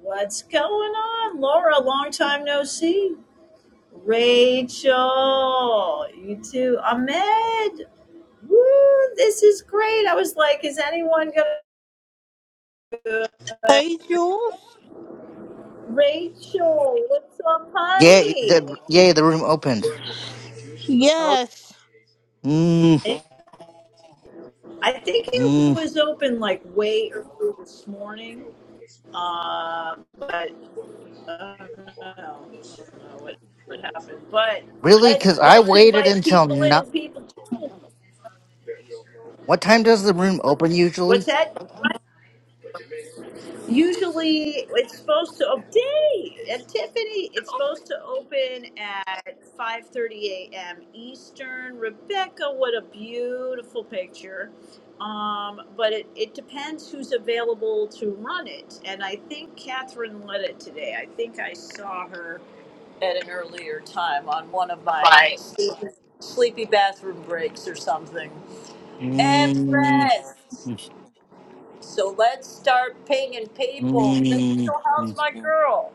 What's going on, Laura? Long time no see. Rachel, you too. Ahmed, woo, this is great. I was like, is anyone gonna? Hey, Jules. Rachel, what's up, Yay, honey? the, yay, the room opened. Okay, Yes, Mm, I think it mm. was open like way early this morning, uh, but I don't know. I don't know what what happened. But Really? let's Because I let's waited invite until people in. not. People, What time does the room open what's usually? that? Usually it's supposed to oh, day and Tiffany. It's supposed to open at 5:30 a.m. Eastern. Rebecca, what a beautiful picture. Um, but it, it depends who's available to run it. And I think Catherine led it today. I think I saw her at an earlier time on one of my Five. sleepy, sleepy bathroom breaks or something. Mm, Impressed. mm, So let's start pinging people. mm, Rachel, how's mm. my girl?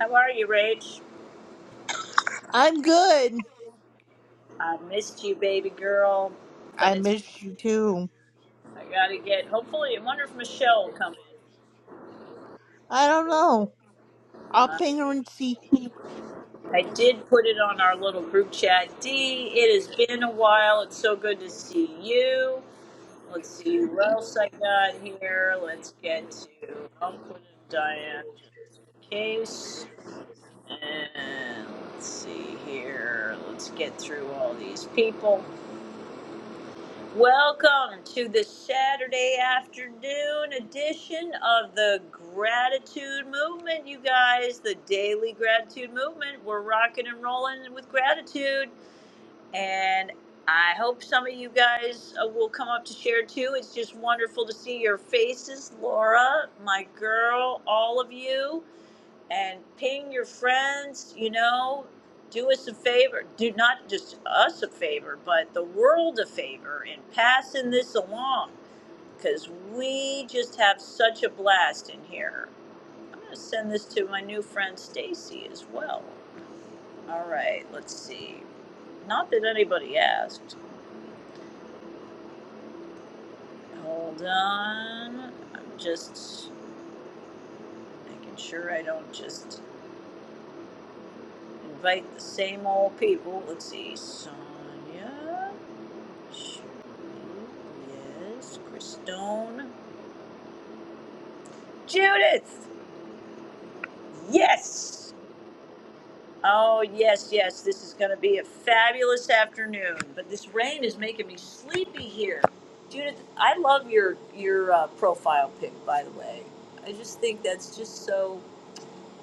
How are you, Rach? I'm good. I missed you, baby girl. But I it's missed you too. I gotta get. Hopefully, I wonder if Michelle will come I don't know. in. I'll Uh, ping her and see. I did put it on our little group chat. D, it has been a while. It's so good to see you. Let's see what else I got here. Let's get to. I'll put in Diane just in case. And let's see here. Let's get through all these people. Welcome to the Saturday afternoon edition of the Gratitude Movement, you guys. The Daily Gratitude Movement. We're rocking and rolling with gratitude. And I hope some of you guys uh, will come up to share too. It's just wonderful to see your faces, Laura, my girl, all of you and ping your friends, you know, do us a favor, do not just us a favor, but the world a favor in passing this along because we just have such a blast in here. I'm going to send this to my new friend Stacy as well. All right, let's see. Not that anybody asked. Hold on. I'm just making sure I don't just invite the same old people. Let's see. Sonia. Yes, Christone. Judith! Yes! Oh, yes, yes. This is going to be a fabulous afternoon. But this rain is making me sleepy here. Judith, I love your your uh, profile pic, by the way. I just think that's just so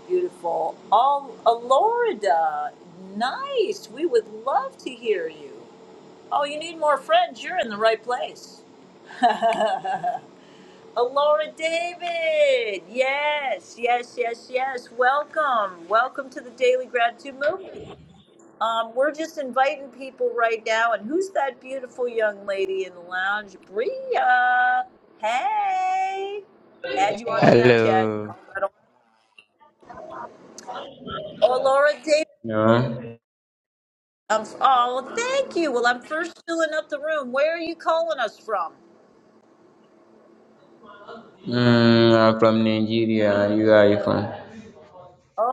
beautiful. Oh, Alorida, nice. We would love to hear you. Oh, you need more friends. You're in the right place. Alora David. Yes, yes, yes, yes. Welcome. Welcome to the Daily Gratitude Movement. Um, we're just inviting people right now. And who's that beautiful young lady in the lounge? Bria. Hey. Add you on Snapchat. Hello. Oh, Laura David. No. I'm, oh, thank you. Well, I'm first filling up the room. Where are you calling us from? Mm, I'm from Nigeria. And You are from? Oh,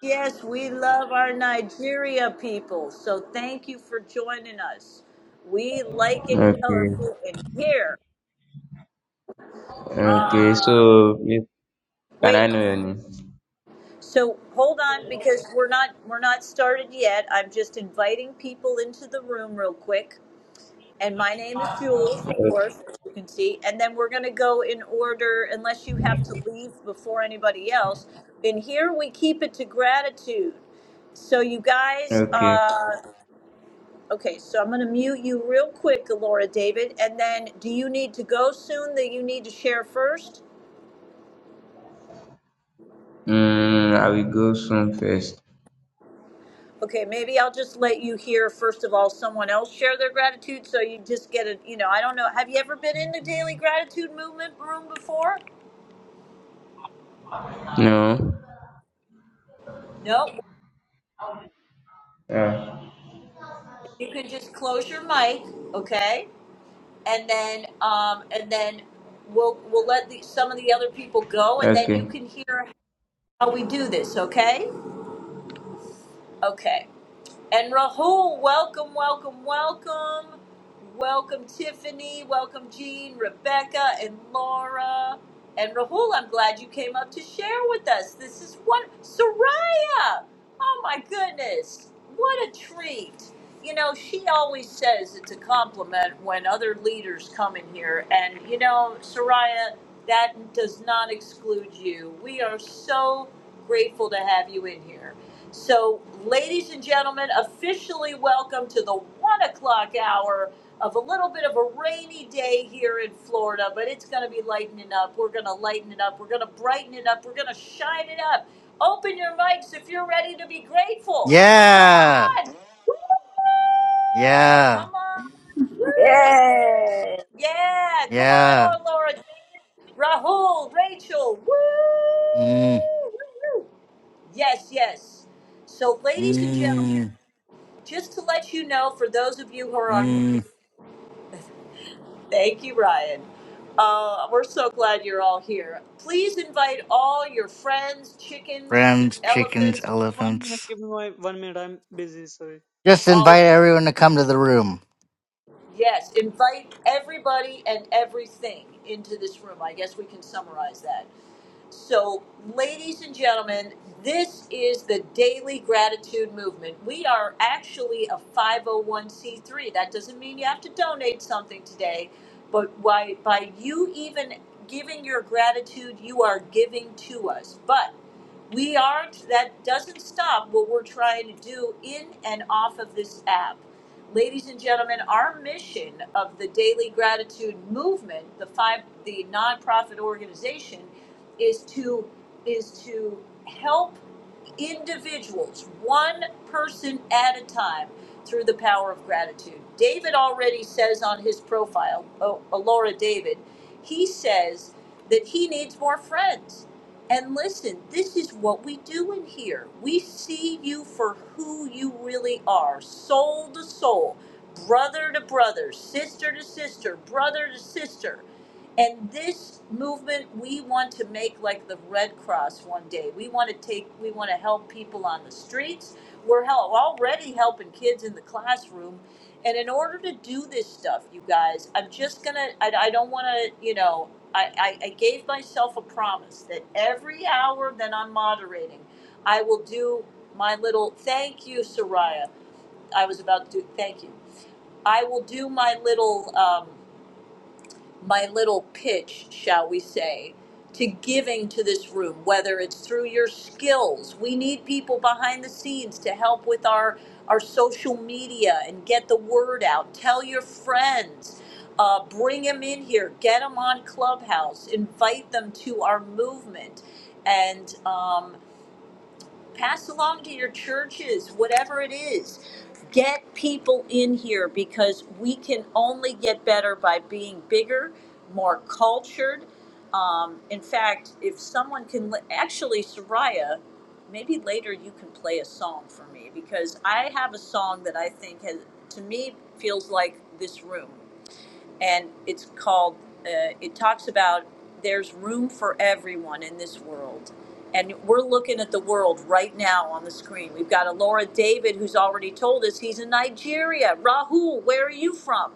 Yes, we love our Nigeria people. So thank you for joining us. We like it Okay. colorful and here. Okay. Uh, So, if, can I wait. know your name? So hold on because we're not we're not started yet. I'm just inviting people into the room real quick. And my name is Jules, of O- course, as you can see. And then we're going to go in order, unless you have to leave before anybody else. In here, we keep it to gratitude. So, you guys, Okay. uh, Okay, so I'm going to mute you real quick, Laura David, and then do you need to go soon that you need to share first? Mm, I will go soon first. Okay, maybe I'll just let you hear first of all someone else share their gratitude so you just get a, you know, I don't know. Have you ever been in the daily gratitude movement room before? No. No. Yeah. You can just close your mic, okay? And then um and then we'll we'll let the, some of the other people go and then you Okay. can hear how we do this, okay? Okay. And Rahul, welcome, welcome, welcome. Welcome, Tiffany. Welcome, Jean, Rebecca, and Laura. And Rahul, I'm glad you came up to share with us. This is what Soraya. Oh my goodness. What a treat. You know, she always says it's a compliment when other leaders come in here. And, you know, Soraya, that does not exclude you. We are so grateful to have you in here. So, ladies and gentlemen, officially welcome to the one o'clock hour of a little bit of a rainy day here in Florida, but it's going to be lightening up. We're going to lighten it up. We're going to brighten it up. We're going to shine it up. Open your mics if you're ready to be grateful. Come Yeah, on. Woo! yeah, Come on. Woo! Yay! Yeah. Come on, yeah. oh Laura. Rahul, Rachel. Woo! Mm, Woo! Yes, yes. So, ladies and gentlemen, mm, just to let you know, for those of you who are on, mm. thank you, Ryan. Uh, we're so glad you're all here. Please invite all your friends, chickens, Friends, chickens, elephants, One minute, elephants. give me my one minute. I'm busy. Sorry. Just all of invite them. everyone to come to the room. Yes, invite everybody and everything into this room. I guess we can summarize that. So, ladies and gentlemen, this is the Daily Gratitude Movement. We are actually a 501c3. That doesn't mean you have to donate something today, but why, by you even giving your gratitude, you are giving to us. But we aren't that doesn't stop what we're trying to do in and off of this app ladies and gentlemen our mission of the daily gratitude movement the five the nonprofit organization is to is to help individuals one person at a time through the power of gratitude david already says on his profile oh, laura david he says that he needs more friends and listen, this is what we do in here. We see you for who you really are soul to soul, brother to brother, sister to sister, brother to sister. And this movement we want to make like the Red Cross one day. We want to take, we want to help people on the streets. We're help, already helping kids in the classroom and in order to do this stuff, you guys, I'm just gonna, I, don't wanna, you know, I, I, I gave myself a promise that every hour that I'm moderating, I will do my little, thank you, Soraya. I was about to, do. thank you. I will do my little, um, my little pitch, shall we say, to giving to this room, whether it's through your skills. We need people behind the scenes to help with our, our social media and get the word out. Tell your friends. Uh, bring them in here. Get them on Clubhouse. Invite them to our movement. And um, pass along to your churches, whatever it is. Get people in here because we can only get better by being bigger, more cultured. Um, in fact, if someone can li- actually, Soraya, maybe later you can play a song for me because I have a song that I think has, to me, feels like this room and it's called uh, it talks about there's room for everyone in this world and we're looking at the world right now on the screen we've got a laura david who's already told us he's in nigeria rahul where are you from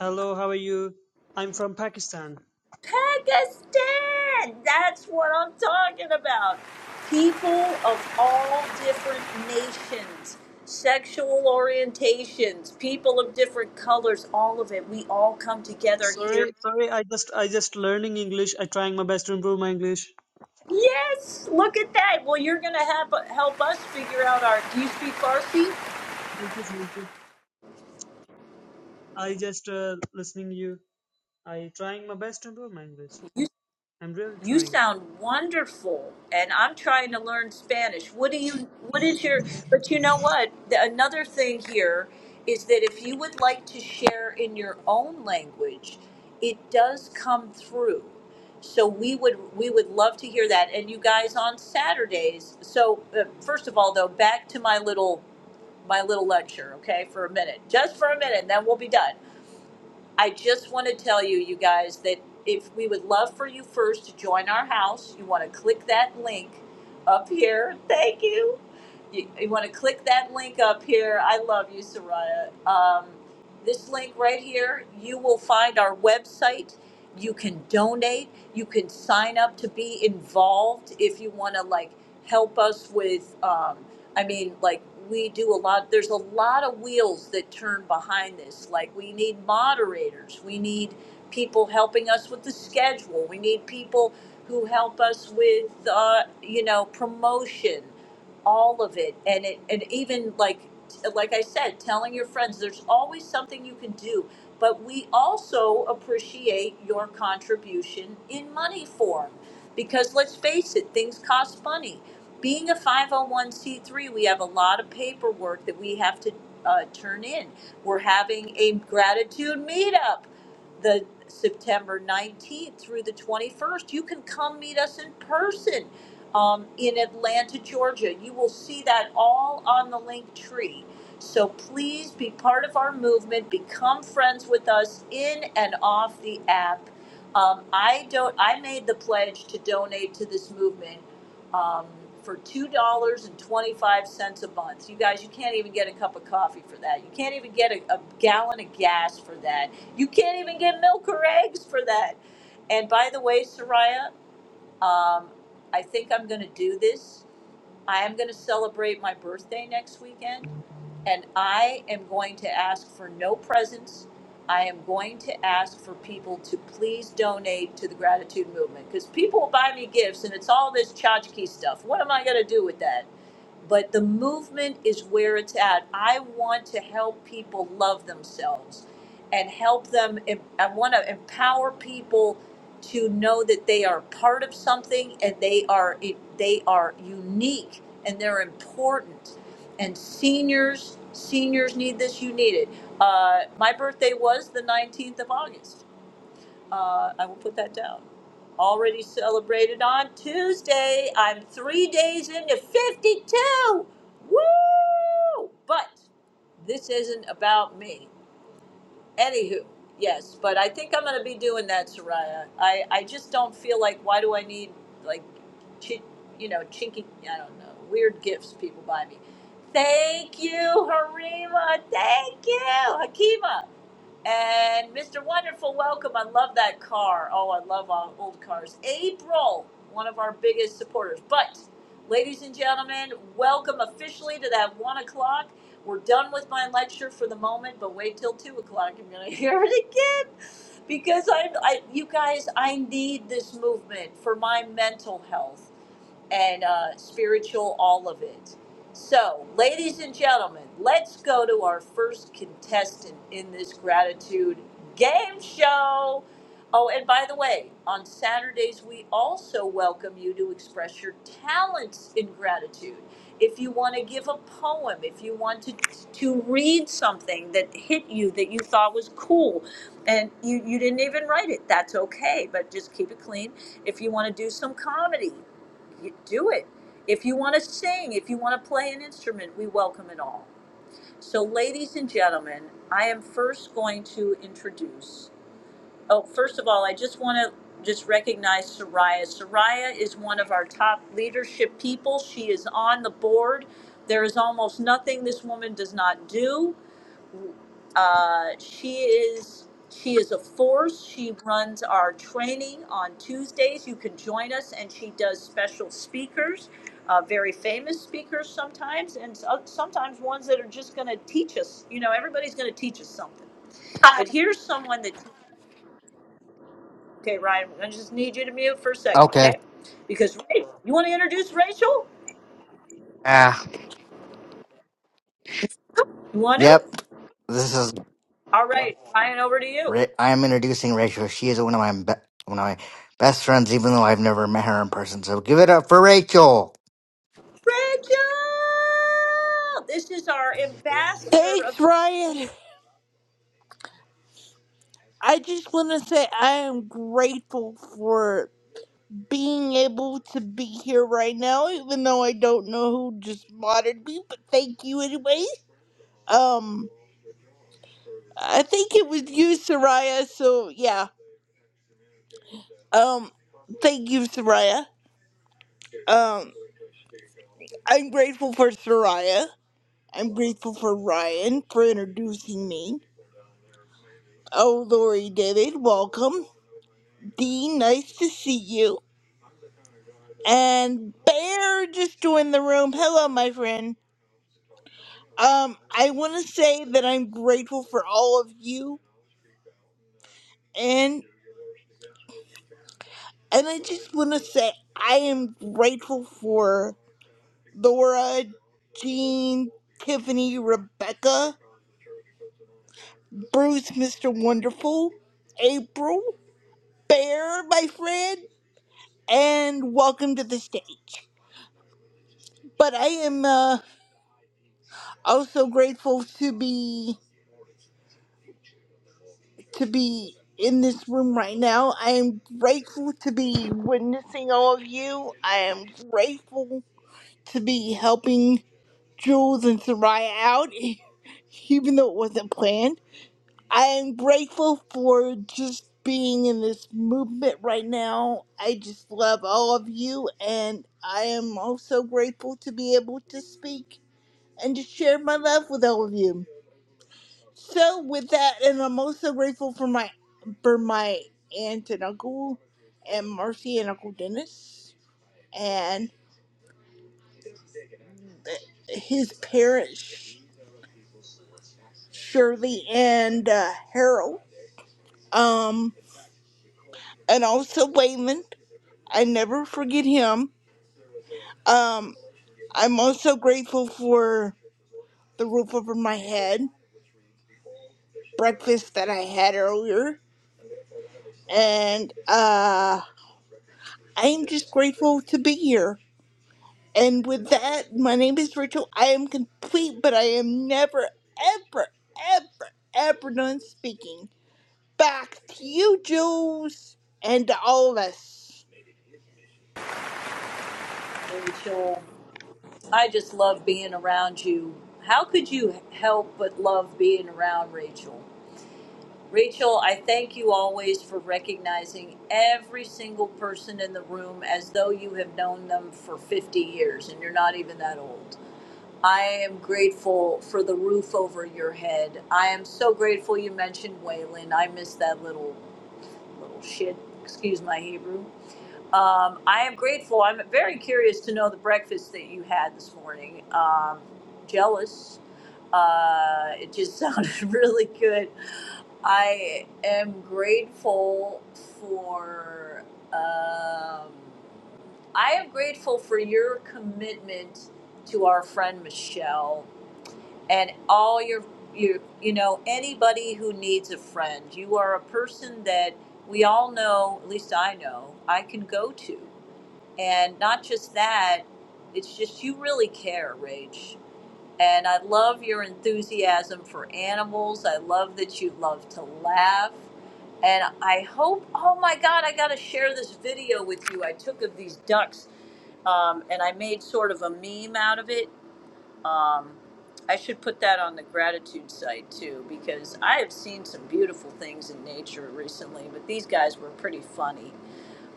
Hello, how are you? I'm from Pakistan. pakistan that's what i'm talking about people of all different nations sexual orientations people of different colors all of it we all come together here Sorry, sorry. I just, I just learning English. I trying my best to improve my English. Yes, look at that. Well, you're going to have uh, help us figure out our. Do you speak Farsi? Thank you, thank you. I just uh, listening you. I trying my best to improve my English. You I'm really you trying. sound wonderful, and I'm trying to learn Spanish. What do you? What is your? But you know what? The, another thing here is that if you would like to share in your own language, it does come through. So we would we would love to hear that. And you guys on Saturdays. So uh, first of all, though, back to my little my little lecture, okay, for a minute, just for a minute, and then we'll be done. I just want to tell you, you guys, that if we would love for you first to join our house, you want to click that link up here. Thank you. You, you want to click that link up here. I love you, Soraya. Um, this link right here, you will find our website you can donate you can sign up to be involved if you want to like help us with um, i mean like we do a lot there's a lot of wheels that turn behind this like we need moderators we need people helping us with the schedule we need people who help us with uh, you know promotion all of it and it and even like like i said telling your friends there's always something you can do but we also appreciate your contribution in money form. Because let's face it, things cost money. Being a 501c3, we have a lot of paperwork that we have to uh, turn in. We're having a gratitude meetup the September 19th through the 21st. You can come meet us in person um, in Atlanta, Georgia. You will see that all on the link tree. So please be part of our movement. Become friends with us in and off the app. Um, I don't. I made the pledge to donate to this movement um, for two dollars and twenty-five cents a month. You guys, you can't even get a cup of coffee for that. You can't even get a, a gallon of gas for that. You can't even get milk or eggs for that. And by the way, Soraya, um, I think I'm going to do this. I am going to celebrate my birthday next weekend. And I am going to ask for no presents. I am going to ask for people to please donate to the gratitude movement because people buy me gifts and it's all this tchotchke stuff. What am I going to do with that? but the movement is where it's at. I want to help people love themselves and help them. I want to empower people to know that they are part of something and they are they are unique and they're important. And seniors, seniors need this. You need it. Uh, my birthday was the 19th of August uh, I will put that down. Already celebrated on Tuesday. I'm three days into 52. Woo! But this isn't about me. Anywho, yes, but I think I'm going to be doing that, Soraya. I, I just don't feel like, why do I need, like, chi- you know, chinky, I don't know, weird gifts people buy me. Thank you, Harima. Thank you, Hakima. And Mr. Wonderful, welcome. I love that car. Oh, I love all old cars. April, one of our biggest supporters. But, ladies and gentlemen, welcome officially to that one o'clock. We're done with my lecture for the moment, but wait till two o'clock. I'm going to hear it again because I'm, I, you guys, I need this movement for my mental health and uh, spiritual, all of it. So, ladies and gentlemen, let's go to our first contestant in this gratitude game show. Oh, and by the way, on Saturdays, we also welcome you to express your talents in gratitude. If you want to give a poem, if you want to, to read something that hit you that you thought was cool and you, you didn't even write it, that's okay, but just keep it clean. If you want to do some comedy, you do it. If you want to sing, if you want to play an instrument, we welcome it all. So, ladies and gentlemen, I am first going to introduce. Oh, first of all, I just want to just recognize Soraya. Soraya is one of our top leadership people. She is on the board. There is almost nothing this woman does not do. Uh, she is she is a force. She runs our training on Tuesdays. You can join us, and she does special speakers, uh, very famous speakers sometimes, and so- sometimes ones that are just going to teach us. You know, everybody's going to teach us something. But here's someone that. Okay, Ryan, I just need you to mute for a second, Okay. okay? Because Rachel, you want to introduce Rachel? Ah, You want to? yep. This is All right, Ryan, over to you. Re- I am introducing Rachel. She is one of my be- one of my best friends, even though I've never met her in person. So give it up for Rachel. Rachel! This is our ambassador of Thanks, Ryan. I just want to say I am grateful for being able to be here right now, even though I don't know who just modded me, but thank you anyway. Um, I think it was you, Soraya, so yeah. Um, thank you, Soraya. Um, I'm grateful for Soraya. I'm grateful for Ryan for introducing me. Oh, Lori David, welcome. Dee, nice to see you. And Bear just joined the room. Hello, my friend. Um, I want to say that I'm grateful for all of you, and and I just want to say I am grateful for Laura, Jean, Tiffany, Rebecca, Bruce, Mr. Wonderful, April, Bear, my friend. and welcome to the stage. But I am uh, also grateful to be to be in this room right now. I am grateful to be witnessing all of you. I am grateful to be helping Jules and Soraya out, even though it wasn't planned. I am grateful for just being in this movement right now. I just love all of you, and I am also grateful to be able to speak and to share my love with all of you. So with that, and I'm also grateful for my for my aunt and uncle and Marcy and Uncle Dennis and his parents Shirley and uh, Harold. Um and also Wayland. I never forget him. Um I'm also grateful for the roof over my head, breakfast that I had earlier, and uh I'm just grateful to be here. And with that, my name is Rachel. I am complete, but I am never, ever, ever, ever done speaking. Back to you, Jules, and to all of us. Rachel, I just love being around you. How could you help but love being around Rachel? Rachel, I thank you always for recognizing every single person in the room as though you have known them for 50 years and you're not even that old. I am grateful for the roof over your head. I am so grateful you mentioned Waylon. I miss that little little shit. Excuse my Hebrew. Um, I am grateful. I'm very curious to know the breakfast that you had this morning. Um, jealous. Uh, it just sounded really good. I am grateful for. Um, I am grateful for your commitment to our friend Michelle and all your you you know anybody who needs a friend. You are a person that we all know. At least I know. I can go to. And not just that, it's just you really care, Rach. And I love your enthusiasm for animals. I love that you love to laugh. And I hope, oh my God, I got to share this video with you I took of these ducks um, and I made sort of a meme out of it. Um, I should put that on the gratitude site too, because I have seen some beautiful things in nature recently, but these guys were pretty funny.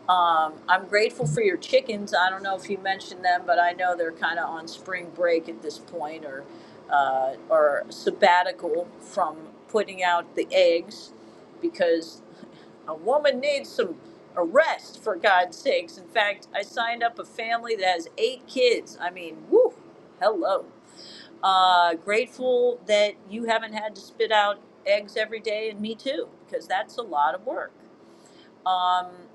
Um, I'm grateful for your chickens. I don't know if you mentioned them, but I know they're kind of on spring break at this point, or uh, or sabbatical from putting out the eggs, because a woman needs some a rest for God's sakes. In fact, I signed up a family that has eight kids. I mean, woo, hello. Uh, grateful that you haven't had to spit out eggs every day, and me too, because that's a lot of work. Um,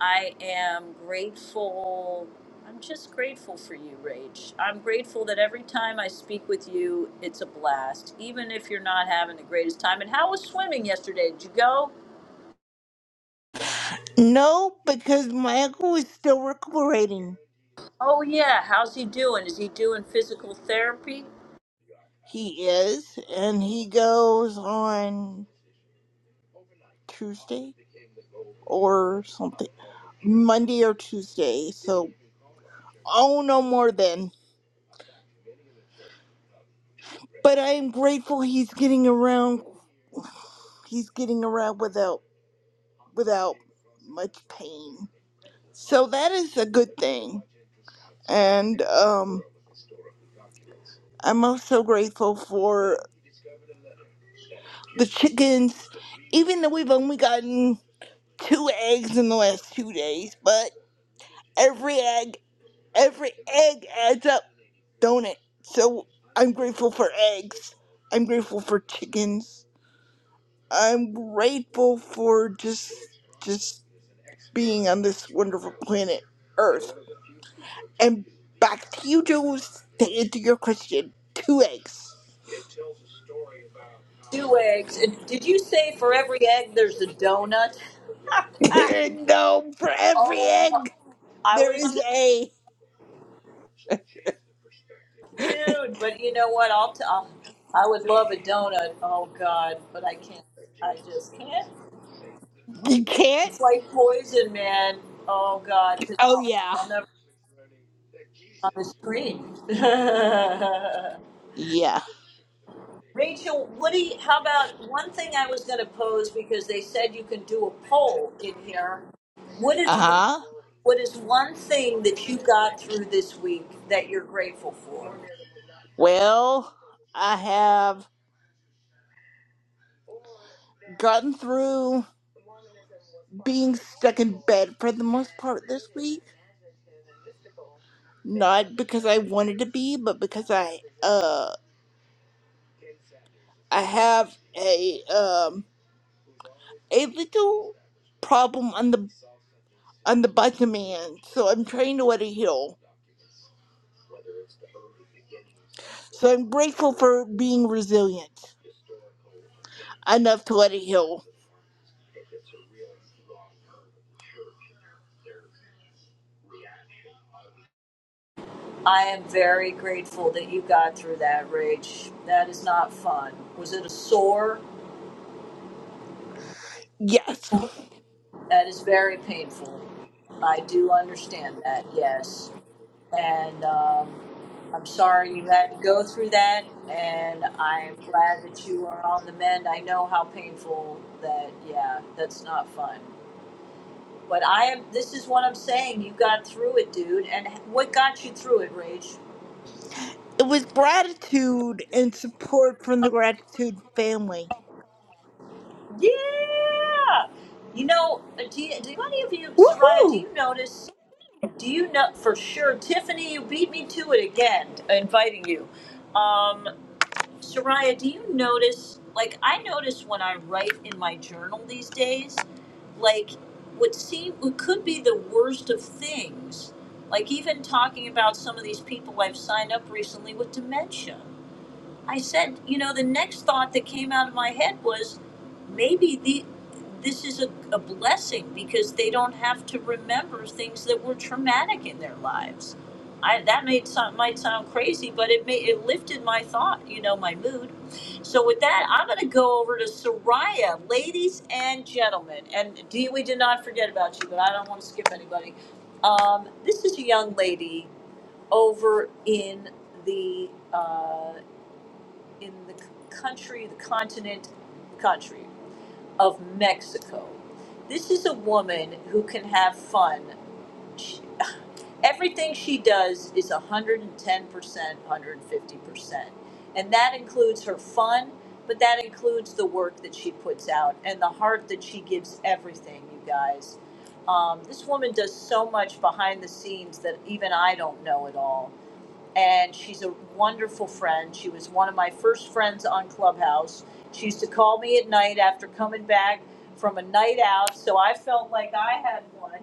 I am grateful. I'm just grateful for you, Rach. I'm grateful that every time I speak with you, it's a blast, even if you're not having the greatest time. And how was swimming yesterday? Did you go? No, because my uncle is still recuperating. Oh, yeah. How's he doing? Is he doing physical therapy? He is, and he goes on Tuesday or something, Monday or Tuesday. So, oh, no more then. But I am grateful he's getting around. He's getting around without. without much pain. So that is a good thing. And um, I'm also grateful for the chickens, even though we've only gotten two eggs in the last two days, but every egg, every egg adds up, don't it? So I'm grateful for eggs. I'm grateful for chickens. I'm grateful for just just being on this wonderful planet Earth and back to you, Jules, to answer your question. Two eggs. Two eggs. And Did you say for every egg there's a donut? no, for every oh, my. egg, I there was, is a. dude. But you know what? I'll, t- I'll. I would love a donut. Oh God, but I can't. I just can't. You can't? It's like poison, man. Oh God, just- Oh, I'll yeah. I'll never get on the screen. Yeah. Rachel, what do you? How about one thing I was going to pose because they said you can do a poll in here. What is Uh huh. what is one thing that you got through this week that you're grateful for? Well, I have gotten through being stuck in bed for the most part this week. Not because I wanted to be, but because I, uh, I have a, um, a little problem on the on the bottom end, so I'm trying to let it heal. So I'm grateful for being resilient enough to let it heal. I am very grateful that you got through that, Rach. That is not fun. Was it a sore? Yes. That is very painful. I do understand that. Yes. and um, I'm sorry you had to go through that, and I'm glad that you are on the mend. I know how painful that. Yeah, that's not fun. But I am. This is what I'm saying. You got through it, dude. And what got you through it, Rage? It was gratitude and support from the gratitude family. Yeah. You know, uh, do, you, do any of you, Soraya? Do Woohoo! you notice? Do you know for sure, Tiffany? You beat me to it again, inviting you. Um, Soraya, do you notice? Like, I notice when I write in my journal these days, like, what seem what could be the worst of things. Like, even talking about some of these people I've signed up recently with dementia. I said, you know, the next thought that came out of my head was maybe the this is a, a blessing because they don't have to remember things that were traumatic in their lives. I, that made sound, might sound crazy, but it may, it lifted my thought, you know, my mood. So with that, I'm going to go over to Soraya, ladies and gentlemen. And Dee, we did not forget about you, but I don't want to skip anybody. Um, this is a young lady over in the uh, in the c- country, the continent, the country of Mexico. This is a woman who can have fun. She, everything she does is 110%, 150%. And that includes her fun, but that includes the work that she puts out and the heart that she gives everything, you guys. Um, this woman does so much behind the scenes that even I don't know at all and she's a wonderful friend. She was one of my first friends on Clubhouse. She used to call me at night after coming back from a night out, so I felt like I had one.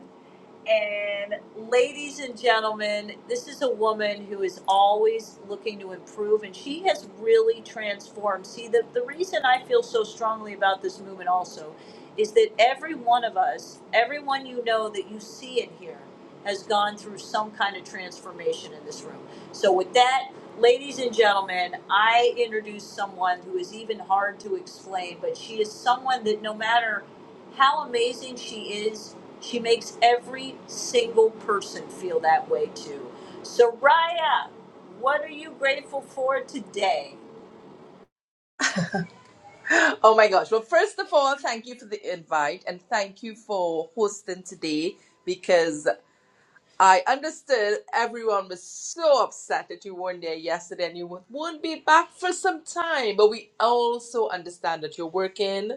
And ladies and gentlemen, this is a woman who is always looking to improve, and she has really transformed. See, the, the reason I feel so strongly about this movement also is that every one of us, everyone you know that you see in here, has gone through some kind of transformation in this room. So, with that, ladies and gentlemen, I introduce someone who is even hard to explain, but she is someone that no matter how amazing she is, she makes every single person feel that way too. Soraya, what are you grateful for today? Oh my gosh. Well, first of all, thank you for the invite and thank you for hosting today because I understood everyone was so upset that you weren't there yesterday and you won't be back for some time. But we also understand that you're working.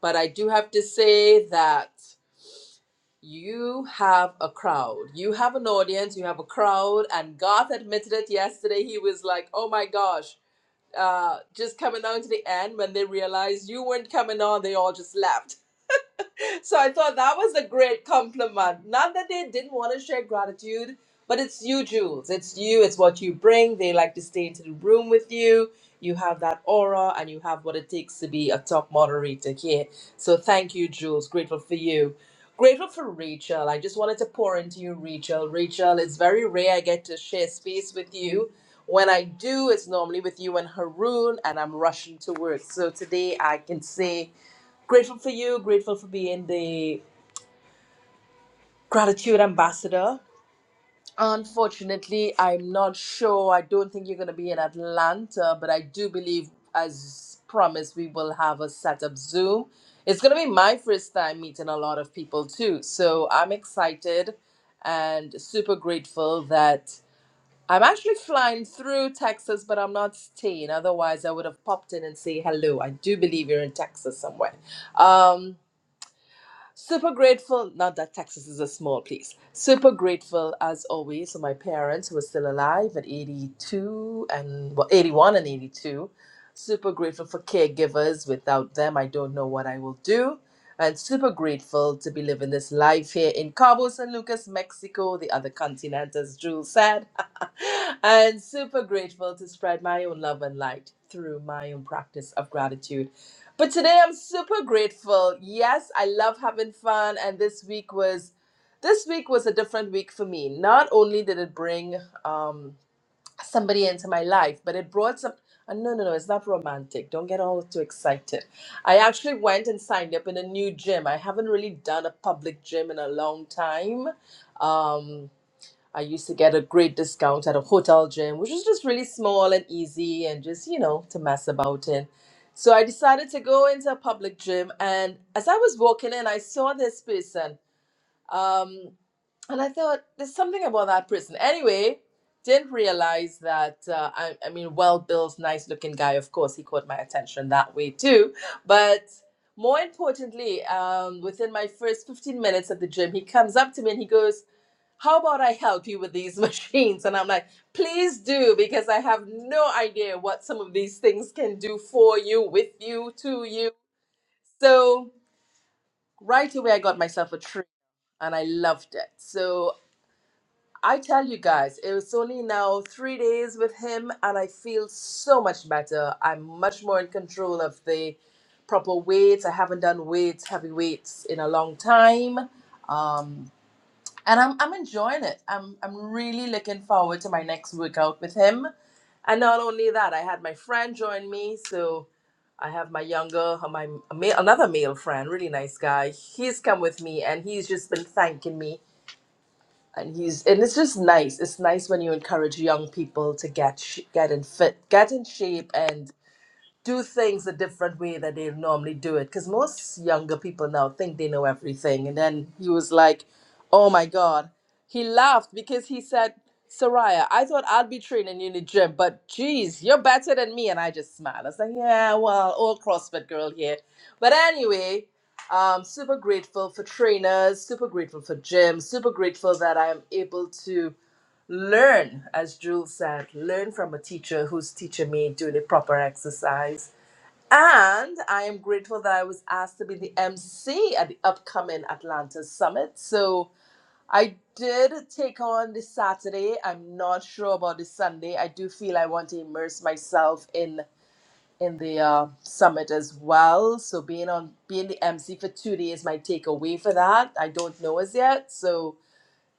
But I do have to say that you have a crowd. You have an audience, you have a crowd. And Garth admitted it yesterday. He was like, oh my gosh, uh, just coming down to the end when they realized you weren't coming on, they all just left so I thought that was a great compliment. Not that they didn't want to share gratitude, but it's you, Jules. It's you, it's what you bring. They like to stay into the room with you. You have that aura and you have what it takes to be a top moderator here. So thank you, Jules. Grateful for you. Grateful for Rachel. I just wanted to pour into you, Rachel. Rachel, it's very rare I get to share space with you. When I do, it's normally with you and Haroon, and I'm rushing to work. So today I can say Grateful for you, grateful for being the gratitude ambassador. Unfortunately, I'm not sure. I don't think you're going to be in Atlanta, but I do believe, as promised, we will have a setup Zoom. It's going to be my first time meeting a lot of people too. So I'm excited and super grateful that I'm actually flying through Texas, but I'm not staying. Otherwise, I would have popped in and say hello. I do believe you're in Texas somewhere. Um, Super grateful, not that Texas is a small place. Super grateful as always for my parents who are still alive at 82 and well, 81 and 82. Super grateful for caregivers. Without them, I don't know what I will do. And super grateful to be living this life here in Cabo San Lucas, Mexico, the other continent, as Jules said. and super grateful to spread my own love and light through my own practice of gratitude but today I'm super grateful. Yes, I love having fun and this week was this week was a different week for me. Not only did it bring um somebody into my life, but it brought some uh, no, no, no, it's not romantic. Don't get all too excited. I actually went and signed up in a new gym. I haven't really done a public gym in a long time. Um I used to get a great discount at a hotel gym, which was just really small and easy and just, you know, to mess about in. So I decided to go into a public gym. And as I was walking in, I saw this person. Um, and I thought, there's something about that person. Anyway, didn't realize that, uh, I, I mean, well built, nice looking guy. Of course, he caught my attention that way too. But more importantly, um, within my first 15 minutes at the gym, he comes up to me and he goes, how about I help you with these machines? And I'm like, please do, because I have no idea what some of these things can do for you, with you, to you. So right away, I got myself a tree and I loved it. So I tell you guys, it was only now three days with him, and I feel so much better. I'm much more in control of the proper weights. I haven't done weights, heavy weights in a long time. Um, and I'm I'm enjoying it. I'm I'm really looking forward to my next workout with him. And not only that, I had my friend join me, so I have my younger uh, my male, another male friend, really nice guy. He's come with me and he's just been thanking me and he's and it's just nice. It's nice when you encourage young people to get sh- get in fit, get in shape and do things a different way that they normally do it. Because most younger people now think they know everything. And then he was like, oh my God. He laughed because he said, Soraya, I thought I'd be training you in the gym, but geez, you're better than me. And I just smiled. I was like, yeah, well, old CrossFit girl here. But anyway, um, super grateful for trainers, super grateful for gyms, super grateful that I'm able to learn, as Jules said, learn from a teacher who's teaching me doing the proper exercise and I am grateful that I was asked to be the MC at the upcoming Atlanta Summit. So I did take on the Saturday. I'm not sure about the Sunday. I do feel I want to immerse myself in in the uh, summit as well. So being on being the MC for two days might take away for that. I don't know as yet. So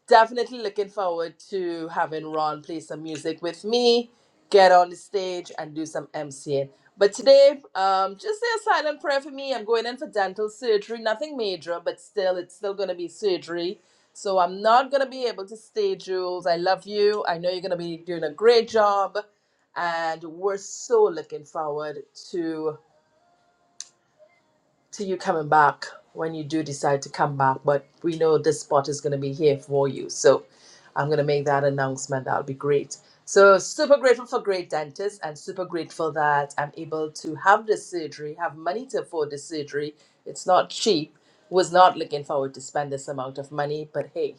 definitely looking forward to having Ron play some music with me, get on the stage and do some MCing. But today, um, just say a silent prayer for me. I'm going in for dental surgery, nothing major, but still, it's still going to be surgery. So I'm not going to be able to stay, Jules. I love you. I know you're going to be doing a great job. And we're so looking forward to to you coming back when you do decide to come back. But we know this spot is going to be here for you. So I'm going to make that announcement. That'll be great. So super grateful for great dentists and super grateful that I'm able to have this surgery, have money to afford this surgery. It's not cheap. Was not looking forward to spend this amount of money, but hey,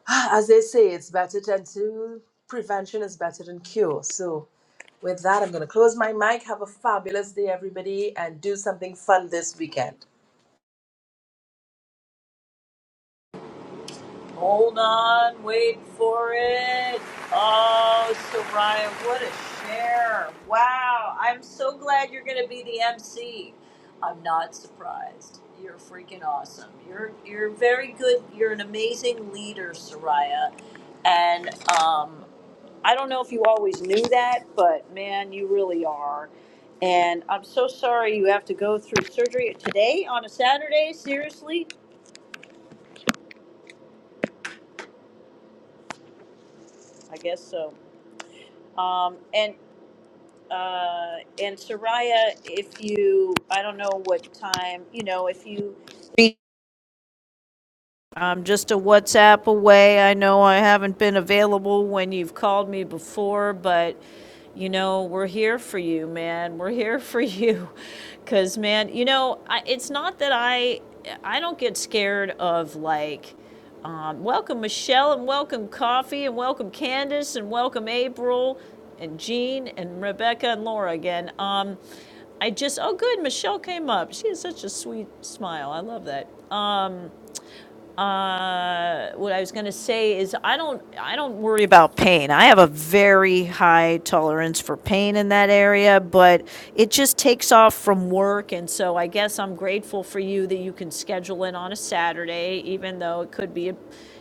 as they say, it's better than to prevention is better than cure. So with that, I'm going to close my mic. Have a fabulous day, everybody, and do something fun this weekend. Hold on, wait for it. Oh, Soraya, what a share. Wow, I'm so glad you're going to be the MC. I'm not surprised. You're freaking awesome. You're you're very good. You're an amazing leader, Soraya. And um, I don't know if you always knew that, but man, you really are. And I'm so sorry you have to go through surgery today on a Saturday. Seriously, I guess so. Um, and uh, and Soraya, if you, I don't know what time, you know, if you reach I'm just a WhatsApp away. I know I haven't been available when you've called me before, but you know, we're here for you, man. We're here for you. Cuz man, you know, I, it's not that I I don't get scared of like um, welcome Michelle and welcome Coffee and welcome Candace and welcome April and Jean and Rebecca and Laura again. Um, I just oh good, Michelle came up. She has such a sweet smile. I love that. Um, uh, what I was going to say is I don't I don't worry about pain. I have a very high tolerance for pain in that area, but it just takes off from work and so I guess I'm grateful for you that you can schedule it on a Saturday even though it could be a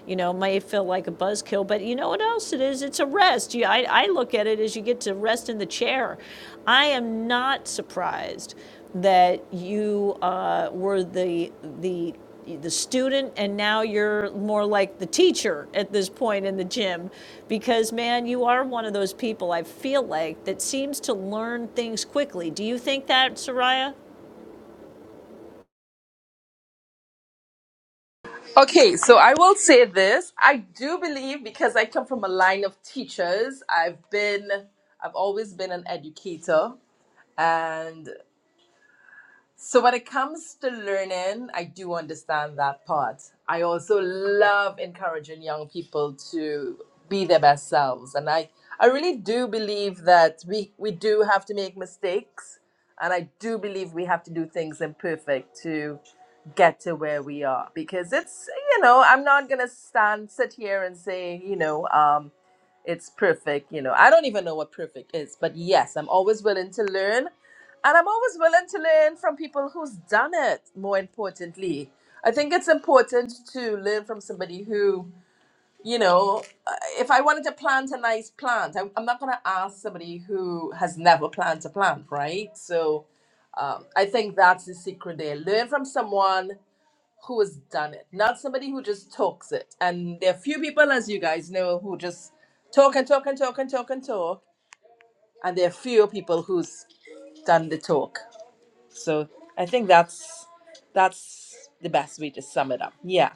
you know, may feel like a buzzkill, but you know what else it is? It's a rest. You, I, I look at it as you get to rest in the chair. I am not surprised that you uh, were the the the student and now you're more like the teacher at this point in the gym because man you are one of those people i feel like that seems to learn things quickly do you think that soraya Okay, so I will say this. I do believe because I come from a line of teachers, I've been I've always been an educator and so when it comes to learning, I do understand that part. I also love encouraging young people to be their best selves. And I, I really do believe that we, we do have to make mistakes. And I do believe we have to do things imperfect to get to where we are. Because it's, you know, I'm not going to stand, sit here and say, you know, um it's perfect. You know, I don't even know what perfect is, but yes, I'm always willing to learn. And I'm always willing to learn from people who's done it, more importantly. I think it's important to learn from somebody who, you know, uh, if I wanted to plant a nice plant, I, I'm not going to ask somebody who has never planted a plant, right? So um, I think that's the secret there. Learn from someone who has done it, not somebody who just talks it. And there are few people, as you guys know, who just talk and talk and talk and talk and talk. And there are few people who's done the talk. So I think that's that's the best way to sum it up. Yeah.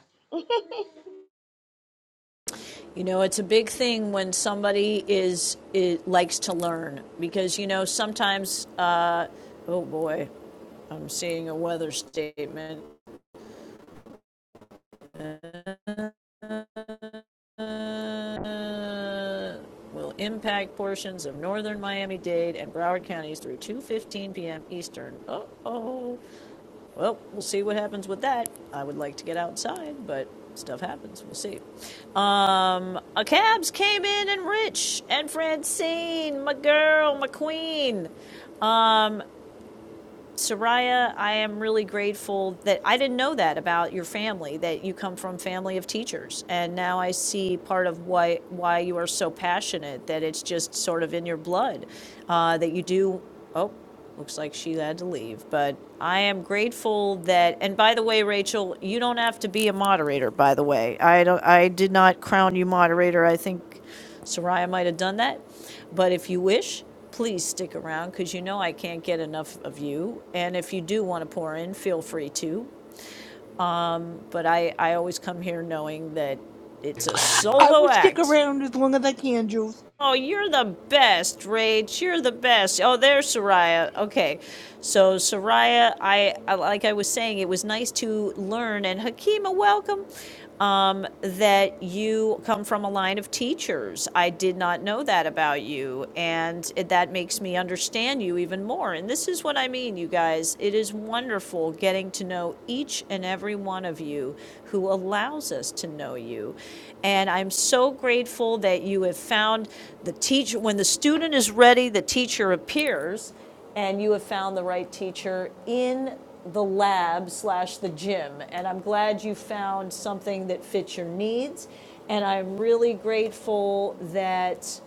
you know it's a big thing when somebody is it likes to learn because you know sometimes uh, oh boy i'm seeing a weather statement uh, will impact portions of northern Miami-Dade and Broward counties through 2:15 p.m. Eastern. Uh-oh. well, we'll see what happens with that. I would like to get outside, but stuff happens. We'll see. Um, a cabs came in and Rich and Francine, my girl, my queen. Soraya, I am really grateful that I didn't know that about your family, that you come from family of teachers. And now I see part of why, why you are so passionate, that it's just sort of in your blood, uh, that you do. Oh, looks like she had to leave. But I am grateful that, and by the way, Rachel, you don't have to be a moderator, by the way. I, don't, I did not crown you moderator. I think. Soraya might have done that, but if you wish, please stick around because you know I can't get enough of you. And if you do want to pour in, feel free to. But I, I always come here knowing that it's a I solo will stick act. around as long as I can, Jules. Oh, you're the best, Rach. You're the best. Oh, there's Soraya. Okay. So, Soraya, I I- like I was saying, it was nice to learn, and Hakima, welcome, um, that you come from a line of teachers. I did not know that about you, and it- that makes me understand you even more. And this is what I mean, you guys. It is wonderful getting to know know each and every one of you who allows us to know you. And I'm so grateful that you have found the teacher. When the student is ready, the teacher appears, and you have found the right teacher in the lab slash the gym. And I'm glad you found something that fits your needs. And I'm really grateful that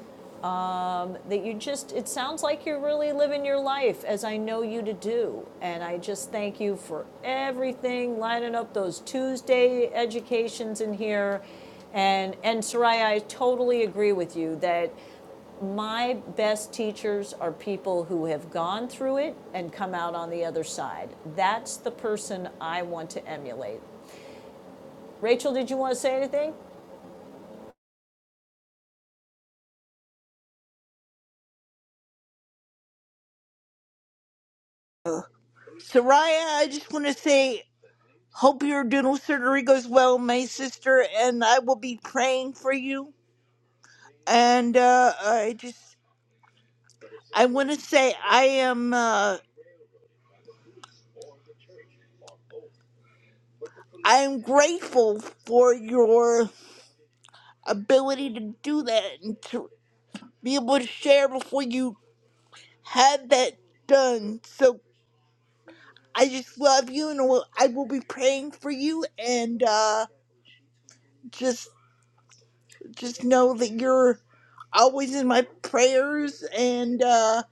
um, that you just, it sounds like you're really living your life as I know you to do. And I just thank you for everything, lining up those Tuesday educations in here. And, and Soraya, I totally agree with you that my best teachers are people who have gone through it and come out on the other side. That's the person I want to emulate. Rachel, did you want to say anything? Soraya, I just want to say, hope your dental surgery goes well, my sister, and I will be praying for you. And uh, I just, I want to say, I am, uh, I am grateful for your ability to do that and to. be able to share before you had that done. So I just love you, and I will I will be praying for you, and uh, just just know that you're always in my prayers. And uh,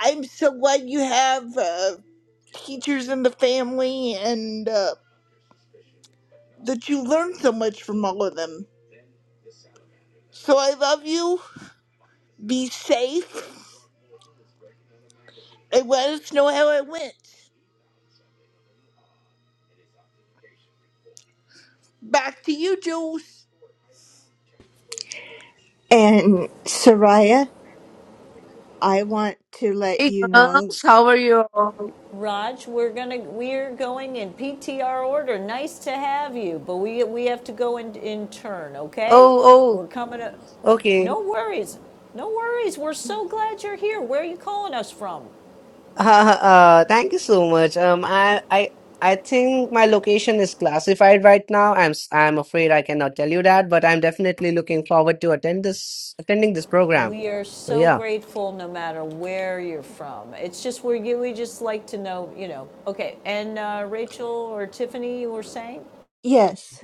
I'm so glad you have uh, teachers in the family, and uh, that you learn so much from all of them. So I love you. Be safe, and let us know how it went. Back to you, Jules. And Soraya, I want to let Hey you know. girls, how are you all? Raj, we're gonna we're going in PTR order. Nice to have you, but we we have to go in in turn, okay? Oh, We're coming up. oh, okay. No worries, no worries. We're so glad you're here. Where are you calling us from? Uh, uh, thank you so much. Um, I, I, I think my location is classified right now. I'm, s- I'm afraid I cannot tell you that, but I'm definitely looking forward to attend this, attending this program. We are So so yeah. grateful, no matter where you're from. It's just we we just like to know, you know. Okay, and uh, Rachel or Tiffany, you were saying? Yes,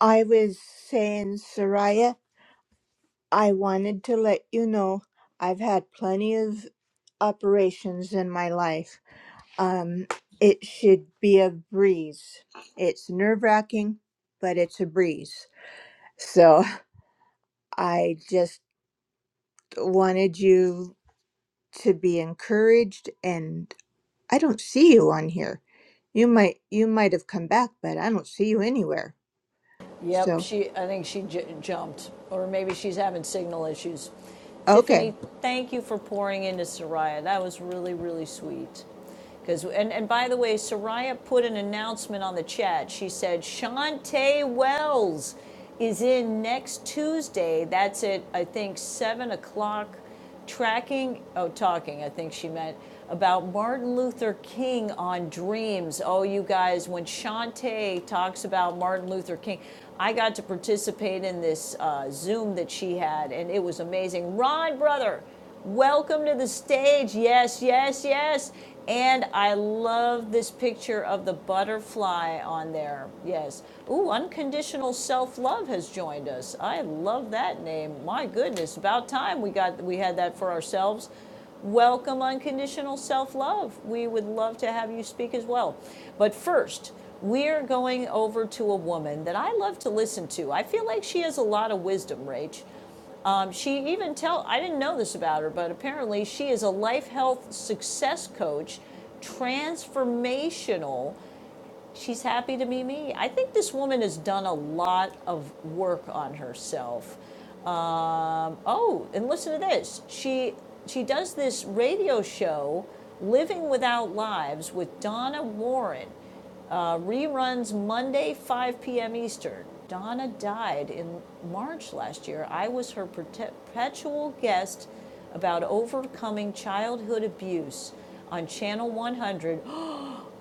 I was saying, Soraya, I wanted to let you know I've had plenty of operations in my life. Um, it should be a breeze. It's nerve wracking, but it's a breeze. So I just wanted you to be encouraged and. I don't see you on here. You might you might have come back, but I don't see you anywhere. Yep, So she. I think she j- jumped, or maybe she's having signal issues. Tiffany, okay. thank you for pouring into Soraya. That was really, really sweet. Because and, and by the way, Soraya put an announcement on the chat. She said Shantae Wells is in next Tuesday. That's at I think seven o'clock tracking, oh, talking, I think she meant, about Martin Luther King on Dreams. Oh, you guys, when Shantae talks about Martin Luther King, I got to participate in this uh, Zoom that she had, and it was amazing. Ron, brother, Welcome to the stage. Yes, yes, yes. And I love this picture of the butterfly on there. Yes. Ooh, unconditional self-love has joined us. I love that name. My goodness, about time we got we had that for ourselves. Welcome unconditional self-love. We would love to have you speak as well. But first, we're going over to a woman that I love to listen to. I feel like she has a lot of wisdom, Rach. Um, she even tell I didn't know this about her, but apparently she is a life health success coach, transformational. She's happy to be me. I think this woman has done a lot of work on herself. Um, oh, and listen to this. She she does this radio show, Living Without Lives, with Donna Warren. Uh, reruns Monday, 5 p.m. Eastern. Donna died in March last year. I was her perpetual guest about overcoming childhood abuse on Channel 100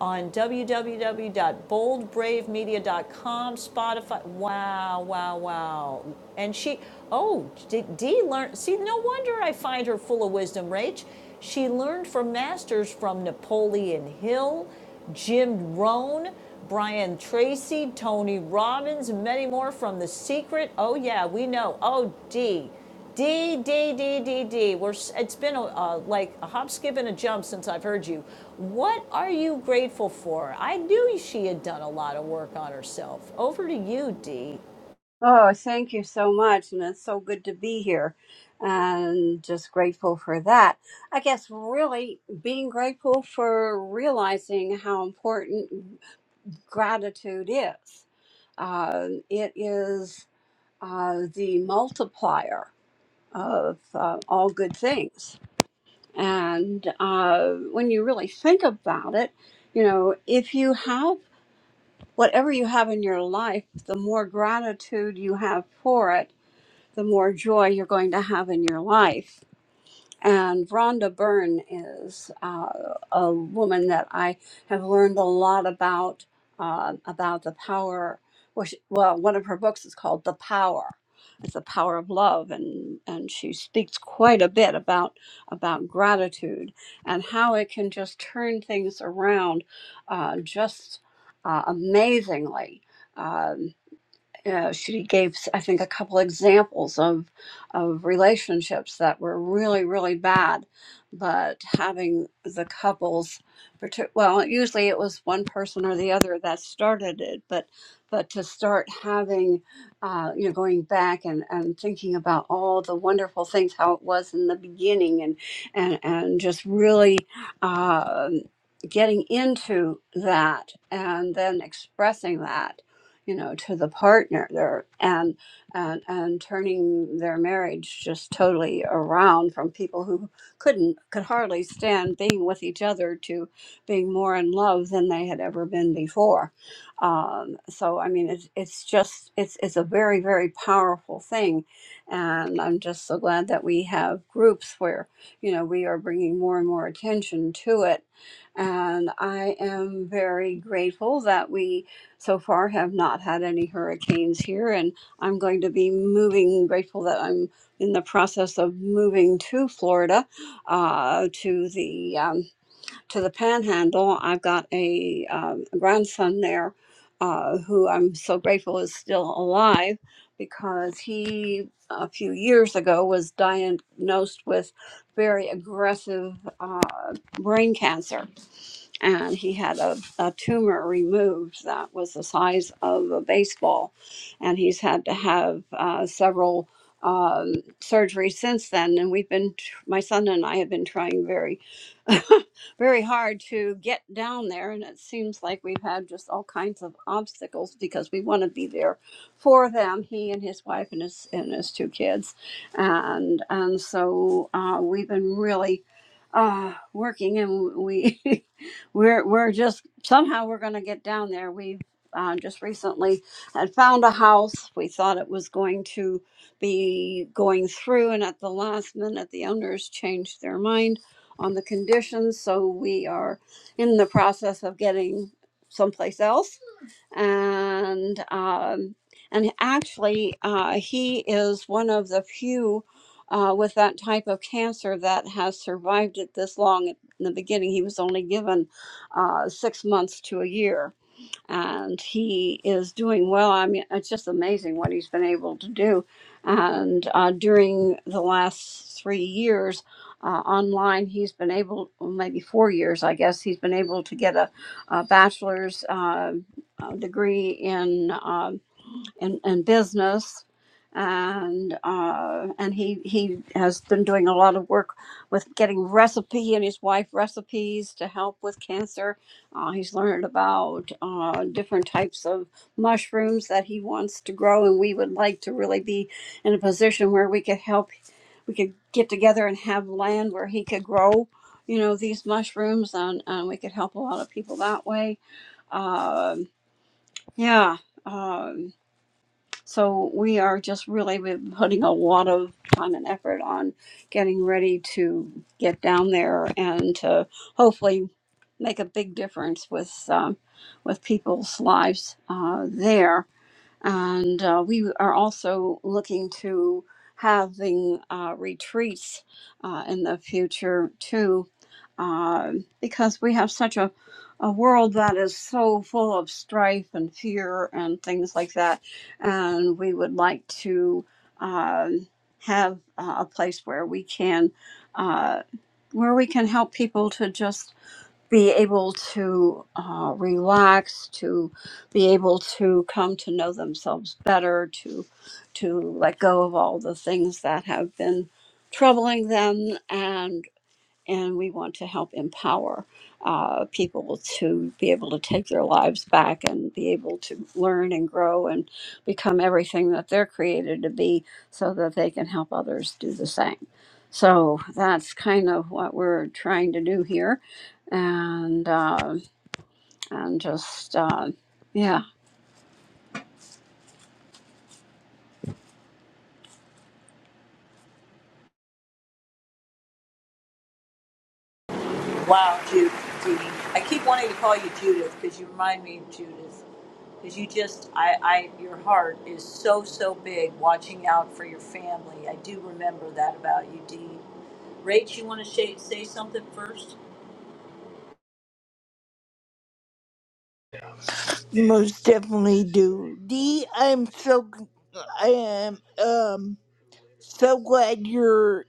on www.boldbravemedia.com, Spotify. Wow, wow, wow. And she, oh, Dee learned. See, no wonder I find her full of wisdom, Rach. She learned from masters from Napoleon Hill, Jim Rohn, Brian Tracy, Tony Robbins, many more from The Secret. Oh, yeah, we know. Oh, Dee. D, D, D, D, D. We're, it's been a, uh, like a hop, skip, and a jump since I've heard you. What are you grateful for? I knew she had done a lot of work on herself. Over to you, D. Oh, thank you so much. And it's so good to be here and just grateful for that. I guess really being grateful for realizing how important gratitude is. Uh, it is uh, the multiplier of uh, all good things. And uh, when you really think about it, you know, if you have whatever you have in your life, the more gratitude you have for it, the more joy you're going to have in your life. And Rhonda Byrne is uh, a woman that I have learned a lot about uh, about the power. Well, she, well, one of her books is called "The Power." It's the power of love, and and she speaks quite a bit about about gratitude and how it can just turn things around, uh, just uh, amazingly. Uh, uh, she gave i think a couple examples of of relationships that were really really bad but having the couples partic- well usually it was one person or the other that started it but but to start having uh, you know going back and, and thinking about all the wonderful things how it was in the beginning and and and just really um getting into that and then expressing that you know to the partner there and and and turning their marriage just totally around from people who couldn't could hardly stand being with each other to being more in love than they had ever been before um, so i mean it's, it's just it's it's a very very powerful thing and i'm just so glad that we have groups where you know we are bringing more and more attention to it and i am very grateful that we so far have not had any hurricanes here and i'm going to be moving grateful that i'm in the process of moving to florida uh, to the um, to the Panhandle. I've got a um, grandson there uh, who I'm so grateful is still alive because he a few years ago was diagnosed with very aggressive uh, brain cancer and he had a, a tumor removed that was the size of a baseball. And he's had to have uh, several um, surgeries since then. And we've been, my son and I have been trying very very hard to get down there and it seems like we've had just all kinds of obstacles because we want to be there for them he and his wife and his and his two kids and and so uh, we've been really uh, working and we we're we're just somehow we're going to get down there we've uh, just recently had found a house we thought it was going to be going through and at the last minute the owners changed their mind on the conditions, so we are in the process of getting someplace else. And um, and actually, uh, he is one of the few uh, with that type of cancer that has survived it this long. In the beginning, he was only given uh, six months to a year and he is doing well. I mean, it's just amazing what he's been able to do. And uh, during the last three years uh, online, he's been able, well, maybe four years, I guess, he's been able to get a, a bachelor's uh, uh, degree in. um in, in business and uh, and he he has been doing a lot of work with getting recipe and his wife recipes to help with cancer uh, he's learned about uh, different types of mushrooms that he wants to grow and we would like to really be in a position where we could help we could get together and have land where he could grow you know these mushrooms and, and we could help a lot of people that way um, yeah Um, so we are just really been putting a lot of time and effort on getting ready to get down there and to hopefully make a big difference with um, with people's lives uh, there and uh, we are also looking to having uh, retreats uh, in the future too, uh, because we have such a, a world that is so full of strife and fear and things like that. And we would like to um have uh, a place where we can. Uh, where we can help people to just be able to uh, relax, to be able to come to know themselves better, to to let go of all the things that have been troubling them, and and we want to help empower uh, people to be able to take their lives back and be able to learn and grow and become everything that they're created to be so that they can help others do the same. So that's kind of what we're trying to do here. And, uh, and just, uh, yeah. Wow, Judith. Dee. I keep wanting to call you Judith because you remind me of Judith. Because you just, I, I, your heart is so, so big watching out for your family. I do remember that about you, Dee. Rach, you want to say, say something first? Most definitely do. Dee, I'm so g- I am um so glad your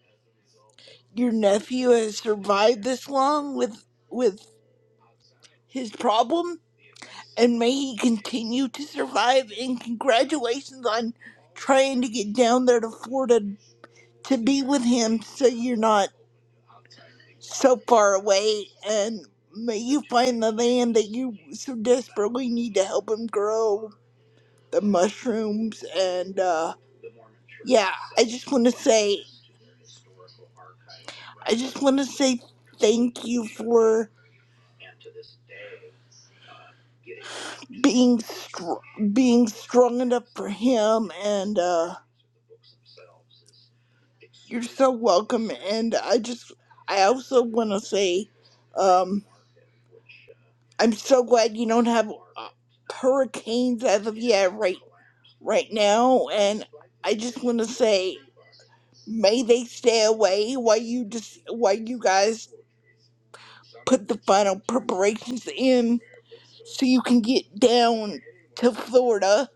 your nephew has survived this long with with his problem and may he continue to survive and congratulations on trying to get down there to Florida to be with him so you're not so far away and may you find the land that you so desperately need to help him grow the mushrooms and uh yeah, I just want to say, I just want to say thank you for being str- being strong enough for him, and uh, you're so welcome. And I just, I also want to say, um, I'm so glad you don't have uh, hurricanes as of yet, right, right now. And I just want to say, may they stay away while you just while you guys put the final preparations in so you can get down to Florida.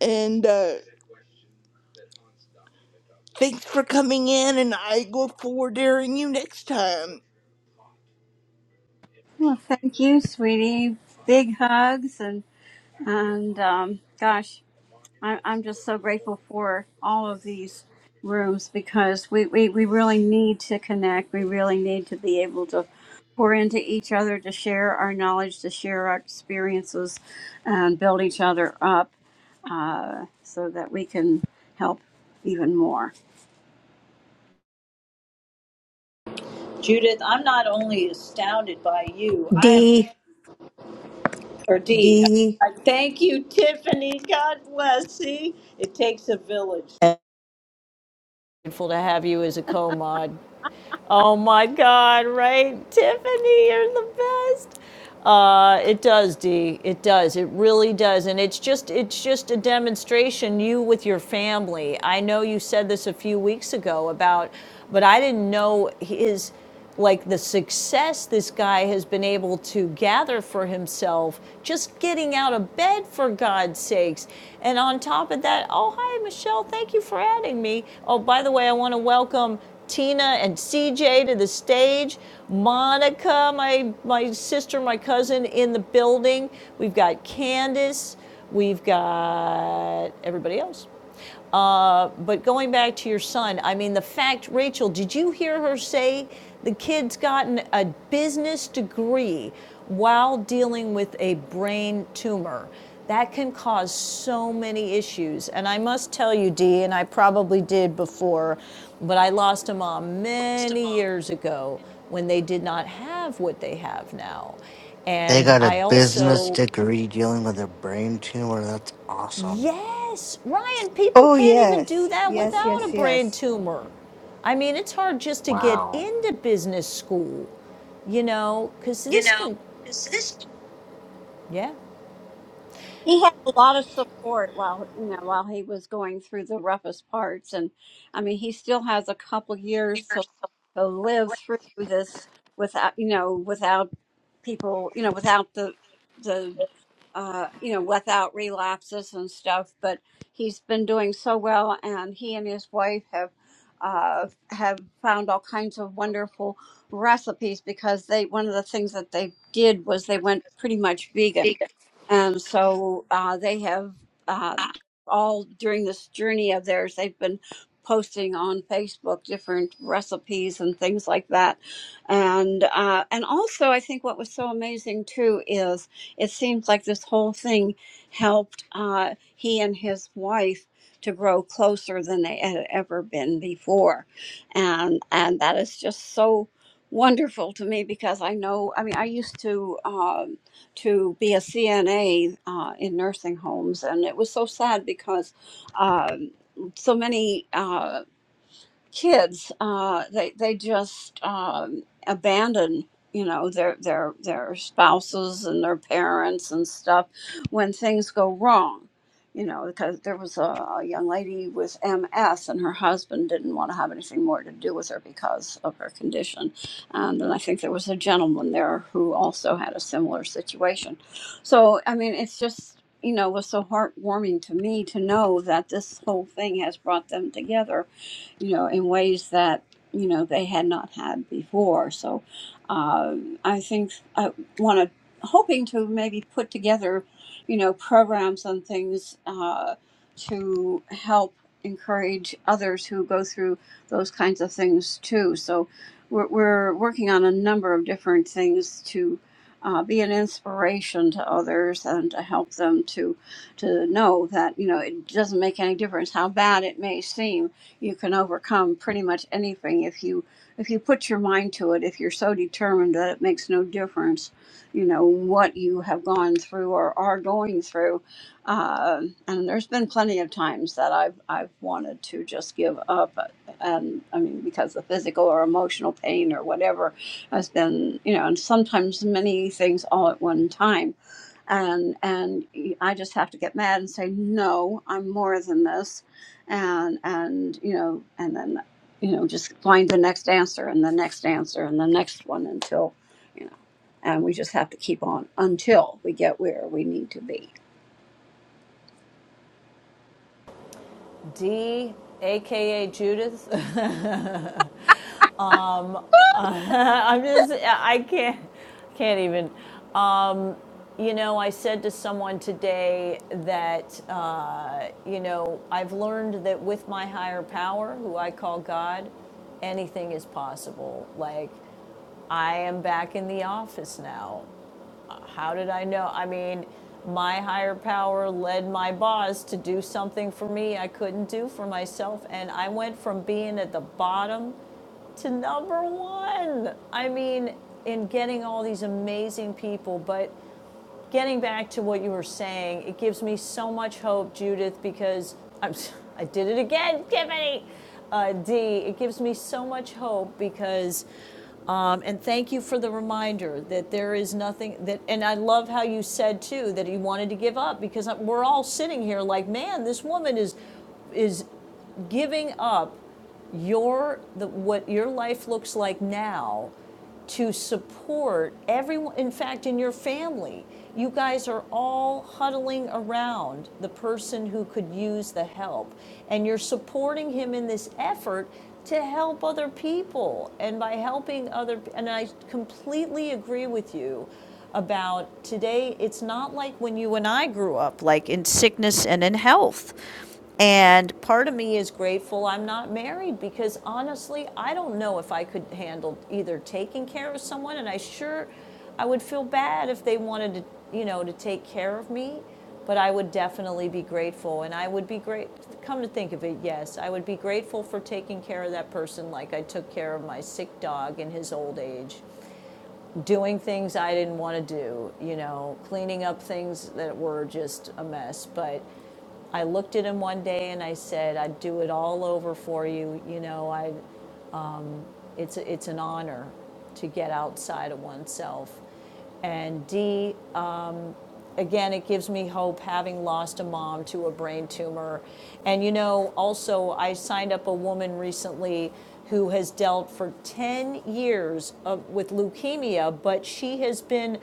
And uh, thanks for coming in, and I look forward to hearing you next time. Well, thank you, sweetie. Big hugs and, and um, gosh, I, I'm just so grateful for all of these rooms because we, we, we really need to connect. We really need to be able to pour into each other, to share our knowledge, to share our experiences, and build each other up uh, so that we can help even more. Judith, I'm not only astounded by you, I am. D Or D, D. Thank you, Tiffany. God bless. See, it takes a village. Grateful to have you as a co-mod. Oh my God, right? Tiffany, you're the best. Uh, it does, Dee. It does. It really does. And it's just it's just a demonstration you with your family. I know you said this a few weeks ago about but I didn't know his like the success this guy has been able to gather for himself just getting out of bed for god's sakes and on top of that oh hi michelle thank you for adding me oh by the way i want to welcome Tina and CJ to the stage, Monica, my, my sister, my cousin in the building. We've got Candace, we've got everybody else. Uh, but going back to your son, I mean, the fact, Rachel, did you hear her say the kid's gotten a business degree while dealing with a brain tumor? That can cause so many issues. And I must tell you, Dee, and I probably did before, but I lost a mom many years ago when they did not have what they have now. They And got a I business also degree dealing with a brain tumor. That's awesome. Yes, Ryan, people Oh can't even do yes. that Yes, without a yes, brain yes. tumor. I mean, it's hard just to get Wow. into business school, you know, because You this know, can, is this. yeah, he had a lot of support while you know while he was going through the roughest parts and i mean he still has a couple years to, to live through this without you know without people you know without the the uh you know without relapses and stuff but he's been doing so well and he and his wife have uh, have found all kinds of wonderful recipes because they one of the things that they did was they went pretty much vegan and so uh, they have uh, all during this journey of theirs, they've been posting on Facebook different recipes and things like that. And uh, and also, I think what was so amazing too is it seems like this whole thing helped uh, he and his wife to grow closer than they had ever been before, and and that is just so wonderful to me because I know I mean I used to. um, to be a CNA uh, in nursing homes, and it was so sad because um, so many. Uh, kids uh, they they just um, abandon you know their their their spouses and their parents and stuff when things go wrong you know because there was a, a young lady with ms and her husband didn't want to have anything more to do with her because of her condition and then i think there was a gentleman there who also had a similar situation so i mean it's just you know was so heartwarming to me to know that this whole thing has brought them together you know, in ways that you know they had not had before. So uh, I think I want to hoping to maybe put together, you know, programs and things uh, to help encourage others who go through those kinds of things too. So we're, we're working on a number of different things to uh, be an inspiration to others and to help them to to know that you know it doesn't make any difference how bad it may seem you can overcome pretty much anything if you if you put your mind to it if you're so determined that it makes no difference you know what you have gone through or are going through uh, and there's been plenty of times that i've i've wanted to just give up and i mean because the physical or emotional pain or whatever has been you know and sometimes many things all at one time and and I just have to get mad and say no, I'm more than this, and and you know, and then you know, just find the next answer and the next answer and the next one until you know, and we just have to keep on until we get where we need to be. D, aka Judith. um, uh, I'm just, I can't, can't even. Um, you know, I said to someone today that, uh, you know, I've learned that with my higher power, who I call God, anything is possible. Like, I am back in the office now. How did I know? I mean, my higher power led my boss to do something for me I couldn't do for myself. And I went from being at the bottom to number one. I mean, in getting all these amazing people. But getting back to what you were saying, it gives me so much hope, Judith, because I'm, I did it again, Tiffany. Uh, D, it gives me so much hope because um, and thank you for the reminder that there is nothing that, and I love how you said too that he wanted to give up because we're all sitting here like, man, this woman is is giving up your the, what your life looks like now to support everyone. In fact, in your family, you guys are all huddling around the person who could use the help, and you're supporting him in this effort to help other people. And by helping other, and I completely agree with you about today, it's not like when you and I grew up, like in sickness and in health. And part of me is grateful I'm not married because honestly, I don't know if I could handle either taking care of someone, and I sure I would feel bad if they wanted to, you know, to take care of me. But I would definitely be grateful, and I would be great. Come to think of it, yes, I would be grateful for taking care of that person like I took care of my sick dog in his old age, doing things I didn't want to do, you know, cleaning up things that were just a mess. But I looked at him one day and I said, I'd do it all over for you. You know, I, it's, it's an honor to get outside of oneself. And D, uh, again, it gives me hope having lost a mom to a brain tumor. And you know, also, I signed up a woman recently who has dealt for 10 years of, with leukemia, but she has been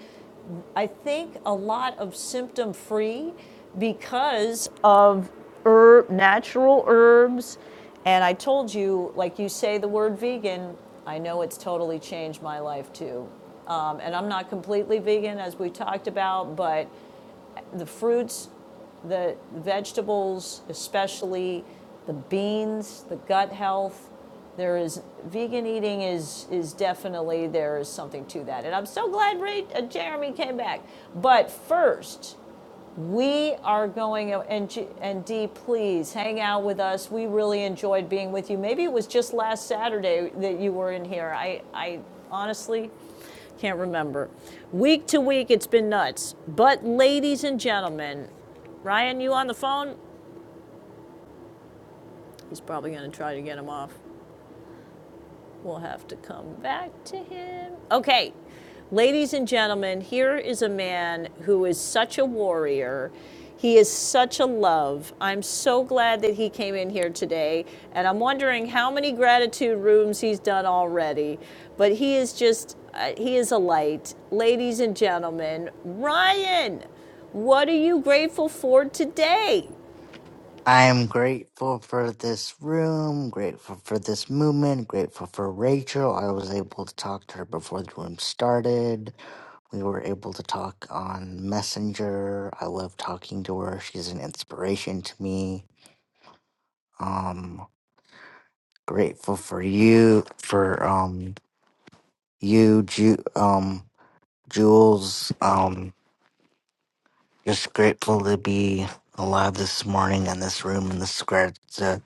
I think a lot of symptom free because of herb, natural herbs. And I told you, like you say the word vegan, I know it's totally changed my life too. Um, and I'm not completely vegan, as we talked about, but the fruits the vegetables, especially the beans, the gut health. There is vegan eating is is definitely there is something to that, and I'm so glad Ray, uh, Jeremy came back. But first, we are going, and, and Dee, please hang out with us. We really enjoyed being with you. Maybe it was just last Saturday that you were in here. I, I honestly can't remember. Week to week, it's been nuts. But, ladies and gentlemen, Ryan, you on the phone? He's probably going to try to get him off. We'll have to come back to him. Okay, ladies and gentlemen, here is a man who is such a warrior. He is such a love. I'm so glad that he came in here today. And I'm wondering how many gratitude rooms he's done already. But he is just, uh, he is a light. Ladies and gentlemen, Ryan, what are you grateful for today? I am grateful for this room, grateful for this movement, grateful for Rachel. I was able to talk to her before the room started. We were able to talk on Messenger. I love talking to her. She's an inspiration to me. Um, grateful for you, for um, you, Ju- um, Jules. Um, just grateful to be alive this morning in this room in this grat- the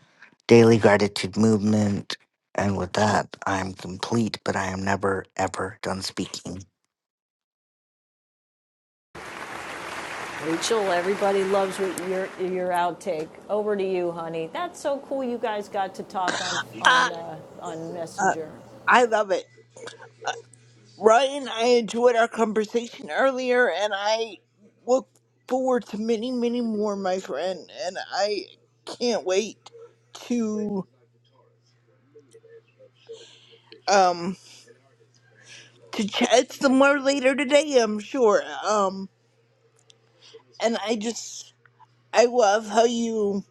daily gratitude movement. And with that, I'm complete, but I am never ever done speaking. Rachel, everybody loves your your outtake. Over to you, honey. That's so cool. You guys got to talk on I on uh, on Messenger. I love it, Ryan. I enjoyed our conversation earlier, and I look forward to many, many more, my friend. And I can't wait to um to chat some more later today. I'm sure. Um, and I just I love how you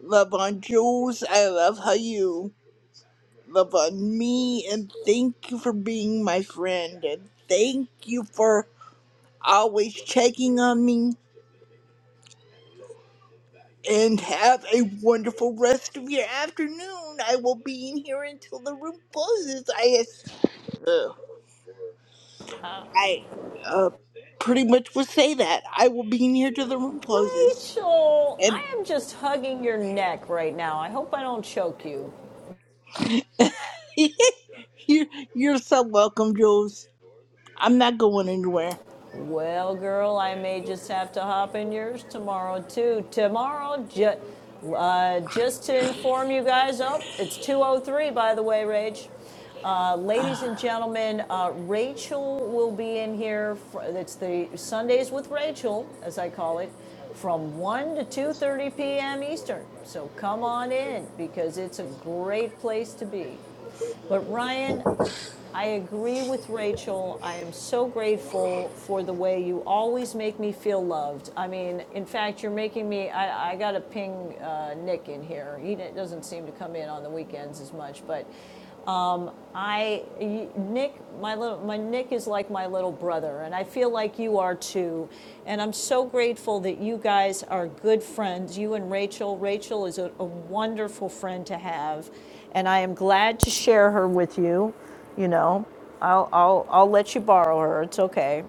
love on Jules. I love how you love on me and thank you for being my friend and thank you for always checking on me and have a wonderful rest of your afternoon. I will be in here until the room closes. I uh, Uh, I uh, pretty much will say that. I will be in here till the room closes. Rachel, I And am just hugging your neck right now. I hope I don't choke you. you're, you're so welcome, Jules. I'm not going anywhere. Well, girl, I may just have to hop in yours tomorrow too. Tomorrow, ju- uh, just to inform you guys. Oh, it's 2:03, by the way, Rach. Uh, ladies and gentlemen, uh, Rachel will be in here. For, it's the Sundays with Rachel, as I call it, from 1 to 2:30 p.m. Eastern. So come on in because it's a great place to be. But Ryan, I agree with Rachel. I am so grateful for the way you always make me feel loved. I mean, in fact, you're making me. I, I got to ping uh, Nick in here. He doesn't seem to come in on the weekends as much, but um, I y- Nick, my little my Nick is like my little brother, and I feel like you are too. And I'm so grateful that you guys are good friends. You and Rachel. Rachel is a, a wonderful friend to have, and I am glad to share her with you. You know, I'll I'll I'll let you borrow her. It's okay.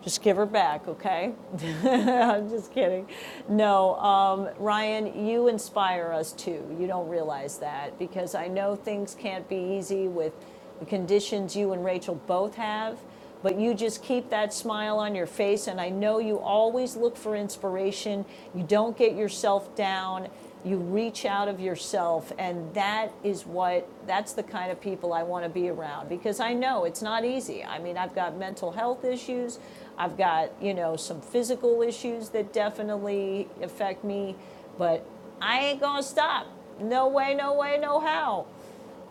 Just give her back, okay? I'm just kidding. No, um, Ryan, you inspire us too. You don't realize that because I know things can't be easy with the conditions you and Rachel both have, but you just keep that smile on your face. And I know you always look for inspiration. You don't get yourself down you reach out of yourself, and that is what that's the kind of people I want to be around because I know it's not easy. I mean, I've got mental health issues, I've got, you know, some physical issues that definitely affect me, but I ain't gonna stop. No way, no way, no how.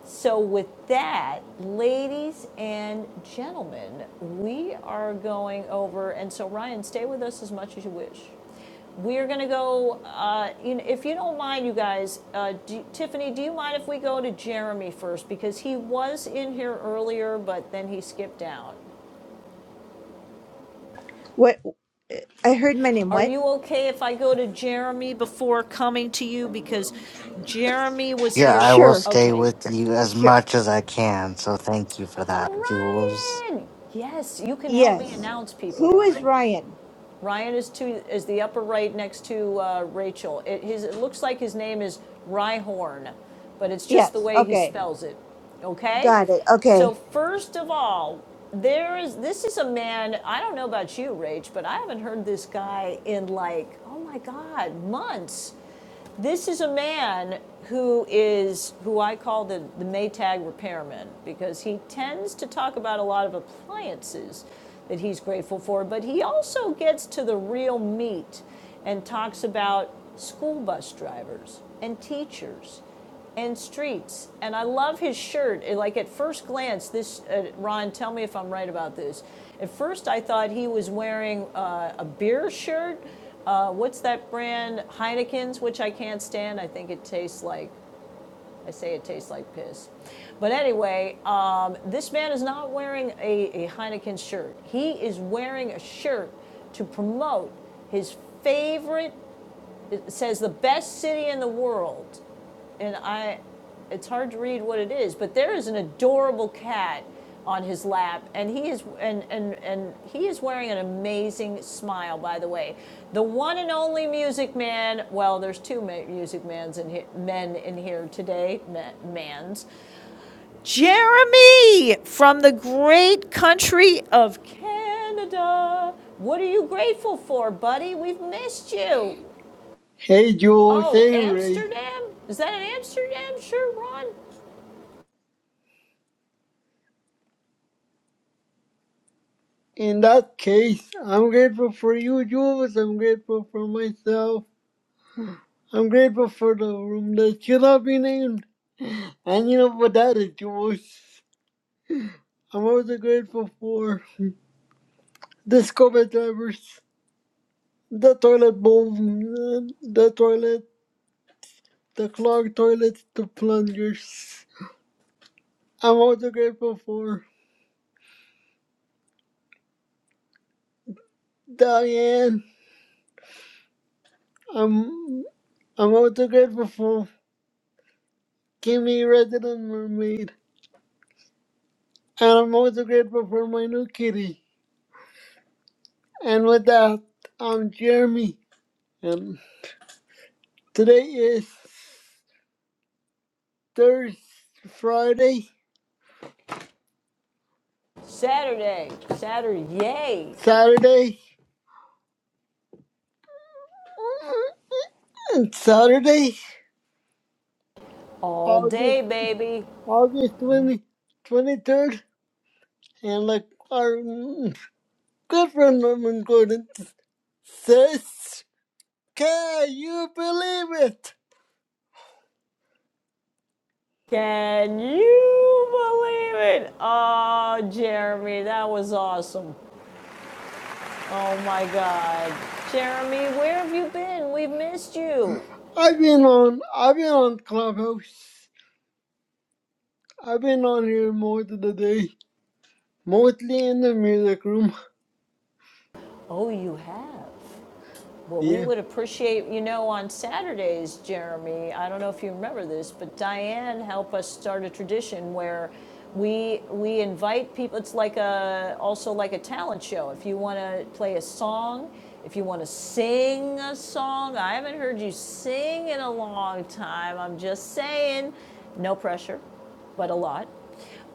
So, with that, ladies and gentlemen, we are going over, and so Ryan, stay with us as much as you wish. We are going to go, uh, you know, if you don't mind, you guys, uh, do- Tiffany, do you mind if we go to Jeremy first? Because he was in here earlier, but then he skipped out. What I heard my name. Are What? you okay if I go to Jeremy before coming to you? Because Jeremy was Yeah, I here. will Sure. stay Okay. with you as Sure. much as I can. So thank you for that, Jules. Ryan! Yes, you can help me Yes. announce people, Who is Ryan. Ryan? Ryan is to, is the upper right next to uh, Rachel. It, his, it looks like his name is Ryhorn, but it's just the Yes. way he Okay. spells it. Okay? Got it. So Okay. first of all, there is this is a man, I don't know about you, Rach, but I haven't heard this guy in like, oh my God, months. This is a man who is, who I call the, the Maytag repairman, because he tends to talk about a lot of appliances that he's grateful for, but he also gets to the real meat and talks about school bus drivers and teachers and streets. And I love his shirt. It- Like at first glance, this uh, Ron, tell me if I'm right about this. At first, I thought he was wearing uh, a beer shirt. Uh, what's that brand? Heineken's, which I can't stand. I think it tastes like I say it tastes like piss. But anyway, um, this man is not wearing a, a Heineken shirt. He is wearing a shirt to promote his favorite, it says the best city in the world and I, it's hard to read what it is, but there is an adorable cat on his lap, and he is and and and he is wearing an amazing smile. By the way, the one and only Music Man. Well, there's two Music Mans in here, men in here today. mans, Jeremy from the great country of Canada. What are you grateful for, buddy? We've missed you. Hey, Jules. Oh, Hey, Ray. Amsterdam? Is that in Amsterdam? Sure, Ron. In that case, I'm grateful for you, Jules. I'm grateful for myself. I'm grateful for the room that should not be named. And you know what that is, Jules. I'm also grateful for the scuba divers, the toilet bowl, the the toilet, the clogged toilets, the plungers. I'm also grateful for Diane. I'm, I'm also grateful for Kimmy, Resident Mermaid. And I'm also grateful for my new kitty. And with that, I'm Jeremy. And today is Thursday, Friday, Saturday, Saturday, yay! Saturday, and Saturday, all August, day, baby. August 20, 23rd. And like our mm, good friend Norman Gordon says, can you believe it? Can you believe it? Oh, Jeremy, that was awesome. Oh my God. Jeremy, where have you been? We've missed you. I've been on, I've been on Clubhouse. I've been on here more than a day. Mostly in the music room. Oh, you have. Well, we Yeah. would appreciate, you know, on Saturdays, Jeremy, I don't know if you remember this, but Diane helped us start a tradition where we we invite people it's like a also like a talent show. If you want to play a song, if you want to sing a song, I haven't heard you sing in a long time. I'm just saying, no pressure, but a lot.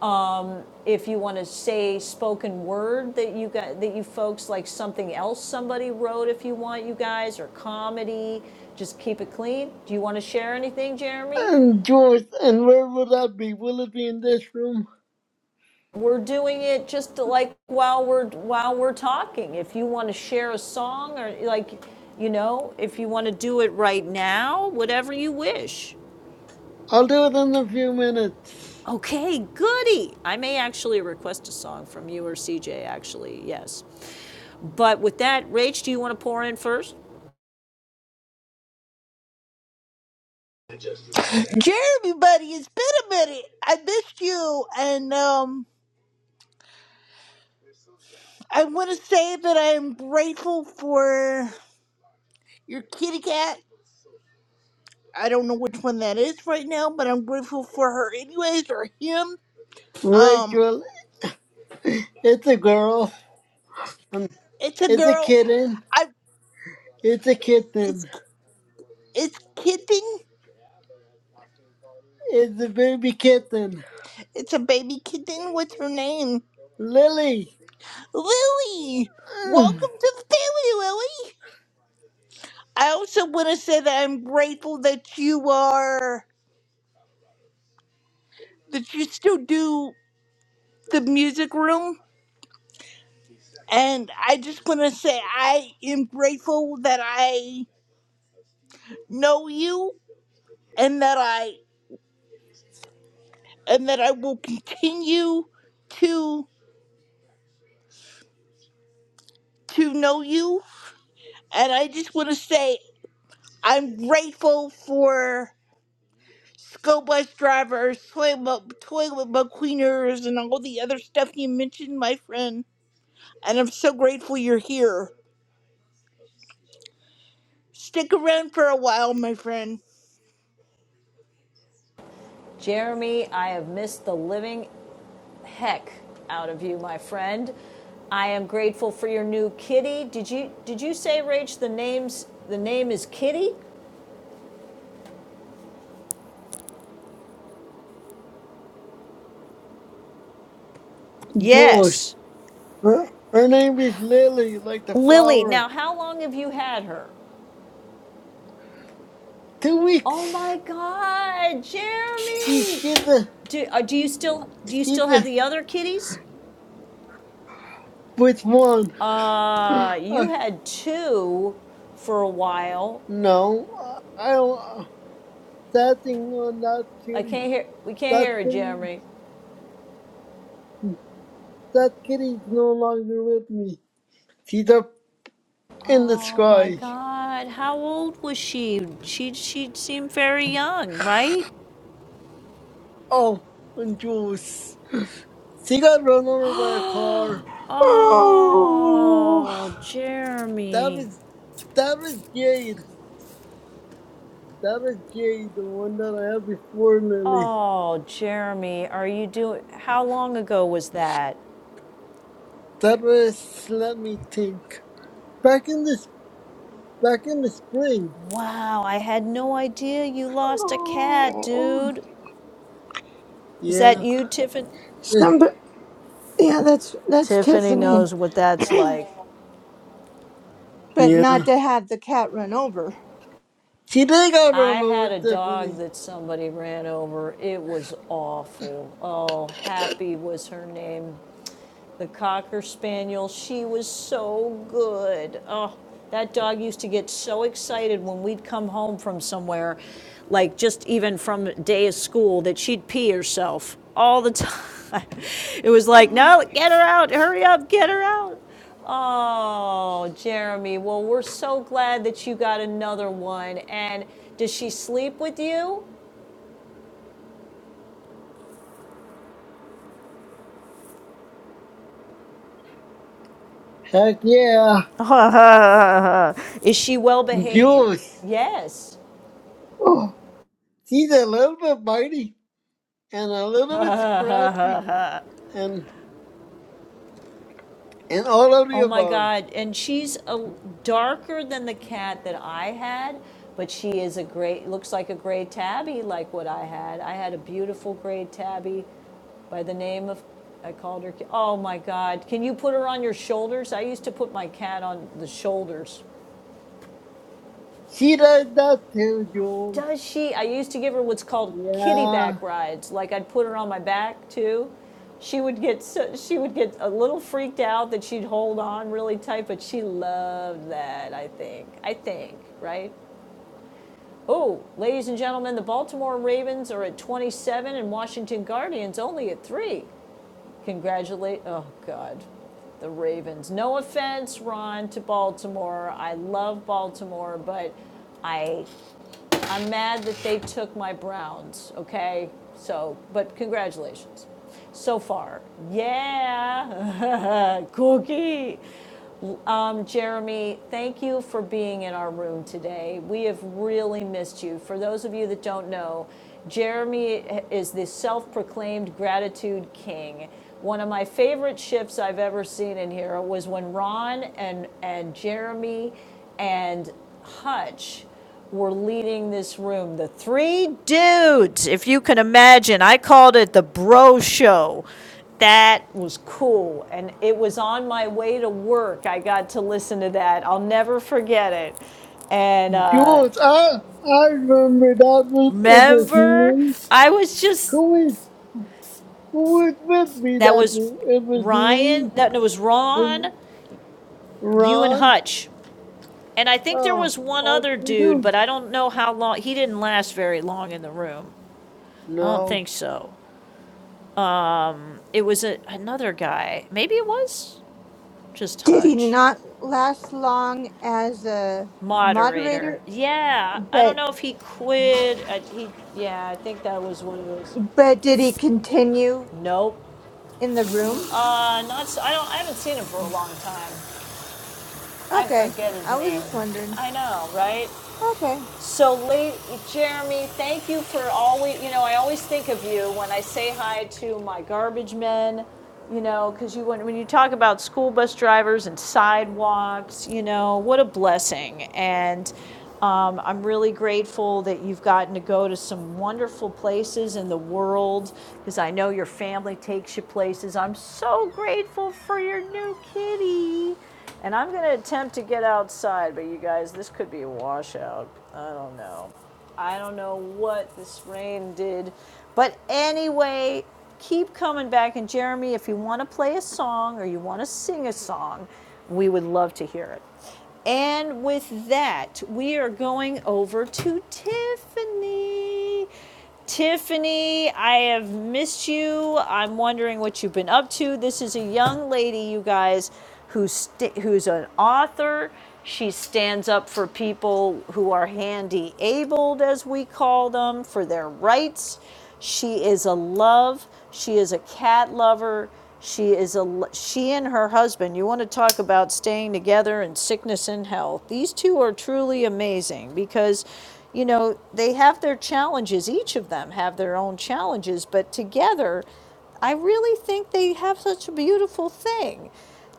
Um, if you want to say spoken word that you got that you folks like something else somebody wrote if you want you guys or comedy just keep it clean do you want to share anything jeremy And George, and where will that be? Will it be in this room? we're doing it just to, like while we're while we're talking if you want to share a song or like you know if you want to do it right now whatever you wish I'll do it in a few minutes. Okay, goody. I may actually request a song from you or CJ, actually, yes. But with that, Rach, do you want to pour in first? Jeremy, buddy, it's been a minute. I missed you, and um. I want to say that I am grateful for your kitty cat. I don't know which one that is right now, but I'm grateful for her anyways or him. Um, Rachel, it's a girl. Um, it's a It's a girl. kitten. I It's a it's kitten. it's kitten. It's a baby kitten. It's a baby kitten. What's her name? Lily. Lily. Mm, Welcome to the family, Lily. I also want to say that I'm grateful that you are that you still do the music room And I just want to say I am grateful that I know you and that I and that I will continue to to know you. And I just want to say I'm grateful for school bus drivers, toilet toilet bug cleaners, and all the other stuff you mentioned, my friend. And I'm so grateful you're here. Stick around for a while, my friend. Jeremy, I have missed the living heck out of you, my friend. I am grateful for your new kitty. Did you did you say, Rach, the name's the name is Kitty? George. Yes. Her, her name is Lily, like the Lily, flower. now how long have you had her? Two Oh weeks. my god, She's, Jeremy! she's a, Do, uh, do you still do you she's still have a, the other kitties? which one? Uh, you I, had two for a while. no, I don't. That thing on that I kitty. can't hear. We can't That hear her, kitty. Jeremy. That kitty is no longer with me. She's up in the Oh my sky. God! How old was she? She she seemed very young, right? Oh, and Jules. She got run over by a car. Oh, Oh, That Jeremy. was that was Jade. That was Jade, the one that I had before Lily. Oh, Jeremy, are you doing? How long ago was that? That was let me think. Back in this back in the spring. Wow, I had no idea you lost a cat, oh. dude. Is that Yeah. you, Tiffany? Eh, Somebody. Yeah, that's that's Tiffany Tiffany. knows what that's like. But Yeah. not to have the cat run over. She did got I run over, had a dog Tiffany. that somebody ran over. It was awful. Oh, Happy was her name. The Cocker Spaniel. She was so good. Oh, that dog used to get so excited when we'd come home from somewhere, like just even from a day of school, that she'd pee herself all the time. it was like, no, get her out. Hurry up, get her out. Oh, Jeremy. Well, we're so glad that you got another one. And does she sleep with you? Heck yeah. Is she well behaved? Jules. Yes. Oh. He's a little bit bitey and a little bit scratchy and and all of the Oh my above. God. And she's a, darker than the cat that I had, but she is a great, looks like a gray tabby like what I had. I had a beautiful gray tabby by the name of, I called her, oh my God. Can you put her on your shoulders? I used to put my cat on the shoulders. She does that too, Jules. Does she? I used to give her what's called kitty Yeah, back rides. Like I'd put her on my back too. She would get so, she would get a little freaked out that she'd hold on really tight, but she loved that. I think. I think. Right. Oh, ladies and gentlemen, the Baltimore Ravens are at 27 and Washington Guardians only at three. Congratulate. Oh God, the Ravens. No offense, Ron, to Baltimore. I love Baltimore, but I I'm mad that they took my Browns, okay? So, but congratulations so far. Yeah, cookie. Um, Jeremy, thank you for being in our room today. We have really missed you. For those of you that don't know, Jeremy is the self proclaimed gratitude king. One of my favorite shifts I've ever seen in here was when Ron and, and Jeremy and Hutch were leading this room. The three dudes, if you can imagine, I called it the bro show. That was cool. And it was on my way to work. I got to listen to that. I'll never forget it. And uh, Jules. I I remember that was it was remember, me. I was just, Who was who was with me that that was day? It was Ryan, me. that no, it was Ron, It, you and Ron. Hutch. And I think there Oh, was one all other three dude, dudes. but I don't know how long. He didn't last very long in the room. I don't No. think so. It was a, another guy. Maybe it was just Did he Hudge. not last long as a Moderator. moderator? Yeah. I don't But know if he quit. I, he. Yeah. I think that was one of those. but did he continue Nope. in the room? Uh, not. s- I don't. I haven't seen him for a long time. I Okay, forget his I was name. just wondering. I know, right? Okay. So, late, Jeremy, thank you for always, you know, I always think of you when I say hi to my garbage men, you know, because you, when, when you talk about school bus drivers and sidewalks, you know, what a blessing. And um, I'm really grateful that you've gotten to go to some wonderful places in the world because I know your family takes you places. I'm so grateful for your new kitty. And I'm going to attempt to get outside, but you guys, this could be a washout. I don't know. I don't know what this rain did. But anyway, keep coming back. And Jeremy, if you want to play a song or you want to sing a song, we would love to hear it. And with that, we are going over to Tiffany. Tiffany, I have missed you. I'm wondering what you've been up to. This is a young lady, you guys, who's who's an author. She stands up for people who are handy abled, as we call them, for their rights. She is a love. She is a cat lover. She is a she and her husband. You want to talk about staying together in sickness and health. These two are truly amazing because you know, they have their challenges. Each of them have their own challenges, but together I really think they have such a beautiful thing.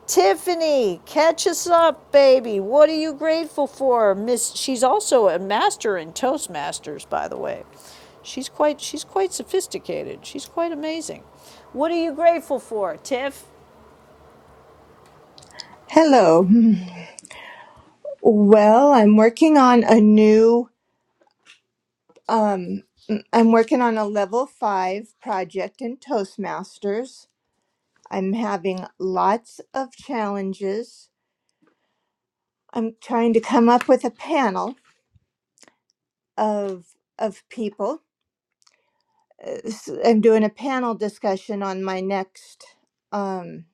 Tiffany, catch us up, baby. What are you grateful for? Miss she's also a master in Toastmasters, by the way. She's quite she's quite sophisticated. She's quite amazing. What are you grateful for, Tiff? Hello. Well, I'm working on a new um I'm working on a level 5 project in Toastmasters. I'm having lots of challenges. I'm trying to come up with a panel of of people s- I'm doing a panel discussion on my next um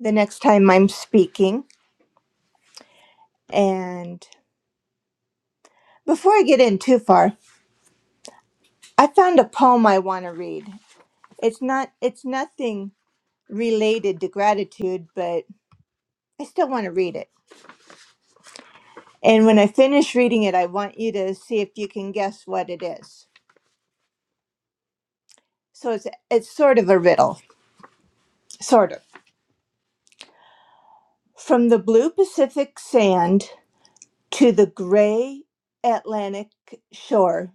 the next time I'm speaking and before I get in too far I found a poem I want to read. It's not it's nothing related to gratitude but I still want to read it. And when I finish reading it I want you to see if you can guess what it is. So it's it's sort of a riddle, sort of. From the blue Pacific sand to the gray Atlantic shore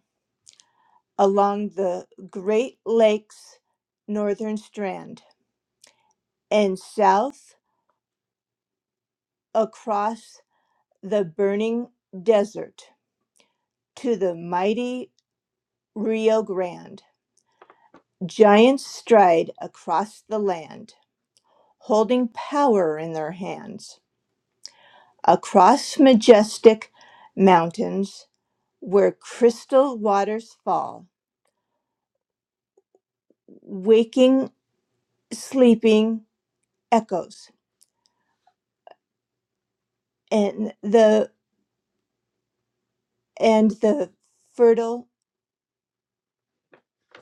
along the Great Lakes northern strand and south across the burning desert to the mighty Rio Grande. Giants stride across the land, holding power in their hands. Across majestic mountains where crystal waters fall, waking, sleeping echoes, and the and the fertile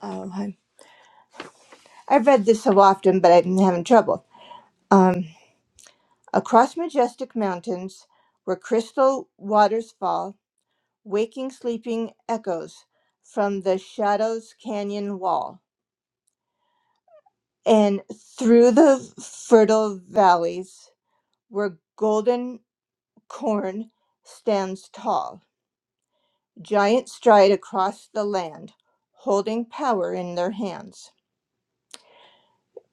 Um, I- I've read this so often, but I'm having trouble. Um, across majestic mountains, where crystal waters fall, waking sleeping echoes from the shadow's canyon wall, and through the fertile valleys, where golden corn stands tall, giants stride across the land, holding power in their hands.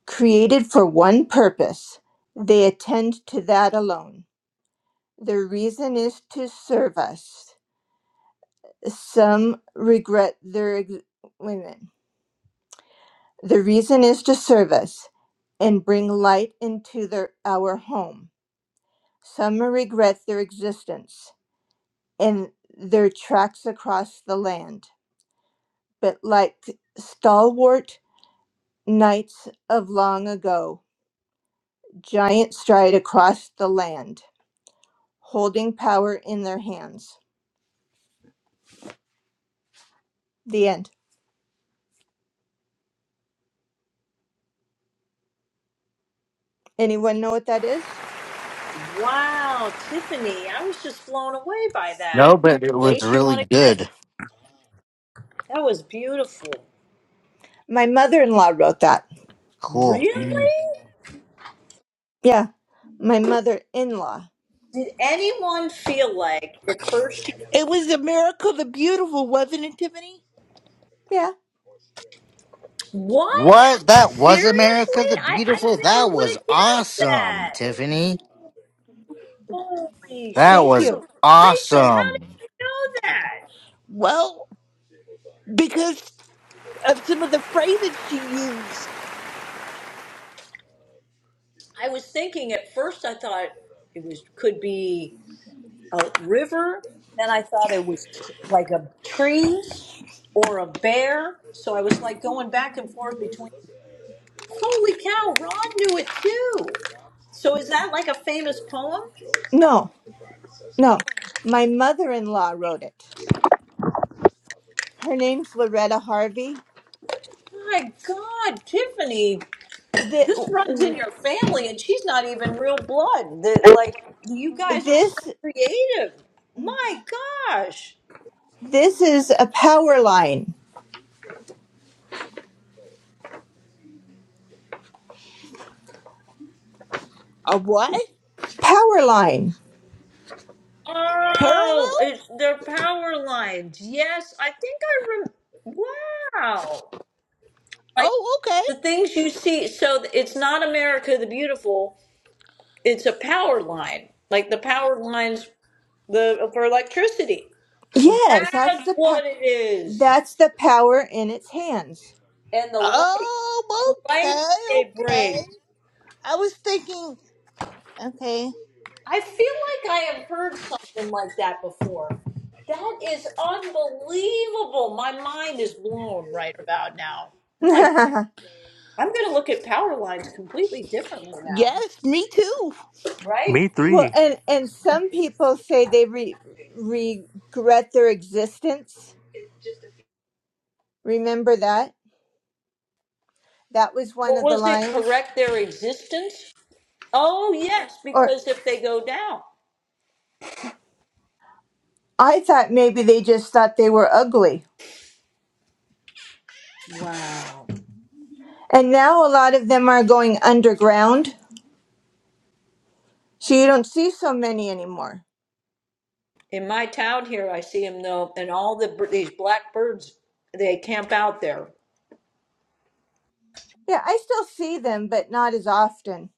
Created for one purpose, they attend to that alone Their reason is to serve us. Some regret their ex- wait a minute. The reason is to serve us and bring light into their our home. Some regret their existence and their tracks across the land. But like stalwart knights of long ago, giant stride across the land, holding power in their hands. The end. Anyone know what that is? Wow, Tiffany, I was just blown away by that. No, but it was Rach, you really want to? good. That was beautiful. My mother-in-law wrote that. Cool. Really? Yeah, my mother in law. Did anyone feel like at first you. It was America the Beautiful, wasn't it, Tiffany? Yeah, What? What? That was America Seriously? the I, I Beautiful? never That would was have guessed awesome, that. Tiffany. Holy That thank was you. shoot. Rachel, how did awesome. you know that? Well, because of some of the phrases she used. I was thinking at first, I thought it was could be. a river. Then I thought it was tr- like a trees or a bear. So I was like going back and forth between. Holy cow! Ron knew it too. So is that like a famous poem? No, no, my mother in law wrote it. Her name's Loretta Harvey. My God, Tiffany, Th- this runs in your family, and she's not even real blood. That like you guys are so This creative. My gosh. this is a power line. A what? Power line. Oh, Parallel? it's their power lines. Yes, I think I rem- Wow. Oh, okay. the things you see so it's not america the beautiful it's a power line like the power lines the for electricity Yes, that's that's the pa- what it is that's the power in its hands. and the light Oh, the light okay, that they okay. bring I was thinking, okay. i feel like i have heard something like that before that is unbelievable my mind is blown right about now oh my well, i'm gonna look at power lines completely differently now Yes, me too. right Me three. and and some people say they re- regret their existence. Remember that? That was one but of the was it lines. correct their existence Oh yes, because if they go down I thought maybe they just thought they were ugly. And now a lot of them are going underground, so you don't see so many anymore. in my town here, I see them though, and all the bir- these black birds they camp out there. Yeah, I still see them, but not as often.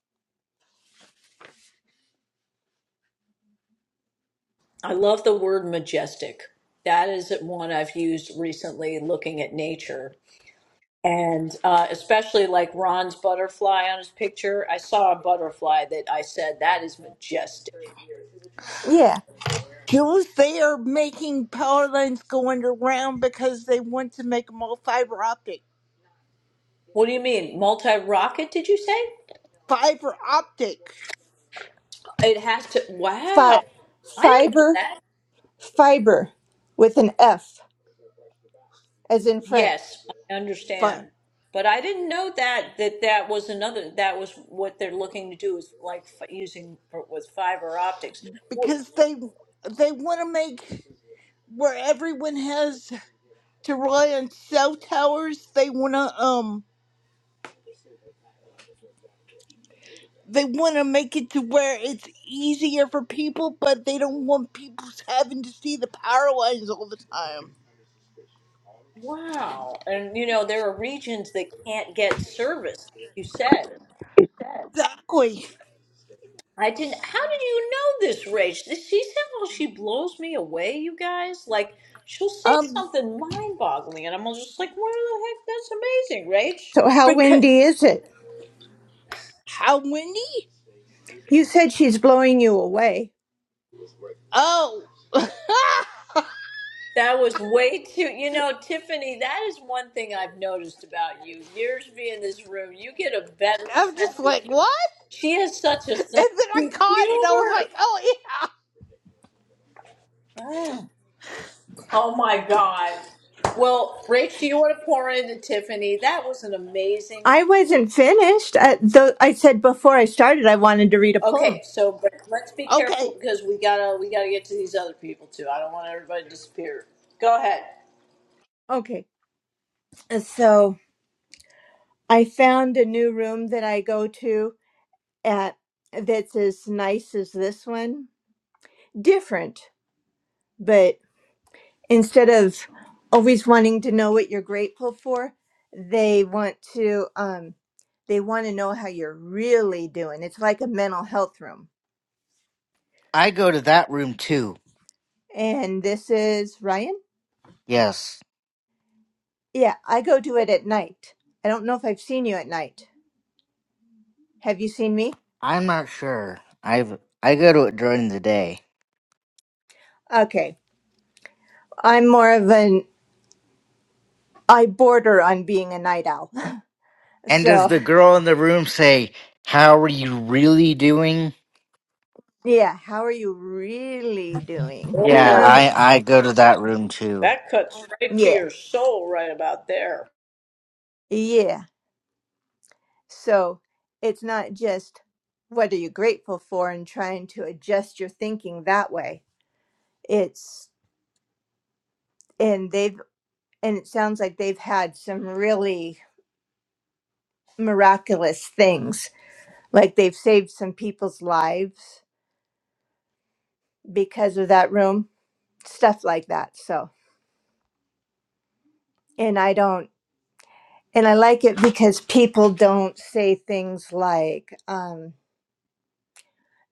I love the word majestic. That is one I've used recently, looking at nature, and uh, especially like Ron's butterfly on his picture. I saw a butterfly that I said that is majestic. Yeah, Jules, they are making power lines go underground because they want to make them all fiber optic. What do you mean, multi rocket? Did you say Fiber optic. it has to? Wow, Fi- I didn't know fiber, that. fiber with an F, as in Frank. Yes, I But understand. But I didn't know that that that was another that was what they're looking to do is like f- using for, with fiber optics. W- because they they want to make where everyone has to rely on cell towers, they want to um they want to make it to where it's easier for people, but they don't want people having to see the power lines all the time. Wow. And you know, there are regions that can't get service. You said. Exactly. I didn't How did you know this, Rach? This she said, "Well, she blows me away, you guys." Like she'll say Um, something mind-boggling and I'm all just like, "Where the heck? That's amazing, Rach." So, how because windy is it? how many? You said she's blowing you away. Oh, That was way too, you know, Tiffany, that is one thing I've noticed about you. Years being in this room, you get a better I'm sense just of like humor. what? She has such a And sense then I of caught it, and I was humor. like, oh yeah. Mm. Oh my God. Well, Rach, do you want to pour into Tiffany? That was an amazing. I wasn't finished. I, though I said before I started I wanted to read a Okay, poem. so but let's be careful Okay, because we gotta we gotta get to these other people too. I don't want everybody to disappear. Go ahead. Okay, so I found a new room that I go to uh, that's as nice as this one. Different, but instead of always wanting to know what you're grateful for, they want to um, they want to know how you're really doing. It's like a mental health room. I go to that room too. And this is Ryan. Yes. Yeah, I go do it at night. I don't know if I've seen you at night. Have you seen me? I'm not sure. I've I go to it during the day. Okay, I'm more of an I border on being a night owl. And does So, the girl in the room say, How are you really doing? yeah, how are you really doing? Yeah, Oh, I, I go to that room too. that cuts right to Yeah, your soul right about there. yeah. So it's not just what are you grateful for and trying to adjust your thinking that way. It's, and they've, and it sounds like they've had some really miraculous things. Like they've saved some people's lives because of that room, stuff like that. So, and I don't, and I like it because people don't say things like, um,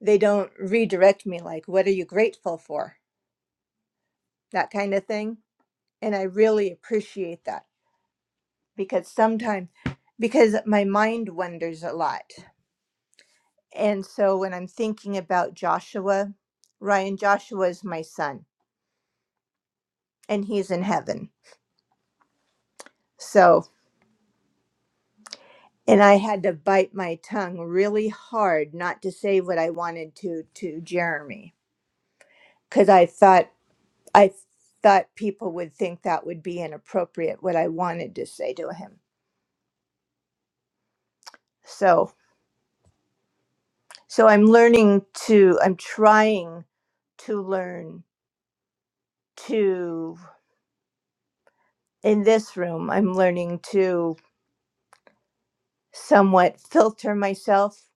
they don't redirect me, like, what are you grateful for? That kind of thing and I really appreciate that because sometimes because my mind wanders a lot. And so when I'm thinking about Joshua, Ryan Joshua is my son and he's in heaven. So and I had to bite my tongue really hard not to say what I wanted to to Jeremy cuz I thought I thought people would think that would be inappropriate what I wanted to say to him. So so I'm learning to I'm trying to learn to in this room i'm learning to somewhat filter myself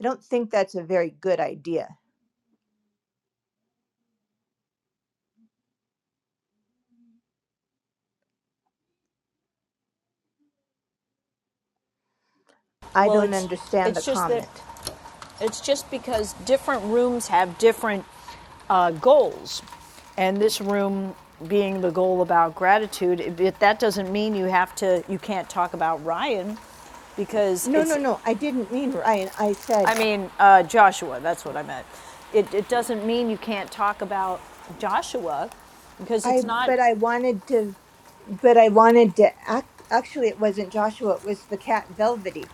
i don't think that's a very good idea i Well, don't it's understand the it's just that comment It's just because different rooms have different uh, goals. And this room being the goal about gratitude, it, it- that doesn't mean you have to, you can't talk about Ryan because no it's, no no i didn't mean ryan i said I mean, uh, Joshua, that's what I meant. It, it doesn't mean you can't talk about Joshua because i it's not, but i wanted to but i wanted to act actually it wasn't joshua it was the cat velvety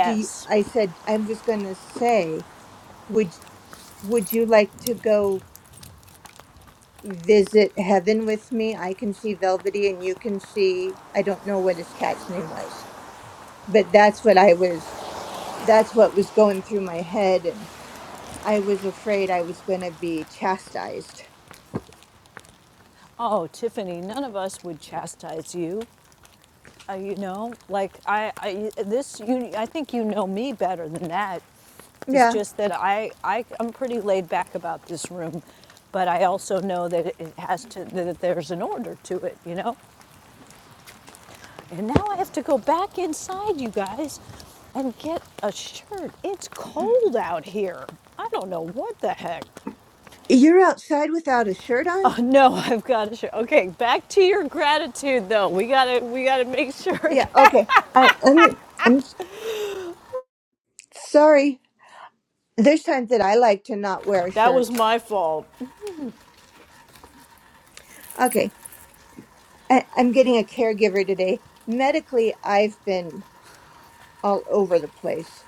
do you, i said i was going to say would. Would you like to go visit heaven with me? I can see Velvety and you can see, I don't know what his cat's name was, but that's what I was, that's what was going through my head. And I was afraid I was going to be chastised. Oh, Tiffany, none of us would chastise you. Uh, you know, like I, I, this, you, I think you know me better than that. It's Yeah. just that I, I I'm pretty laid back about this room, but I also know that it has to that there's an order to it, you know. And now I have to go back inside, you guys, and get a shirt. It's cold out here. I don't know what the heck. You're outside without a shirt on? Oh no, I've got a shirt. Okay, back to your gratitude though. We gotta we gotta make sure Yeah. Okay. I, I'm, I'm sorry. There's times that I like to not wear a that was shirt. my fault. Okay. I, I'm getting a caregiver today. Medically, I've been all over the place.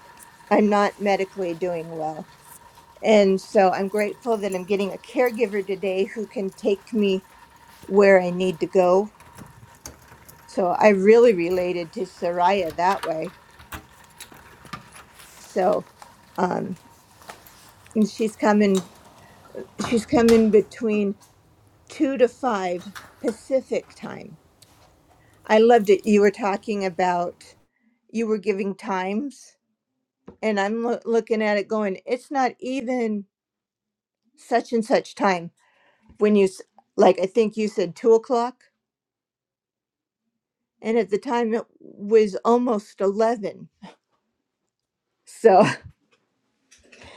I'm not medically doing well. And so I'm grateful that I'm getting a caregiver today who can take me where I need to go. So I really related to Soraya that way. So um and she's coming she's coming between 2 to 5 Pacific time. I loved it you were talking about you were giving times and I'm loo- looking at it going it's not even such and such time when you s- like I think you said two o'clock. and at the time it was almost 11 so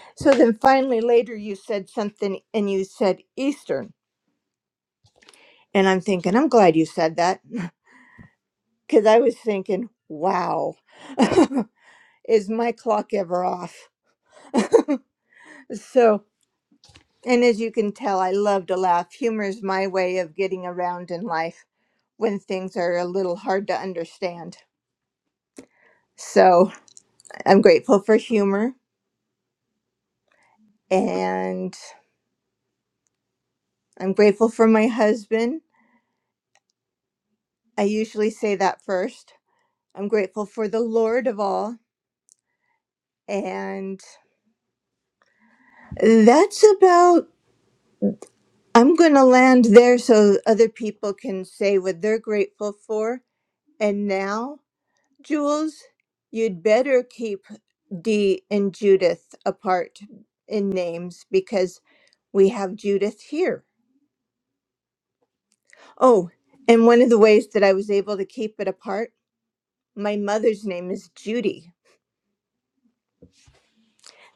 so then finally later you said something and you said eastern and i'm thinking i'm glad you said that because i was thinking wow is my clock ever off so and as you can tell i love to laugh humor is my way of getting around in life when things are a little hard to understand so i'm grateful for humor and i'm grateful for my husband I usually say that first. I'm grateful for the Lord of all. And that's about, I'm going to land there so other people can say what they're grateful for. And now, Jules, you'd better keep Dee and Judith apart in names because we have Judith here. Oh, and one of the ways that I was able to keep it apart, my mother's name is Judy.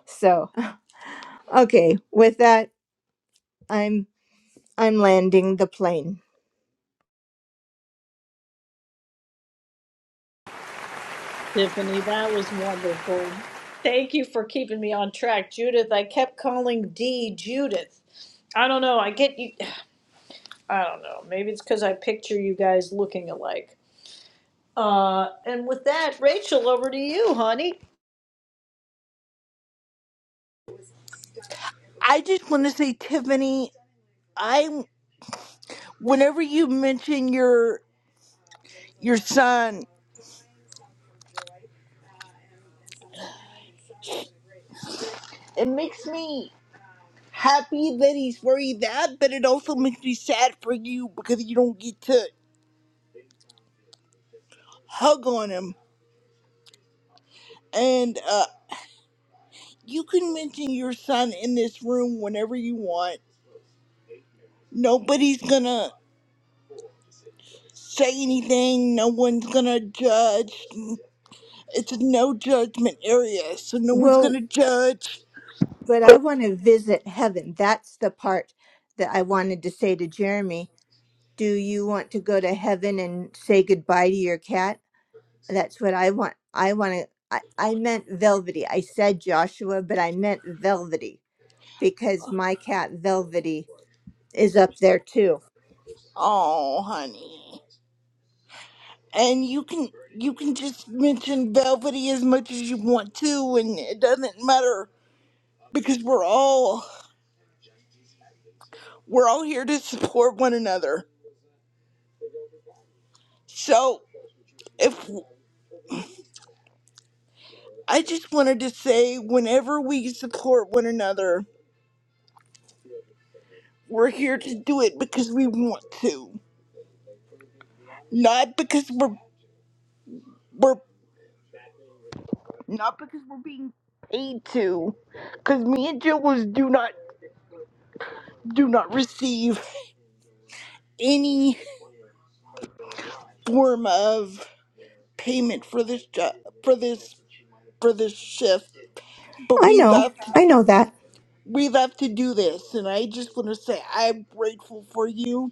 So, okay, with that, I'm I'm landing the plane. Tiffany, that was wonderful. Thank you for keeping me on track, Judith. I kept calling D Judith. I don't know. I get you. I don't know. Maybe it's because I picture you guys looking alike. Uh, and with that, Rachel, over to you, honey. I just want to say, Tiffany, I whenever you mention your your son, it makes me. happy that he's worried that, but it also makes me sad for you because you don't get to hug on him. And uh, you can mention your son in this room whenever you want. Nobody's gonna say anything, no one's gonna judge. It's a no judgment area, so no one's Well, gonna judge. but I want to visit heaven. That's the part that I wanted to say to Jeremy. Do you want to go to heaven and say goodbye to your cat? That's what I want. I want to. I, I meant velvety. I said Joshua, but I meant velvety because my cat velvety is up there too. Oh, honey. And you can you can just mention Velvety as much as you want to, and it doesn't matter because we're all We're all here to support one another. So, if I just wanted to say, whenever we support one another, we're here to do it because we want to, not because we're we're not because we're being paid to. Because me and Jill was do not do not receive any form of payment for this job for this for this shift, but I we know. love to I know that. we love to do this, and I just want to say I'm grateful for you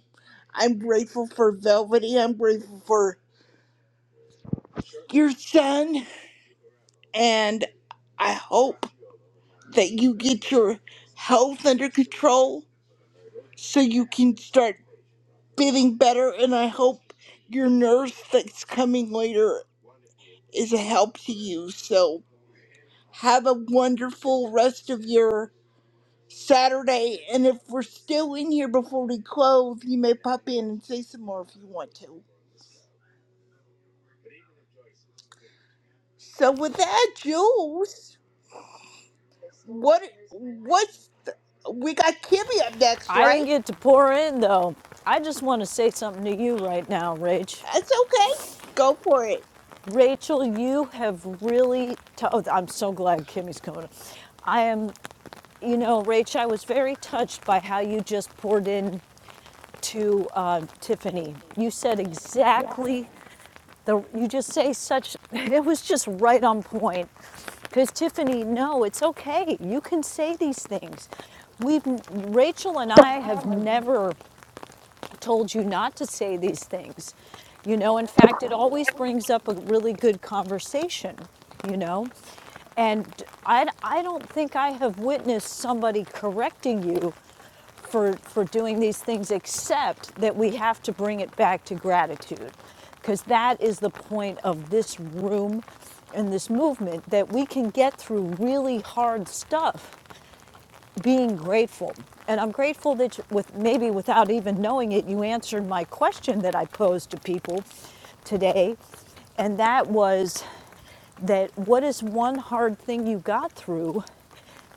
I'm grateful for Velvety. I'm grateful for your son. And I hope that you get your health under control so you can start feeling better. And I hope your nurse that's coming later is a help to you. So have a wonderful rest of your Saturday. And if we're still in here before we close, you may pop in and say some more if you want to. So with that, Jules. What? What? We got Kimmy up next, I right? didn't get to pour in though. I just want to say something to you right now, Rach. That's okay. Go for it. Rachel, you have really. T- oh, I'm so glad Kimmy's coming. I am, you know, Rach, I was very touched by how you just poured in to uh, Tiffany. You said exactly the. You just say such. It was just right on point. Because Tiffany, no, it's okay. You can say these things. We've Rachel and I have never told you not to say these things. You know, in fact, it always brings up a really good conversation. You know, and I, I don't think I have witnessed somebody correcting you for, for doing these things, except that we have to bring it back to gratitude. Because that is the point of this room and this movement that we can get through really hard stuff being grateful. And I'm grateful that you- with maybe without even knowing it, you answered my question that I posed to people today. And that was that what is one hard thing you got through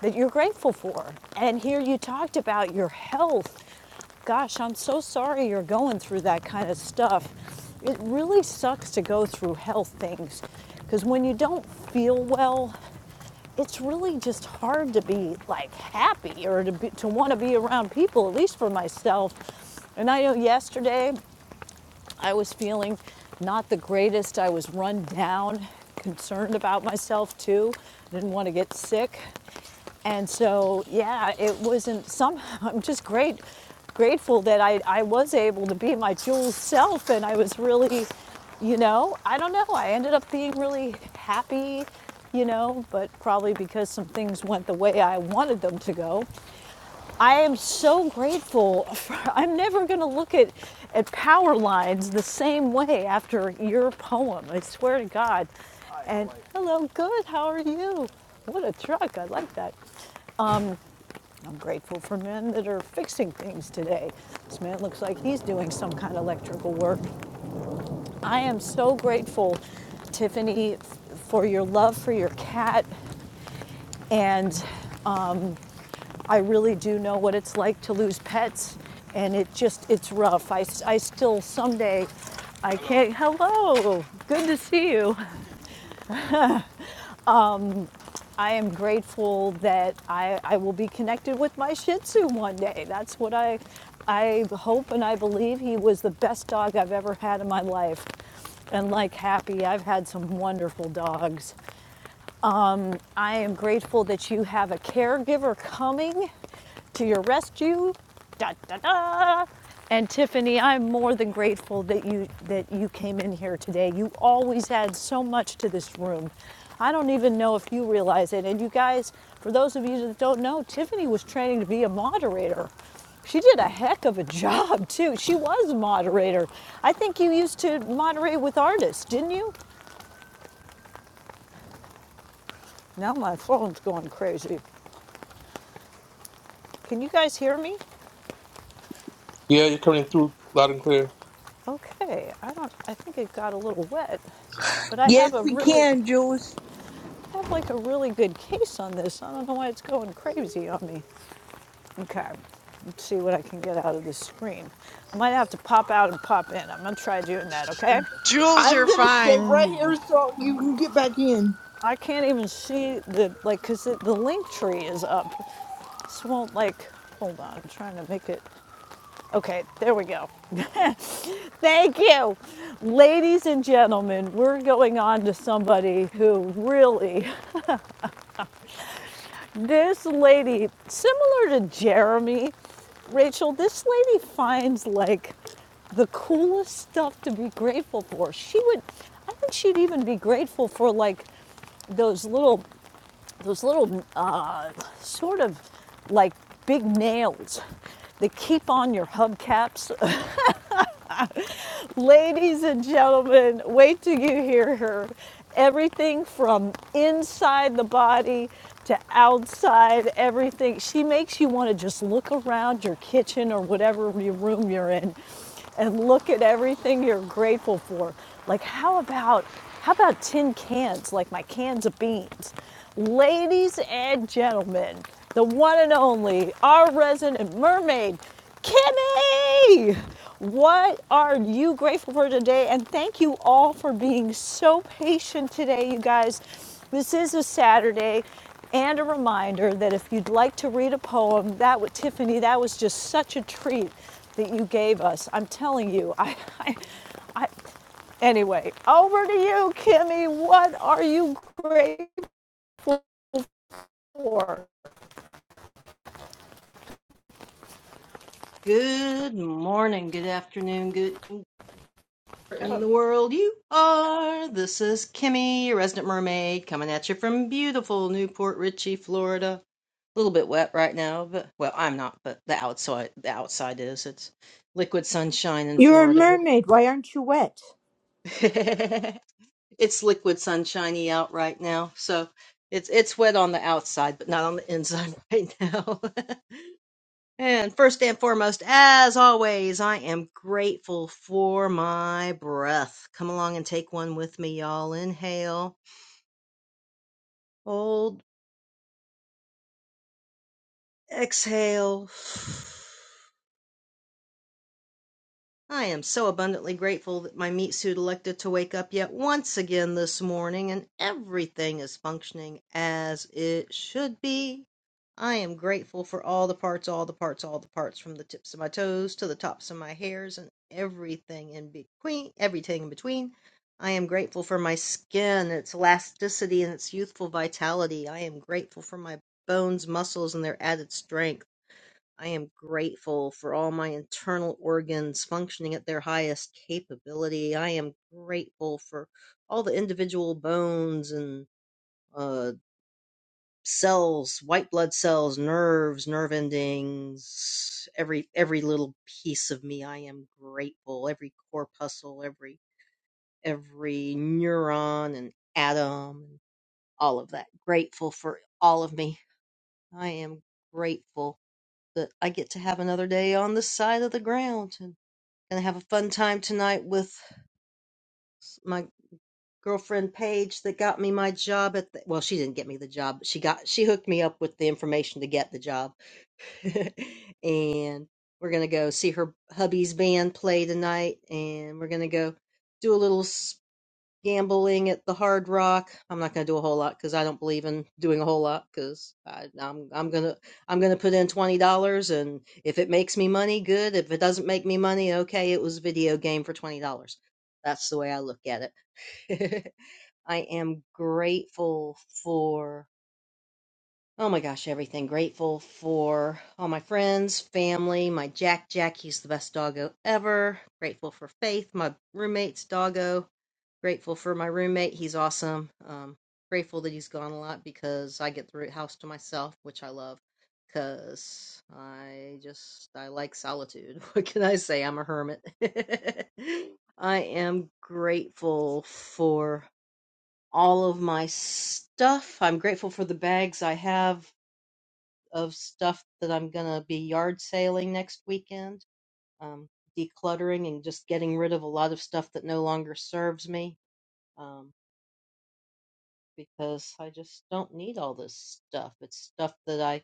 that you're grateful for. And here you talked about your health. Gosh, I'm so sorry you're going through that kind of stuff. It really sucks to go through health things because when you don't feel well, it's really just hard to be like happy or to be, to want to be around people, at least for myself. And I know yesterday I was feeling not the greatest. I was run down, concerned about myself too. I Didn't want to get sick. And so, yeah, it wasn't some. I'm just great, grateful that I, I was able to be my dual self, and I was really, you know, I don't know. I ended up being really happy, you know, but probably because some things went the way I wanted them to go. I am so grateful. For, I'm never going to look at at power lines the same way after your poem. I swear to God. Hi, And hello, good. How are you? What a truck. I like that. I'm grateful for men that are fixing things today. This man looks like he's doing some kind of electrical work. I am so grateful, Tiffany, for your love for your cat. And I really do know what it's like to lose pets. And it just, it's rough. I, I still someday, I can't, hello, good to see you. I am grateful that I, I will be connected with my Shih Tzu one day. That's what I, I hope and I believe. He was the best dog I've ever had in my life. And like Happy, I've had some wonderful dogs. I am grateful that you have a caregiver coming to your rescue. Da, da, da. And Tiffany, I'm more than grateful that you that you came in here today. You always add so much to this room. I don't even know if you realize it. And you guys, for those of you that don't know, Tiffany was training to be a moderator. She did a heck of a job too. She was a moderator. I think you used to moderate with artists, didn't you? Now my phone's going crazy. Can you guys hear me? Yeah, you're coming through loud and clear. Okay, I don't. I think it got a little wet, but I have a Yes, we really, can, Jules. I have like a really good case on this. I don't know why it's going crazy on me. Okay, let's see what I can get out of this screen. I might have to pop out and pop in. I'm gonna try doing that. Okay. Jules, I'm you're gonna stay right fine. here so you can get back in. I can't even see the like, cause the, the link tree is up. This won't like. Hold on, I'm trying to make it. Okay, there we go. Thank you. Ladies and gentlemen, we're going on to somebody who really this lady, similar to Jeremy, Rachel, this lady finds like the coolest stuff to be grateful for. She would, I think she'd even be grateful for like those little, those little uh, sort of like big nails that keep on your hubcaps Ladies and gentlemen, wait till you hear her. Everything from inside the body to outside, everything. She makes you want to just look around your kitchen or whatever your room you're in and look at everything you're grateful for. Like how about how about tin cans like my cans of beans? Ladies and gentlemen, the one and only, our resident mermaid. Kimmy, what are you grateful for today? And thank you all for being so patient today, you guys. This is a Saturday and a reminder that if you'd like to read a poem, that was Tiffany, that was just such a treat that you gave us. I'm telling you, I, I anyway, over to you, Kimmy. What are you grateful for? Good morning, good afternoon, good evening, in the world you are. This is Kimmy, your resident mermaid, coming at you from beautiful Newport Richey, Florida. A little bit wet right now, but well, I'm not, but the outside the outside is. It's liquid sunshine in You're a Florida. mermaid. Why aren't you wet? it's liquid sunshiny out right now, so it's it's wet on the outside, but not on the inside right now. And first and foremost, as always, I am grateful for my breath. Come along and take one with me, y'all. Inhale, hold, exhale. I am so abundantly grateful that my meat suit elected to wake up yet once again this morning and everything is functioning as it should be. I am grateful for all the parts, all the parts, all the parts, from the tips of my toes to the tops of my hairs and everything in between, everything in between. I am grateful for my skin, its elasticity and its youthful vitality. I am grateful for my bones, muscles and their added strength. I am grateful for all my internal organs functioning at their highest capability. I am grateful for all the individual bones and uh, cells, white blood cells, nerves, nerve endings, every every little piece of me. I am grateful. Every corpuscle, every every neuron and atom, and all of that. Grateful for all of me. I am grateful that I get to have another day on this side of the ground. Gonna have a fun time tonight with my girlfriend Paige that got me my job at the, well, she didn't get me the job, but she got she hooked me up with the information to get the job. and we're gonna go see her hubby's band play tonight and we're gonna go do a little s- gambling at the Hard Rock. I'm not going to do a whole lot because I don't believe in doing a whole lot because I'm I'm gonna I'm gonna put in twenty dollars and if it makes me money, good. If it doesn't make me money, okay, it was a video game for twenty dollars. That's the way I look at it. I am grateful for oh my gosh everything. Grateful for all my friends, family, my Jack Jack. He's the best doggo ever. Grateful for Faith, my roommate's doggo Grateful for my roommate, he's awesome. Um, grateful that he's gone a lot because I get the house to myself, which I love. Cause I just I like solitude. What can I say? I'm a hermit. I am grateful for all of my stuff. I'm grateful for the bags I have of stuff that I'm gonna be yard sailing next weekend. Um, decluttering and just getting rid of a lot of stuff that no longer serves me. Um, because I just don't need all this stuff. It's stuff that I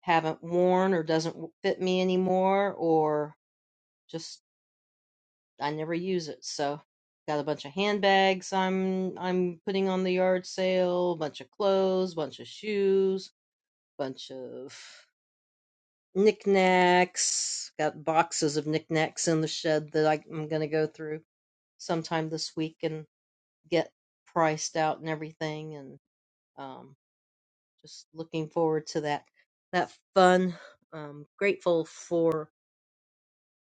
haven't worn or doesn't w- fit me anymore or just I never use it. So got a bunch of handbags I'm I'm putting on the yard sale, bunch of clothes, bunch of shoes, bunch of knickknacks. Got boxes of knickknacks in the shed that I, I'm going to go through sometime this week and get priced out and everything and um just looking forward to that that fun um grateful for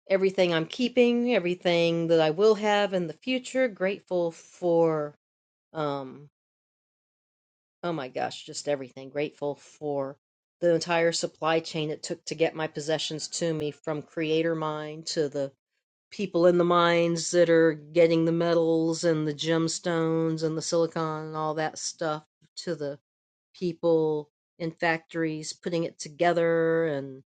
everything i'm keeping everything that i will have in the future grateful for um oh my gosh just everything grateful for the entire supply chain it took to get my possessions to me from creator mine to the people in the mines that are getting the metals and the gemstones and the silicon and all that stuff to the. people in factories putting it together and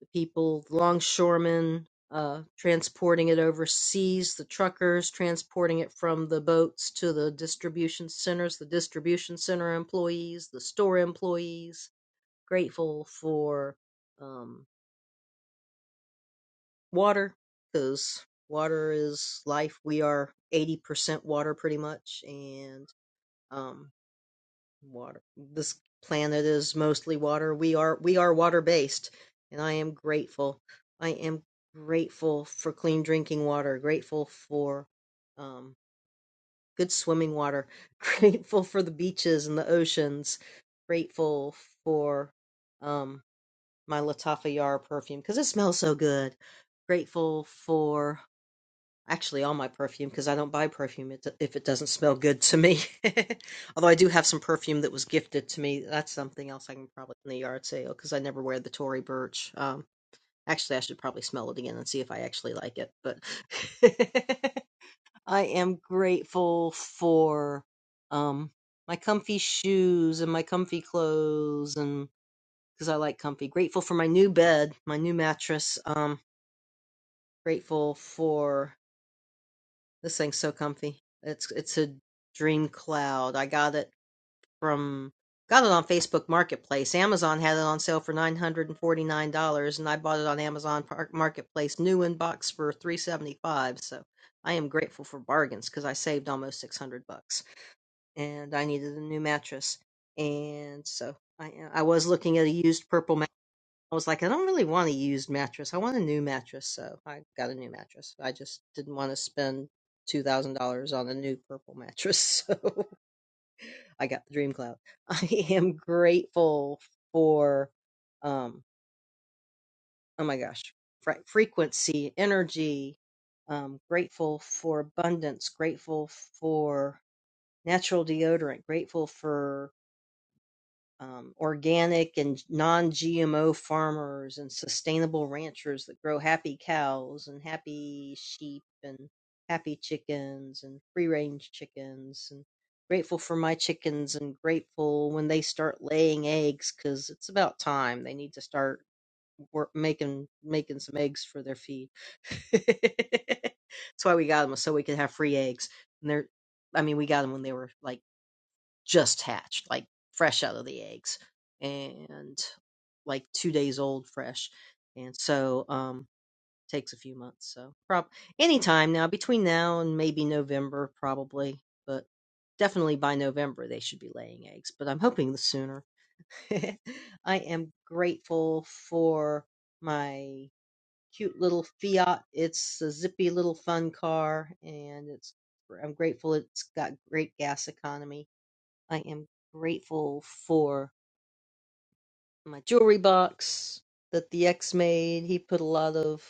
the people, the longshoremen, uh, transporting it overseas, the truckers transporting it from the boats to the distribution centers, the distribution center employees, the store employees. Grateful for um, water because water is life. We are 80% water pretty much. And um, Water. This planet is mostly water. We are we are water based, and I am grateful. I am grateful for clean drinking water. Grateful for um, good swimming water. Grateful for the beaches and the oceans. Grateful for um, my Latafa Yara perfume because it smells so good. Grateful for Actually, all my perfume, because I don't buy perfume if it doesn't smell good to me. Although I do have some perfume that was gifted to me. That's something else I can probably in the yard sale because I never wear the Tory Burch. Um, actually, I should probably smell it again and see if I actually like it. But I am grateful for um my comfy shoes and my comfy clothes and because I like comfy. Grateful for my new bed, my new mattress. Um, grateful for. This thing's so comfy. It's it's a Dream Cloud. I got it from got it on Facebook Marketplace. Amazon had it on sale for nine hundred and forty nine dollars, and I bought it on Amazon Marketplace, new in box for three seventy five. So I am grateful for bargains because I saved almost six hundred bucks, and I needed a new mattress, and so I I was looking at a used purple I was like, I don't really want a used mattress. I want a new mattress. So I got a new mattress. I just didn't want to spend $2,000 on a new purple mattress. So I got the Dream Cloud. I am grateful for, um, oh my gosh, fre- frequency, energy, um, grateful for abundance, grateful for natural deodorant, grateful for um, organic and non-GMO farmers and sustainable ranchers that grow happy cows and happy sheep and happy chickens and free-range chickens and grateful for my chickens and grateful when they start laying eggs because it's about time they need to start wor making making some eggs for their feed. That's why we got them so we could have free eggs. And they're, I mean, we got them when they were like just hatched, like fresh out of the eggs, and like two days old, fresh. And so, um, takes a few months. So, prob anytime now between now and maybe November, probably, but definitely by November they should be laying eggs. But I'm hoping the sooner. I am grateful for my cute little Fiat. It's a zippy little fun car, and it's I'm grateful it's got great gas economy I am grateful for my jewelry box that the ex made. He put a lot of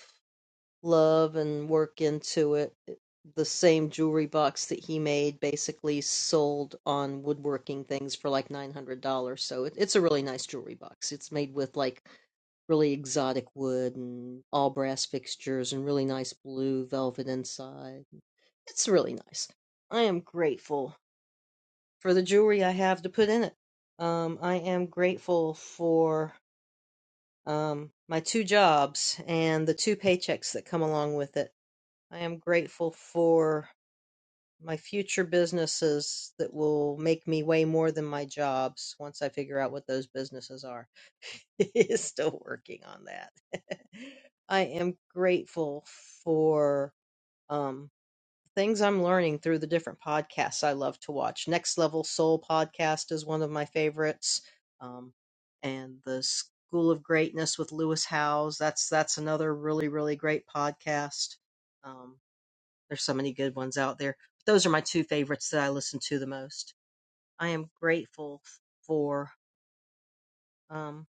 love and work into it. It- The same jewelry box that he made basically sold on woodworking things for like $900. So it, it's a really nice jewelry box. It's made with like really exotic wood and all brass fixtures and really nice blue velvet inside. It's really nice. I am grateful for the jewelry I have to put in it. Um, I am grateful for um, my two jobs and the two paychecks that come along with it. I am grateful for my future businesses that will make me way more than my jobs once I figure out what those businesses are. Still working on that. I am grateful for. um, things I'm learning through the different podcasts I love to watch. Next Level Soul podcast is one of my favorites, um, and the School of Greatness with Lewis Howes. That's that's another really really great podcast. Um, there's so many good ones out there. but those are my two favorites that I listen to the most. I am grateful for um,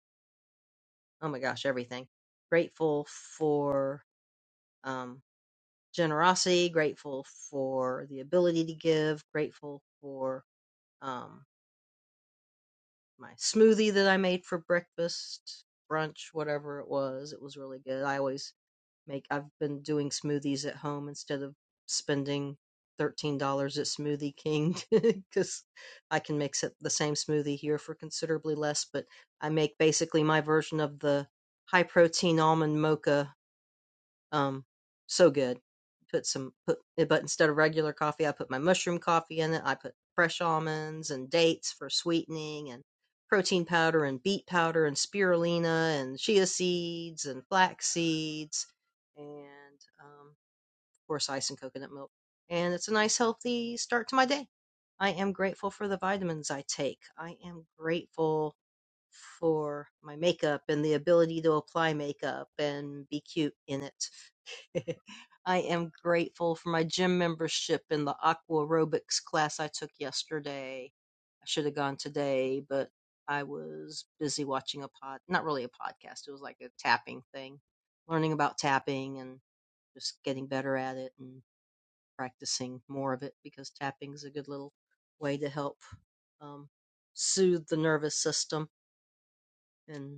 oh my gosh everything. Grateful for um, generosity. Grateful for the ability to give. Grateful for um, my smoothie that I made for breakfast, brunch, whatever it was. It was really good. I always make, I've been doing smoothies at home instead of spending $13 at Smoothie King because I can mix it, the same smoothie here for considerably less. But I make basically my version of the high protein almond mocha um, so good. Put some put eh, but instead of regular coffee, I put my mushroom coffee in it. I put fresh almonds and dates for sweetening and protein powder and beet powder and spirulina and chia seeds and flax seeds and um, of course ice and coconut milk. And it's a nice healthy start to my day. I am grateful for the vitamins I take. I am grateful for my makeup and the ability to apply makeup and be cute in it. I am grateful for my gym membership and the aqua aerobics class I took yesterday. I should have gone today, but I was busy watching a pod, not really a podcast. It was like a tapping thing, learning about tapping and just getting better at it and practicing more of it because tapping is a good little way to help um, soothe the nervous system. and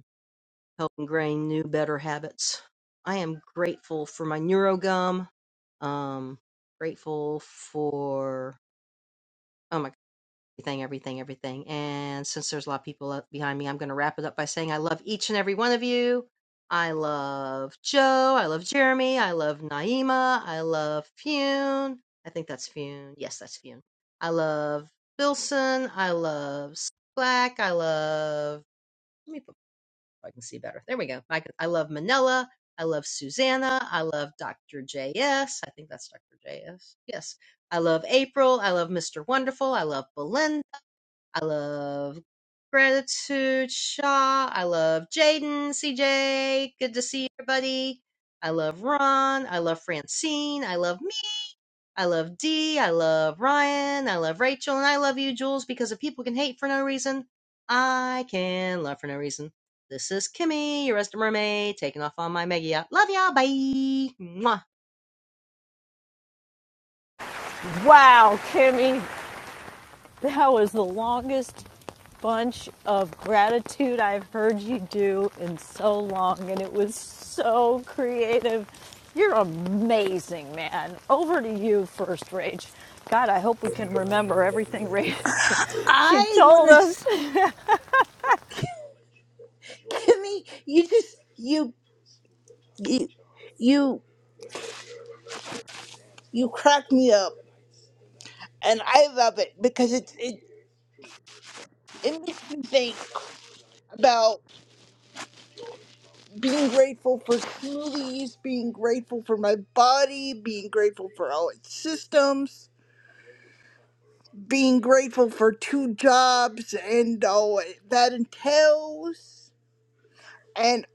help ingrain new, better habits. I am grateful for my NeuroGum. Um, grateful for oh my god, everything, everything, everything. And since there's a lot of people up behind me, I'm going to wrap it up by saying I love each and every one of you. I love Joe. I love Jeremy. I love Naima. I love Fune. I think that's Fune. Yes, that's Fune. I love Bilson. I love Black. I love. Let me put. I can see better. There we go. I, I love Manila. I love Susanna. I love Dr. J.S. I think that's Dr. J.S. Yes. I love April. I love Mr. Wonderful. I love Belinda. I love Gratitude Shaw. I love Jaden, CJ. Good to see everybody. I love Ron. I love Francine. I love me. I love D, I love Ryan, I love Rachel, and I love you, Jules, because if people can hate for no reason, I can love for no reason. This is Kimmy, your resident mermaid, taking off on my mega yacht. Love ya, bye! Mwah. Wow, Kimmy, That was the longest bunch of gratitude I've heard you do in so long, and it was so creative. You're amazing, man. Over to you, First Rage. God, I hope we can remember everything Rage she I told want us. to. Kimmy, you just you you you you crack me up, and I love it because it it it makes me think about being grateful for smoothies, being grateful for my body, being grateful for all its systems. being grateful for two jobs and all that entails, and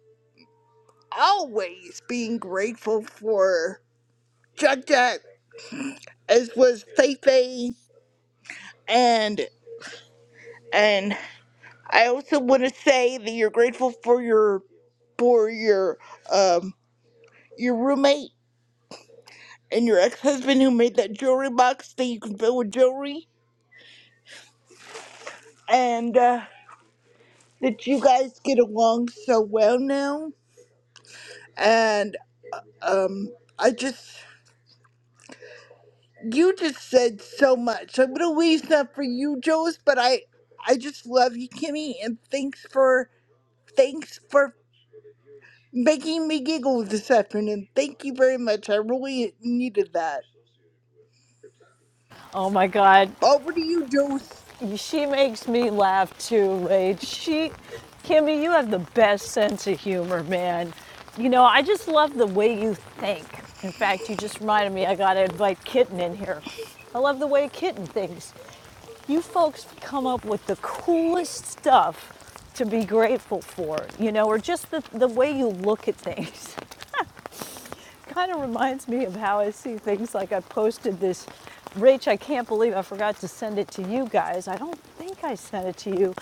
always being grateful for Jack Jack, as was Feifei, and and I also want to say that you're grateful for your for your um your roommate and your ex husband who made that jewelry box that you can fill with jewelry, and uh, that you guys get along so well now, and um I just. you just said so much. I'm gonna leave that for you, Joes, but I I just love you, Kimmy, and thanks for thanks for making me giggle this afternoon. Thank you very much. I really needed that. Oh my God, Over to you, Joes. she makes me laugh too, Lade. She, Kimmy, you have the best sense of humor, man. You know, I just love the way you think. In fact, you just reminded me I gotta invite Kitten in here. I love the way Kitten thinks. You folks come up with the coolest stuff to be grateful for, you know, or just the, the way you look at things. kind of reminds me of how I see things. Like I posted this, Rach, I can't believe I forgot to send it to you guys. I don't think I sent it to you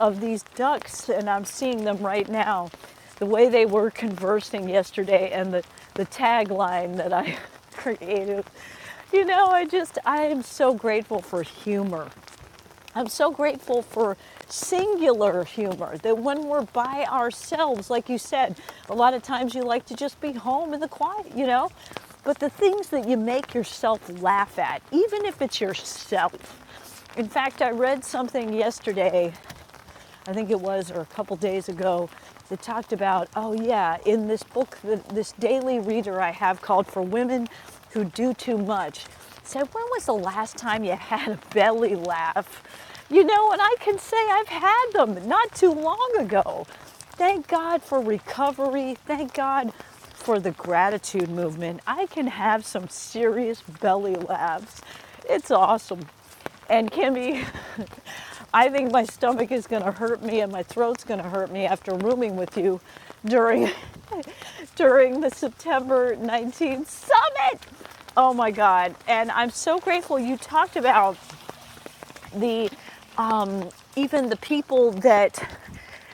of these ducks, and I'm seeing them right now. The way they were conversing yesterday, and the, the tagline that I created. You know, I just, I am so grateful for humor I'm so grateful for singular humor that when we're by ourselves, like you said, a lot of times you like to just be home in the quiet, you know? But the things that you make yourself laugh at, even if it's yourself. In fact, I read something yesterday I think it was, or a couple days ago, that talked about, oh yeah, in this book, this daily reader I have called For Women Who Do Too Much, said, when was the last time you had a belly laugh? You know, and I can say I've had them not too long ago. Thank God for recovery. Thank God for the gratitude movement. I can have some serious belly laughs. It's awesome. And Kimmy, I think my stomach is going to hurt me and my throat's going to hurt me after rooming with you during during the September 19th summit. Oh my god. And I'm so grateful you talked about the um, even the people that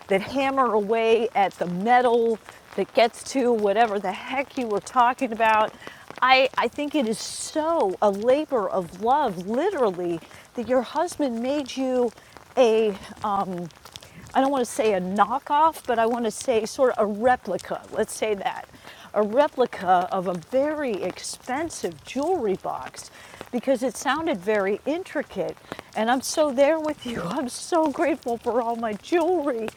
that hammer away at the metal that gets to whatever the heck you were talking about. I, I think it is so a labor of love, literally, that your husband made you a I don't want to say a knockoff, but I want to say sort of a replica. Let's say that. A replica of a very expensive jewelry box because it sounded very intricate. And I'm so there with you. I'm so grateful for all my jewelry.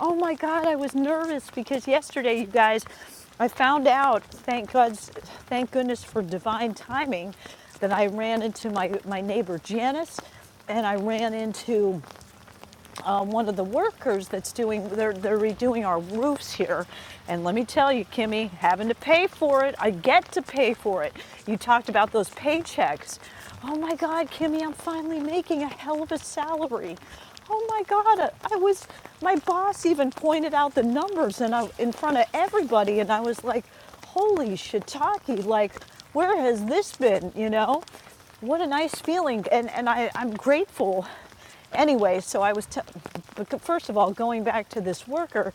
Oh my God, I was nervous because yesterday, you guys, I found out, thank God's, thank goodness for divine timing, that I ran into my, my neighbor Janice and I ran into uh, one of the workers that's doing they're, they're redoing our roofs here and let me tell you kimmy having to pay for it i get to pay for it you talked about those paychecks oh my god kimmy i'm finally making a hell of a salary oh my god i, was my boss even pointed out the numbers and I, in front of everybody and i was like holy shiitake like where has this been you know what a nice feeling and, and I, i'm grateful Anyway, so I was, t- first of all, going back to this worker,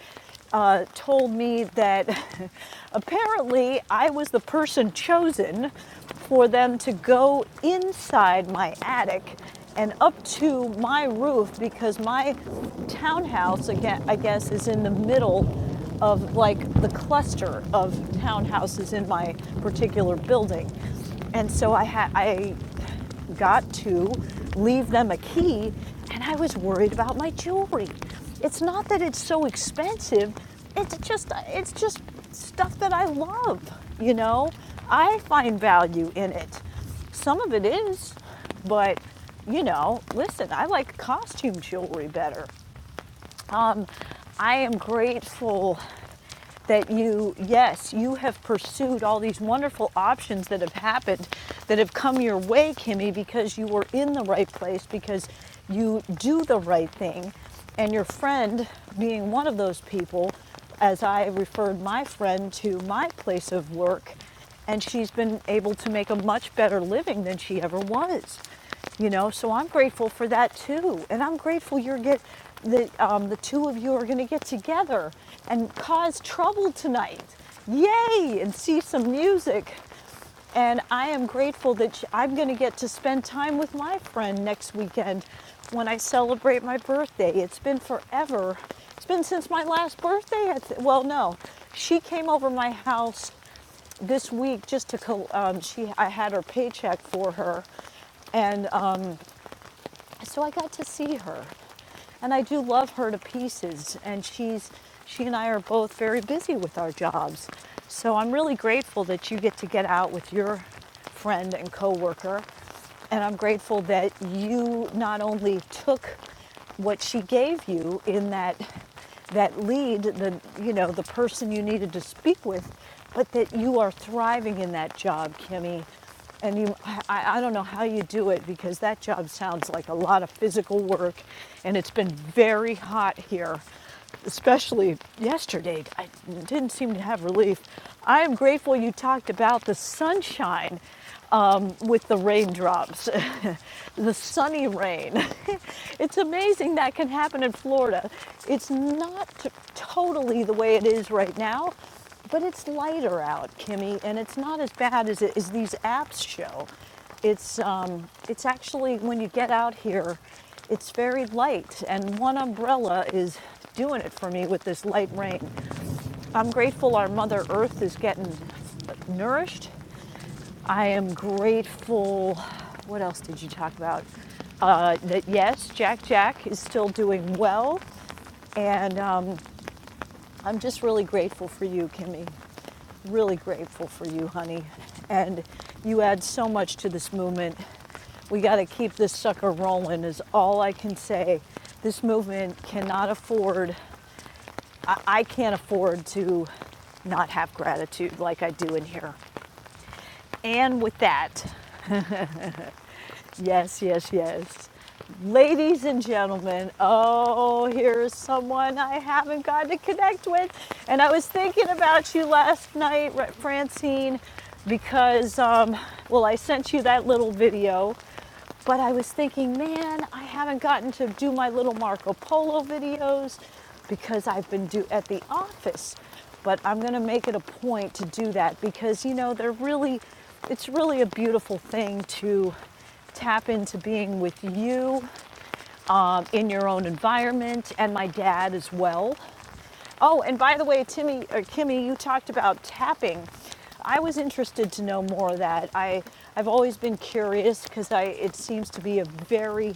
uh, told me that apparently I was the person chosen for them to go inside my attic and up to my roof because my townhouse, again, I guess, is in the middle of like the cluster of townhouses in my particular building. And so I had I got to leave them a key, and I was worried about my jewelry. It's not that it's so expensive, it's just it's just stuff that I love, you know? I find value in it. Some of it is, but you know, listen, I like costume jewelry better. Um, I am grateful that you, yes, you have pursued all these wonderful options that have happened, that have come your way, Kimmy, because you were in the right place, because you do the right thing. And your friend, being one of those people, as I referred my friend to my place of work, and she's been able to make a much better living than she ever was you know so i'm grateful for that too and i'm grateful you're get that um, the two of you are going to get together and cause trouble tonight yay and see some music and I am grateful that I'm going to get to spend time with my friend next weekend when I celebrate my birthday. It's been forever. It's been since my last birthday. I th- well, no, she came over my house this week just to um, she I had her paycheck for her, and um, so I got to see her, and I do love her to pieces. And she's she and I are both very busy with our jobs, so I'm really grateful that you get to get out with your friend and coworker, and I'm grateful that you not only took what she gave you in that that lead the you know the person you needed to speak with but that you are thriving in that job kimmy and you I, I don't know how you do it because that job sounds like a lot of physical work and it's been very hot here especially yesterday i didn't seem to have relief i am grateful you talked about the sunshine um, with the raindrops the sunny rain it's amazing that can happen in florida it's not totally the way it is right now but it's lighter out, Kimmy, and it's not as bad as, it, as these apps show. It's, um, it's actually, when you get out here, it's very light, and one umbrella is doing it for me with this light rain. I'm grateful our Mother Earth is getting nourished. I am grateful. What else did you talk about? Uh, that yes, Jack Jack is still doing well, and um, I'm just really grateful for you, Kimmy really grateful for you, honey. And you add so much to this movement. We got to keep this sucker rolling, is all I can say. This movement cannot afford, I, I can't afford to not have gratitude like I do in here. And with that, Yes, yes, yes. Ladies and gentlemen, oh, here's someone I haven't gotten to connect with. And I was thinking about you last night, Ra- Francine, because, um, well, I sent you that little video but I was thinking, man, I haven't gotten to do my little Marco Polo videos because I've been do at the office. But I'm going to make it a point to do that because you know, they're really it's really a beautiful thing to tap into being with you um, in your own environment and my dad as well Oh, and by the way, Timmy or Kimmy, you talked about tapping. I was interested to know more of that. I I've always been curious because I it seems to be a very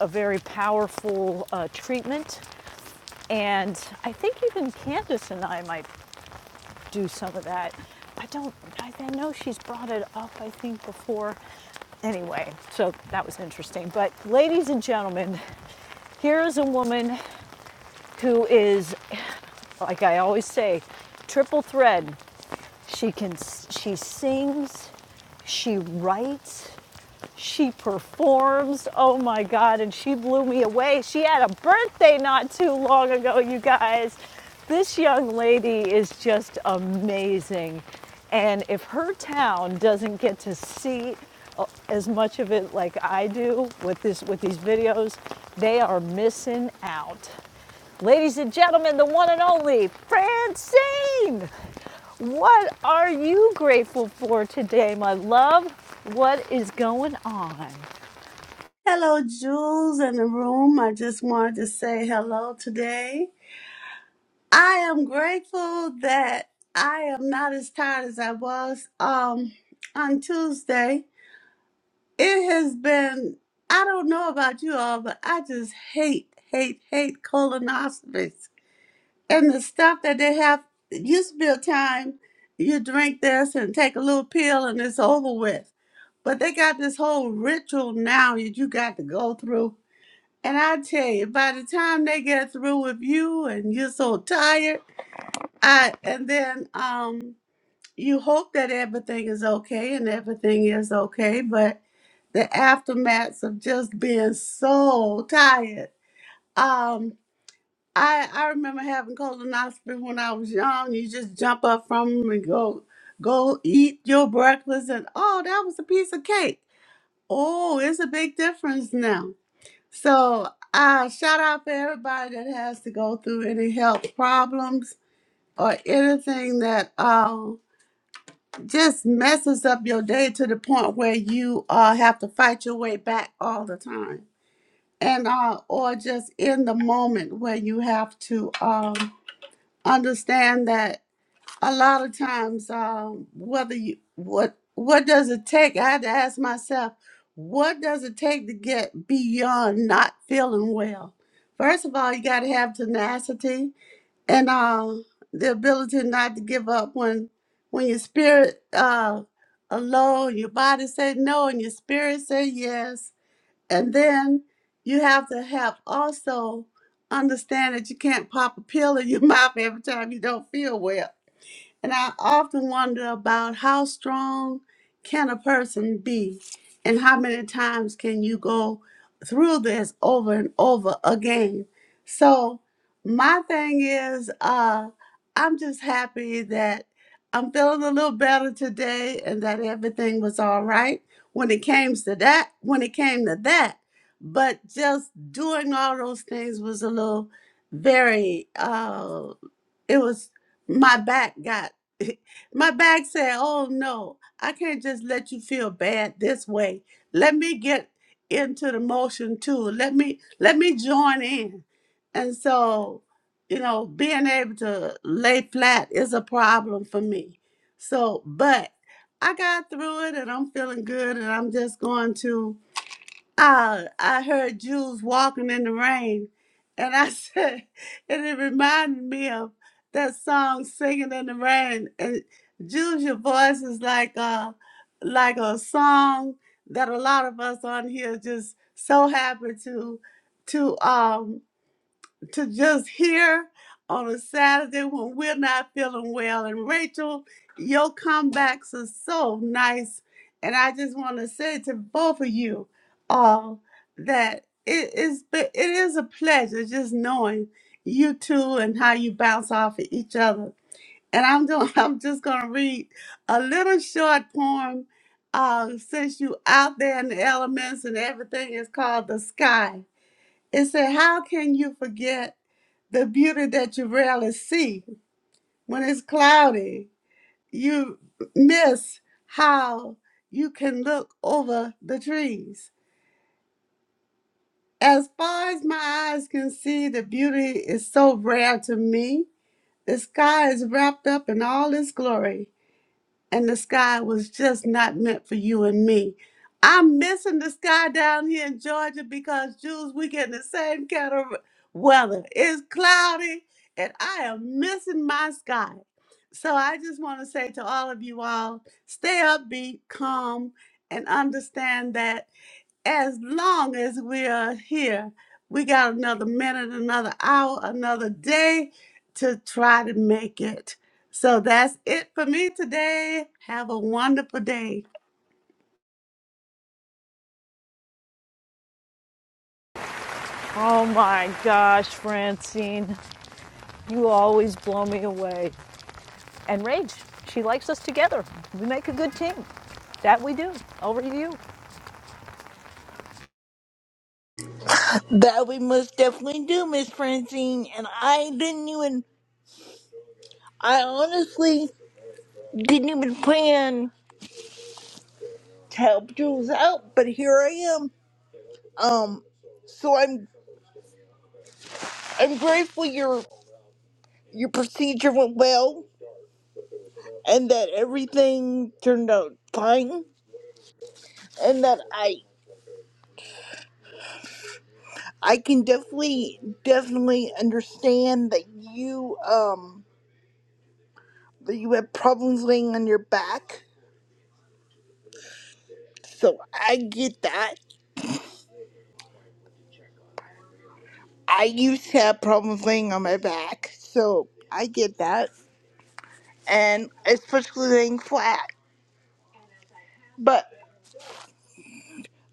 a very powerful uh, treatment, and I think even Candace and I might do some of that. I don't. I, I know she's brought it up. I think before. Anyway, so that was interesting. But ladies and gentlemen, here is a woman who is, like I always say, triple thread. She can she sings, she writes, she performs. Oh my god, and she blew me away. She had a birthday not too long ago, you guys. This young lady is just amazing. And if her town doesn't get to see uh, as much of it like I do with this with these videos, they are missing out. Ladies and gentlemen, the one and only Francine. What are you grateful for today, my love? What is going on? Hello, Jules in the room. I just wanted to say hello today. I am grateful that I am not as tired as I was um on Tuesday. It has been I don't know about you all, but I just hate, hate, hate colonoscopies. And the stuff that they have it used to be a time you drink this and take a little pill and it's over with. But they got this whole ritual now that you got to go through and I tell you, by the time they get through with you and you're so tired, I and then um you hope that everything is okay and everything is okay, but the aftermaths of just being so tired. Um I I remember having colonoscopy when I was young. You just jump up from 'em and go go eat your breakfast and oh that was a piece of cake. Oh, it's a big difference now. So, uh, shout out for everybody that has to go through any health problems or anything that um, just messes up your day to the point where you uh, have to fight your way back all the time. And uh, or just in the moment where you have to um, understand that a lot of times um whether you what what does it take i had to ask myself what does it take to get beyond not feeling well first of all you got to have tenacity and uh the ability not to give up when when your spirit uh alone your body say no and your spirit say yes and then you have to have also understand that you can't pop a pill in your mouth every time you don't feel well and I often wonder about how strong can a person be and how many times can you go through this over and over again. So my thing is uh I'm just happy that I'm feeling a little better today and that everything was all right when it came to that when it came to that. But just doing all those things was a little very Uh, it was my back got my back said oh no i can't just let you feel bad this way let me get into the motion too let me let me join in and so you know being able to lay flat is a problem for me so but i got through it and i'm feeling good and i'm just going to uh, I heard Jews walking in the rain, and I said, and it reminded me of that song "Singing in the Rain." And Jews, your voice is like a like a song that a lot of us on here just so happy to to um to just hear on a Saturday when we're not feeling well. And Rachel, your comebacks are so nice. And I just want to say to both of you all that it is it is a pleasure just knowing you two and how you bounce off of each other. And I'm doing, I'm just gonna read a little short poem. Uh, since you out there in the elements and everything is called the sky. It said, How can you forget? the beauty that you rarely see when it's cloudy. You miss how you can look over the trees. As far as my eyes can see, the beauty is so rare to me. The sky is wrapped up in all its glory. and the sky was just not meant for you and me. I'm missing the sky down here in Georgia because Jews, we getting the same kind of weather. It's cloudy, and I am missing my sky. So I just want to say to all of you all, stay upbeat, calm, and understand that as long as we are here, we got another minute, another hour, another day to try to make it. So that's it for me today. Have a wonderful day. Oh my gosh, Francine, you always blow me away. And Rach, she likes us together. We make a good team. That we do. Over to you. That we most definitely do, Miss Francine. And I didn't even I honestly didn't even plan to help Jules out, but here I am. Um so I'm I'm grateful your your procedure went well and that everything turned out fine and that I I can definitely definitely understand that you um that you have problems laying on your back. So I get that. I used to have problems laying on my back, so I get that. And especially laying flat. But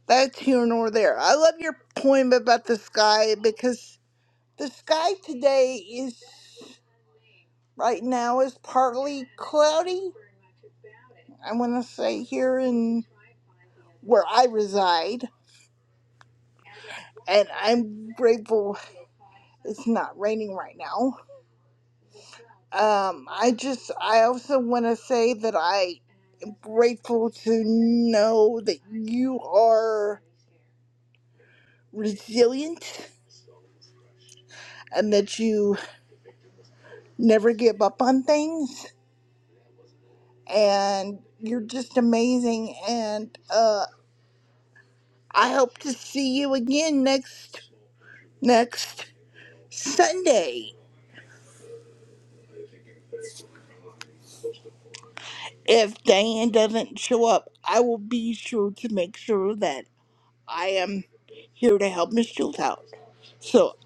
that's here nor there. I love your poem about the sky because the sky today is right now is partly cloudy I want to say here in where I reside, and I'm grateful it's not raining right now. Um, I just, I also want to say that I'm grateful to know that you are resilient and that you never give up on things, and you're just amazing. And uh, I hope to see you again next next Sunday. If Diane doesn't show up, I will be sure to make sure that I am here to help Miss Jules out. So,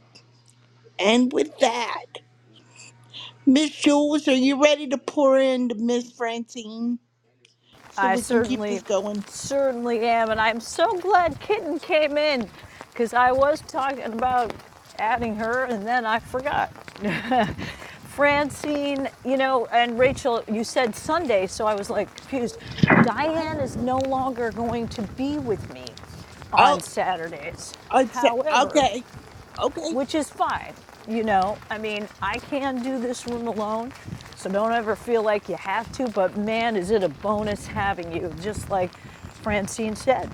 and with that, Miss Jules, are you ready to pour into Miss Francine so I we can keep certainly, this going? certainly am, and I'm so glad Kitten came in, because I was talking about adding her, and then I forgot. Francine, you know, and Rachel, you said Sunday, so I was like confused. Diane is no longer going to be with me on Oh, Saturdays. I'd say, However, okay, okay. which is fine. You know, I mean, I can do this room alone, so don't ever feel like you have to, but man, is it a bonus having you, just like Francine said.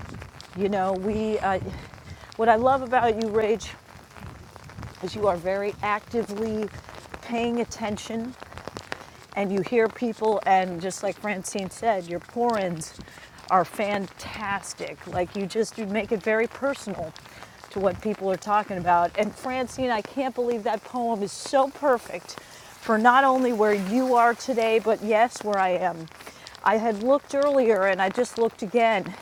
You know, we, uh, what I love about you, Rage, is you are very actively paying attention and you hear people and just like francine said your pour-ins are fantastic like you just you make it very personal to what people are talking about and francine i can't believe that poem is so perfect for not only where you are today but yes where i am i had looked earlier and i just looked again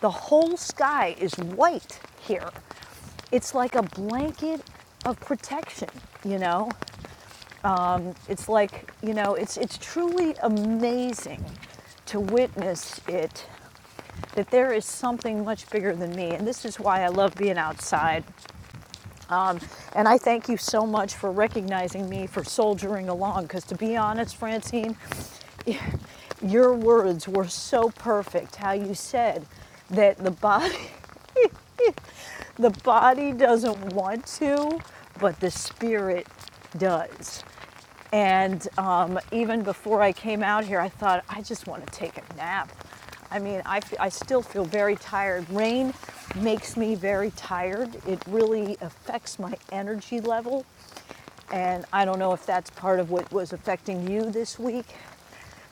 the whole sky is white here it's like a blanket of protection you know it's like, you know, it's, it's truly amazing to witness it that there is something much bigger than me. And this is why I love being outside. And I thank you so much for recognizing me for soldiering along. Because to be honest, Francine, your words were so perfect. How you said that the body, the body doesn't want to, but the spirit does. And um, even before I came out here, I thought, I just want to take a nap. I mean, I I still feel very tired. Rain makes me very tired. It really affects my energy level. And I don't know if that's part of what was affecting you this week,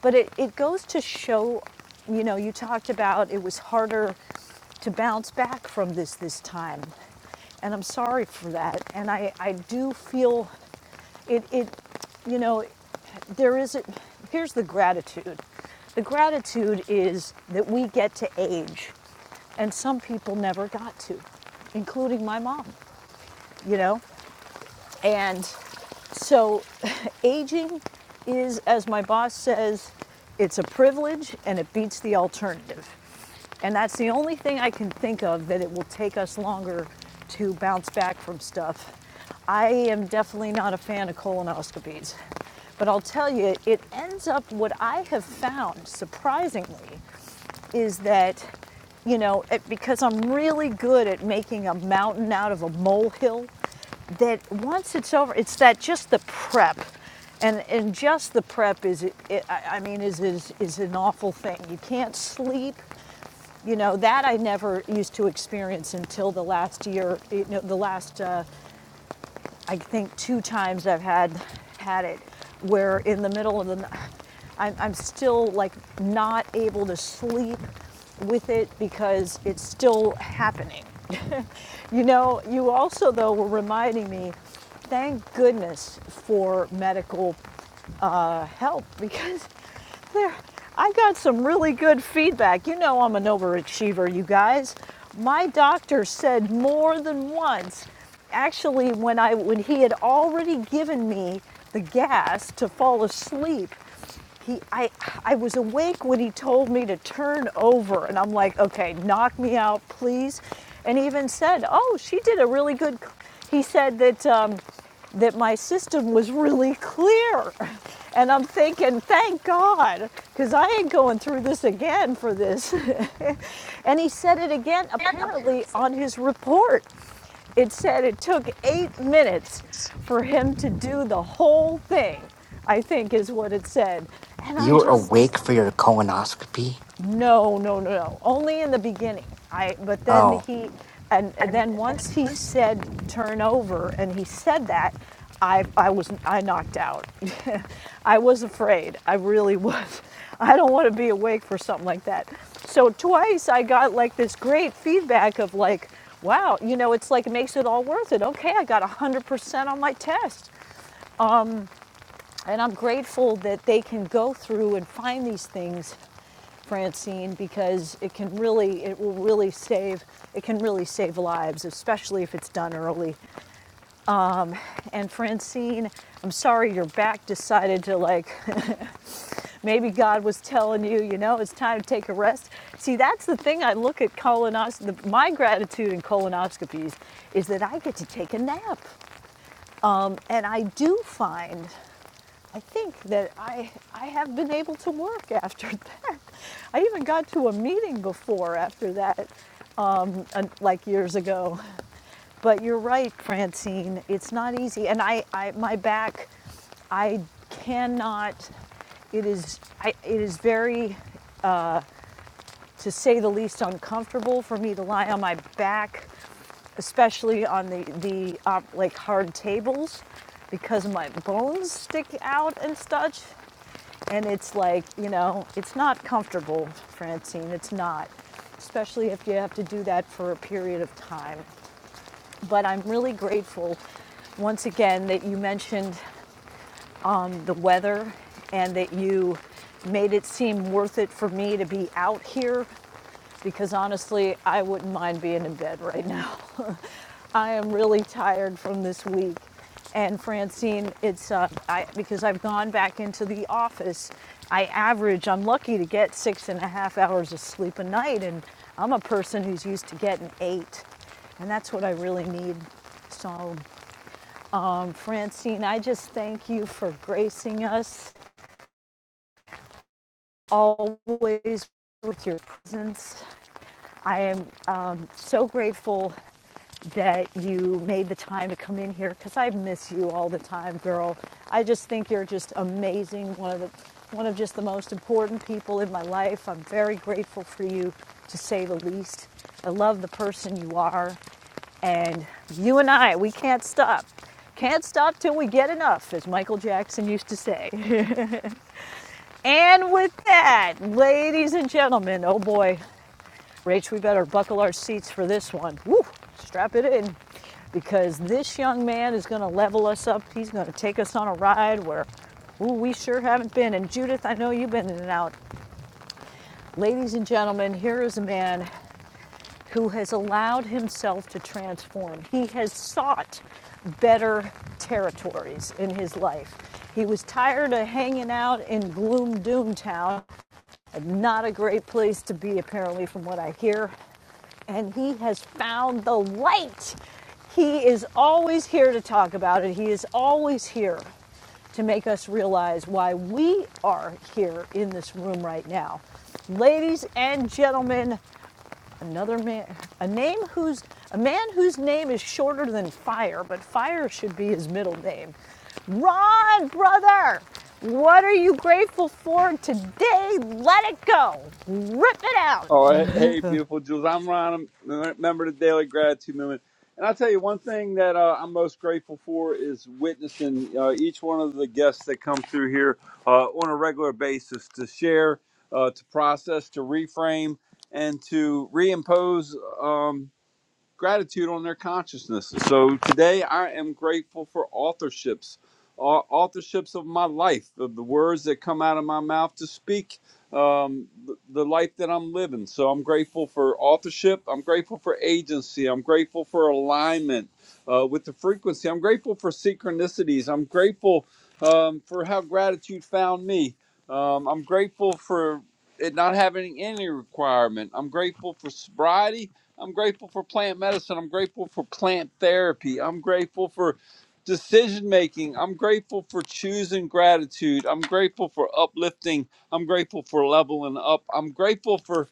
but it, it goes to show you know, you talked about it was harder to bounce back from this this time. And I'm sorry for that. And I, I do feel it, it you know there is a, here's the gratitude the gratitude is that we get to age and some people never got to including my mom you know and so aging is, as my boss says, it's a privilege and it beats the alternative. And that's the only thing I can think of that it will take us longer to bounce back from stuff. I am definitely not a fan of colonoscopies. But I'll tell you, it ends up what I have found surprisingly is that, you know, it, because I'm really good at making a mountain out of a molehill, that once it's over, it's that just the prep. And, and just the prep is, it, it, I mean, is, is, is an awful thing. You can't sleep. You know, that I never used to experience until the last year, you know, the last uh, I think two times I've had had it where in the middle of the I'm, I'm still like not able to sleep with it because it's still happening. you know, you also though were reminding me, thank goodness for medical uh, help because there, I got some really good feedback. You know, I'm an overachiever, you guys. My doctor said more than once, actually, when I when he had already given me the gas to fall asleep, he I I was awake when he told me to turn over and I'm like, "Okay, knock me out, please." And he even said, "Oh, she did a really good He said that um that my system was really clear. And I'm thinking, thank God, because I ain't going through this again for this. and he said it again, apparently, on his report. It said it took eight minutes for him to do the whole thing, I think is what it said. And I'm You're just like, awake for your colonoscopy? no, no, no, no. Only in the beginning. I but then Oh. he and then once he said turn over and he said that, I I was I knocked out. I was afraid. I really was. I don't want to be awake for something like that. So twice I got like this great feedback of like, wow, you know, it's like it makes it all worth it. Okay, I got 100% on my test. And I'm grateful that they can go through and find these things Francine because it can really, it will really save, it can really save lives, especially if it's done early. Um, and Francine, I'm sorry your back decided to like, maybe God was telling you, you know, it's time to take a rest. See, that's the thing I look at colonoscopy, my gratitude in colonoscopies is that I get to take a nap. Um, and I do find I think that I, I have been able to work after that. I even got to a meeting before after that, um, like years ago. But you're right, Francine. It's not easy. And I, I my back, I cannot, it is, I, it is very, to say the least, uncomfortable for me to lie on my back, especially on the, the uh, like hard tables because my bones stick out and such. And it's like, you know, it's not comfortable, Francine. It's not, especially if you have to do that for a period of time. But I'm really grateful once again that you mentioned um, the weather and that you made it seem worth it for me to be out here because honestly, I wouldn't mind being in bed right now. I am really tired from this week. And Francine, it's uh, I, because I've gone back into the office. I average, I'm lucky to get six and a half hours of sleep a night, and I'm a person who's used to getting eight. And that's what I really need. So, um, Francine, I just thank you for gracing us always with your presence. I am um, so grateful that you made the time to come in here because I miss you all the time, girl. I just think you're just amazing. One of the one of just the most important people in my life. I'm very grateful for you, to say the least. I love the person you are, and you and I, we can't stop. Can't stop till we get enough, as Michael Jackson used to say. and with that, ladies and gentlemen, oh boy, Rach, we better buckle our seats for this one. Woo, strap it in because this young man is going to level us up. He's going to take us on a ride where ooh, we sure haven't been. And Judith, I know you've been in and out. Ladies and gentlemen, here is a man who has allowed himself to transform. He has sought better territories in his life. He was tired of hanging out in gloom doom town. Not a great place to be, apparently, from what I hear and he has found the light. He is always here to talk about it. He is always here to make us realize why we are here in this room right now. Ladies and gentlemen, another man, a name whose, a man whose name is shorter than fire, but fire should be his middle name. Ron, brother, what are you grateful for today? Let it go. Rip it out. Oh, hey, hey, beautiful Jules. I'm Ron. I'm a member of the Daily Gratitude Movement. And I'll tell you one thing that uh, I'm most grateful for is witnessing uh, each one of the guests that come through here uh, on a regular basis to share, uh, to process, to reframe, and to reimpose. um, gratitude on their consciousness. So today I am grateful for authorships, au- authorships of my life, of the words that come out of my mouth to speak um, th- the life that I'm living. So I'm grateful for authorship. I'm grateful for agency. I'm grateful for alignment uh, with the frequency. I'm grateful for synchronicities. I'm grateful um, for how gratitude found me. Um, I'm grateful for it not having any requirement. I'm grateful for sobriety. I'm grateful for plant medicine. I'm grateful for plant therapy. I'm grateful for decision making. I'm grateful for choosing gratitude. I'm grateful for uplifting. I'm grateful for leveling up. I'm grateful for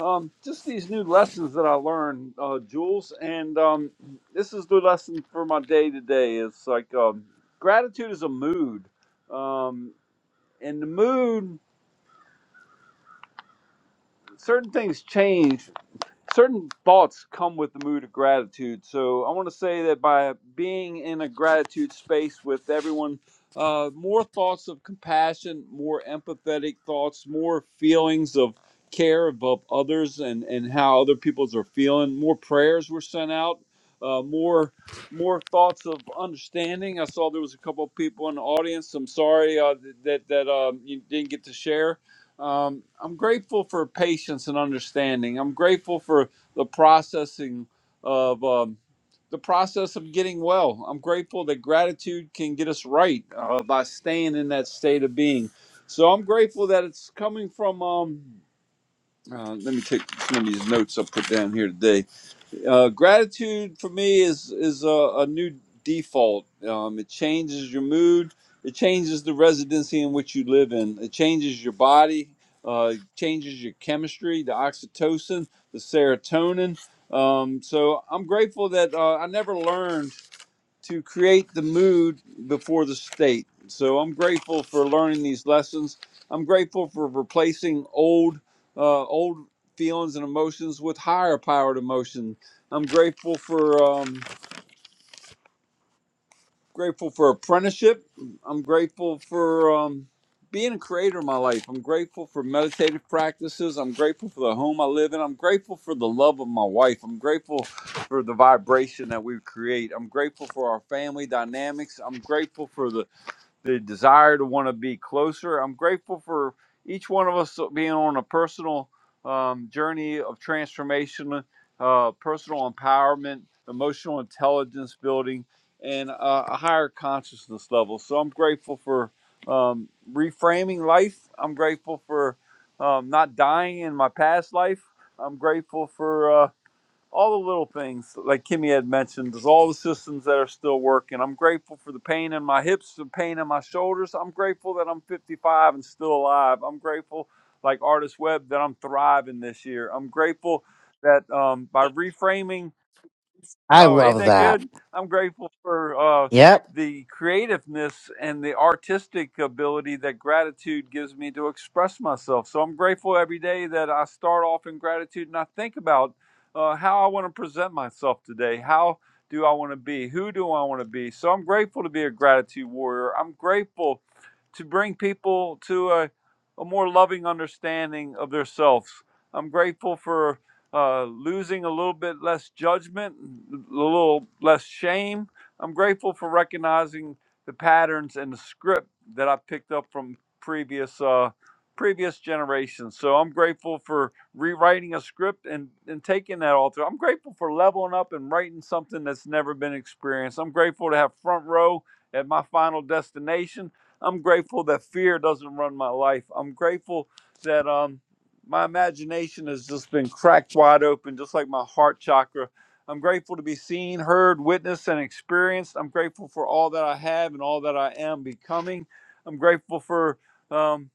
um, just these new lessons that I learned, uh, Jules. And um, this is the lesson for my day today. It's like um, gratitude is a mood, um, and the mood. Certain things change certain thoughts come with the mood of gratitude. So I want to say that by being in a gratitude space with everyone, uh, more thoughts of compassion, more empathetic thoughts, more feelings of care about others and, and how other people's are feeling. More prayers were sent out. Uh, more more thoughts of understanding. I saw there was a couple of people in the audience. I'm sorry uh, that that um, you didn't get to share um, I'm grateful for patience and understanding. I'm grateful for the processing of um, the process of getting well. I'm grateful that gratitude can get us right uh, by staying in that state of being. So I'm grateful that it's coming from. Um, uh, let me take some of these notes I put down here today uh, gratitude for me is is a, a new default. Um, it changes your mood. It changes the residency in which you live in. It changes your body. Uh, changes your chemistry, the oxytocin, the serotonin. Um, so I'm grateful that uh, I never learned to create the mood before the state. So I'm grateful for learning these lessons. I'm grateful for replacing old uh, old feelings and emotions with higher powered emotion. I'm grateful for um, grateful for apprenticeship. I'm grateful for um, being a creator in my life. I'm grateful for meditative practices. I'm grateful for the home I live in. I'm grateful for the love of my wife. I'm grateful for the vibration that we create. I'm grateful for our family dynamics. I'm grateful for the the desire to want to be closer. I'm grateful for each one of us being on a personal um, journey of transformation, uh, personal empowerment, emotional intelligence building, and uh, a higher consciousness level. So I'm grateful for um, reframing life. I'm grateful for um, not dying in my past life. I'm grateful for. uh, all the little things like Kimmy had mentioned, there's all the systems that are still working. I'm grateful for the pain in my hips, the pain in my shoulders. I'm grateful that I'm 55 and still alive. I'm grateful, like Artist Webb, that I'm thriving this year. I'm grateful that um, by reframing I Oh, ain't love that that. good? I'm grateful for uh, Yep. the creativeness and the artistic ability that gratitude gives me to express myself. So I'm grateful every day that I start off in gratitude and I think about uh, how I want to present myself today. How do I want to be? Who do I want to be? So I'm grateful to be a gratitude warrior. I'm grateful to bring people to a, a more loving understanding of themselves. I'm grateful for uh, losing a little bit less judgment, a little less shame. I'm grateful for recognizing the patterns and the script that I picked up from previous uh, previous generations. So I'm grateful for rewriting a script and, and taking that all through. I'm grateful for leveling up and writing something that's never been experienced. I'm grateful to have front row at my final destination. I'm grateful that fear doesn't run my life. I'm grateful that um, my imagination has just been cracked wide open, just like my heart chakra. I'm grateful to be seen, heard, witnessed, and experienced. I'm grateful for all that I have and all that I am becoming. I'm grateful for. um,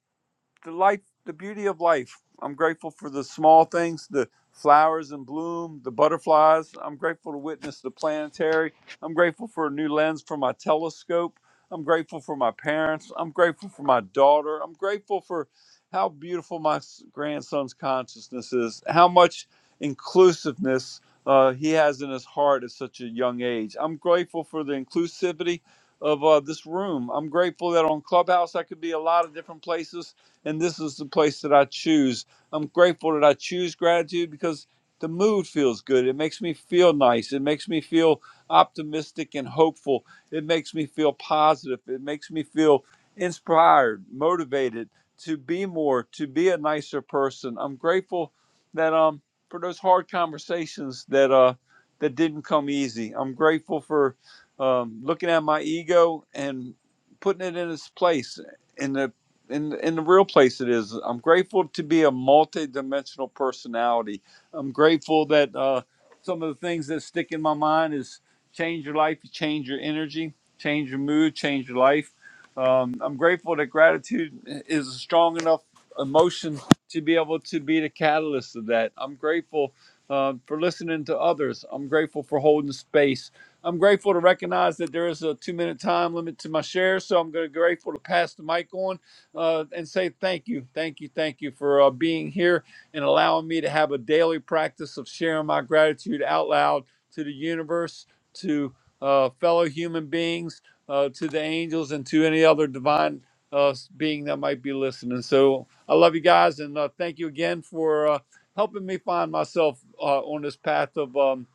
the life the beauty of life i'm grateful for the small things the flowers in bloom the butterflies i'm grateful to witness the planetary i'm grateful for a new lens for my telescope i'm grateful for my parents i'm grateful for my daughter i'm grateful for how beautiful my s- grandson's consciousness is how much inclusiveness uh, he has in his heart at such a young age i'm grateful for the inclusivity of uh, this room i'm grateful that on clubhouse i could be a lot of different places and this is the place that I choose. I'm grateful that I choose gratitude because the mood feels good. It makes me feel nice. It makes me feel optimistic and hopeful. It makes me feel positive. It makes me feel inspired, motivated to be more, to be a nicer person. I'm grateful that um for those hard conversations that uh that didn't come easy. I'm grateful for um, looking at my ego and putting it in its place in the in in the real place it is. I'm grateful to be a multi-dimensional personality. I'm grateful that uh, some of the things that stick in my mind is change your life, you change your energy, change your mood, change your life. Um, I'm grateful that gratitude is a strong enough emotion to be able to be the catalyst of that. I'm grateful uh, for listening to others. I'm grateful for holding space. I'm grateful to recognize that there is a two-minute time limit to my share, so I'm gonna- grateful to pass the mic on uh, and say thank you, thank you, thank you for uh, being here and allowing me to have a daily practice of sharing my gratitude out loud to the universe, to uh, fellow human beings, uh, to the angels, and to any other divine uh, being that might be listening. So I love you guys, and uh, thank you again for uh, helping me find myself uh, on this path of um,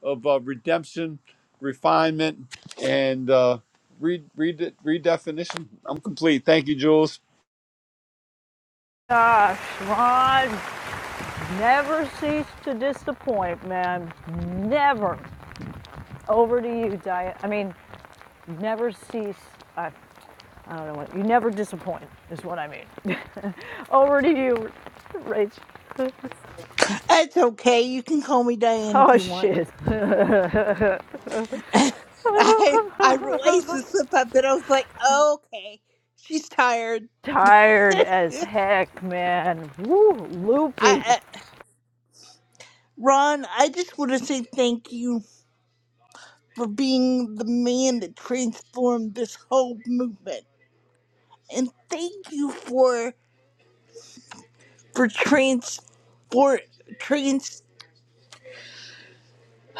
of uh, redemption, refinement, and uh, re- re- redefinition. I'm complete. Thank you, Jules. Gosh, Ron, Never cease to disappoint, man. Never. Over to you, Diane. I mean, never cease. I, I don't know what. You never disappoint, is what I mean. Over to you, Rach. That's okay. You can call me Diane if Oh, you want. shit. I I realized the slip up, and I was like, oh, okay, she's tired. Tired as I, heck, man. Woo, loopy. I Ron, I just want to say thank you for being the man that transformed this whole movement. And thank you for for trans for trans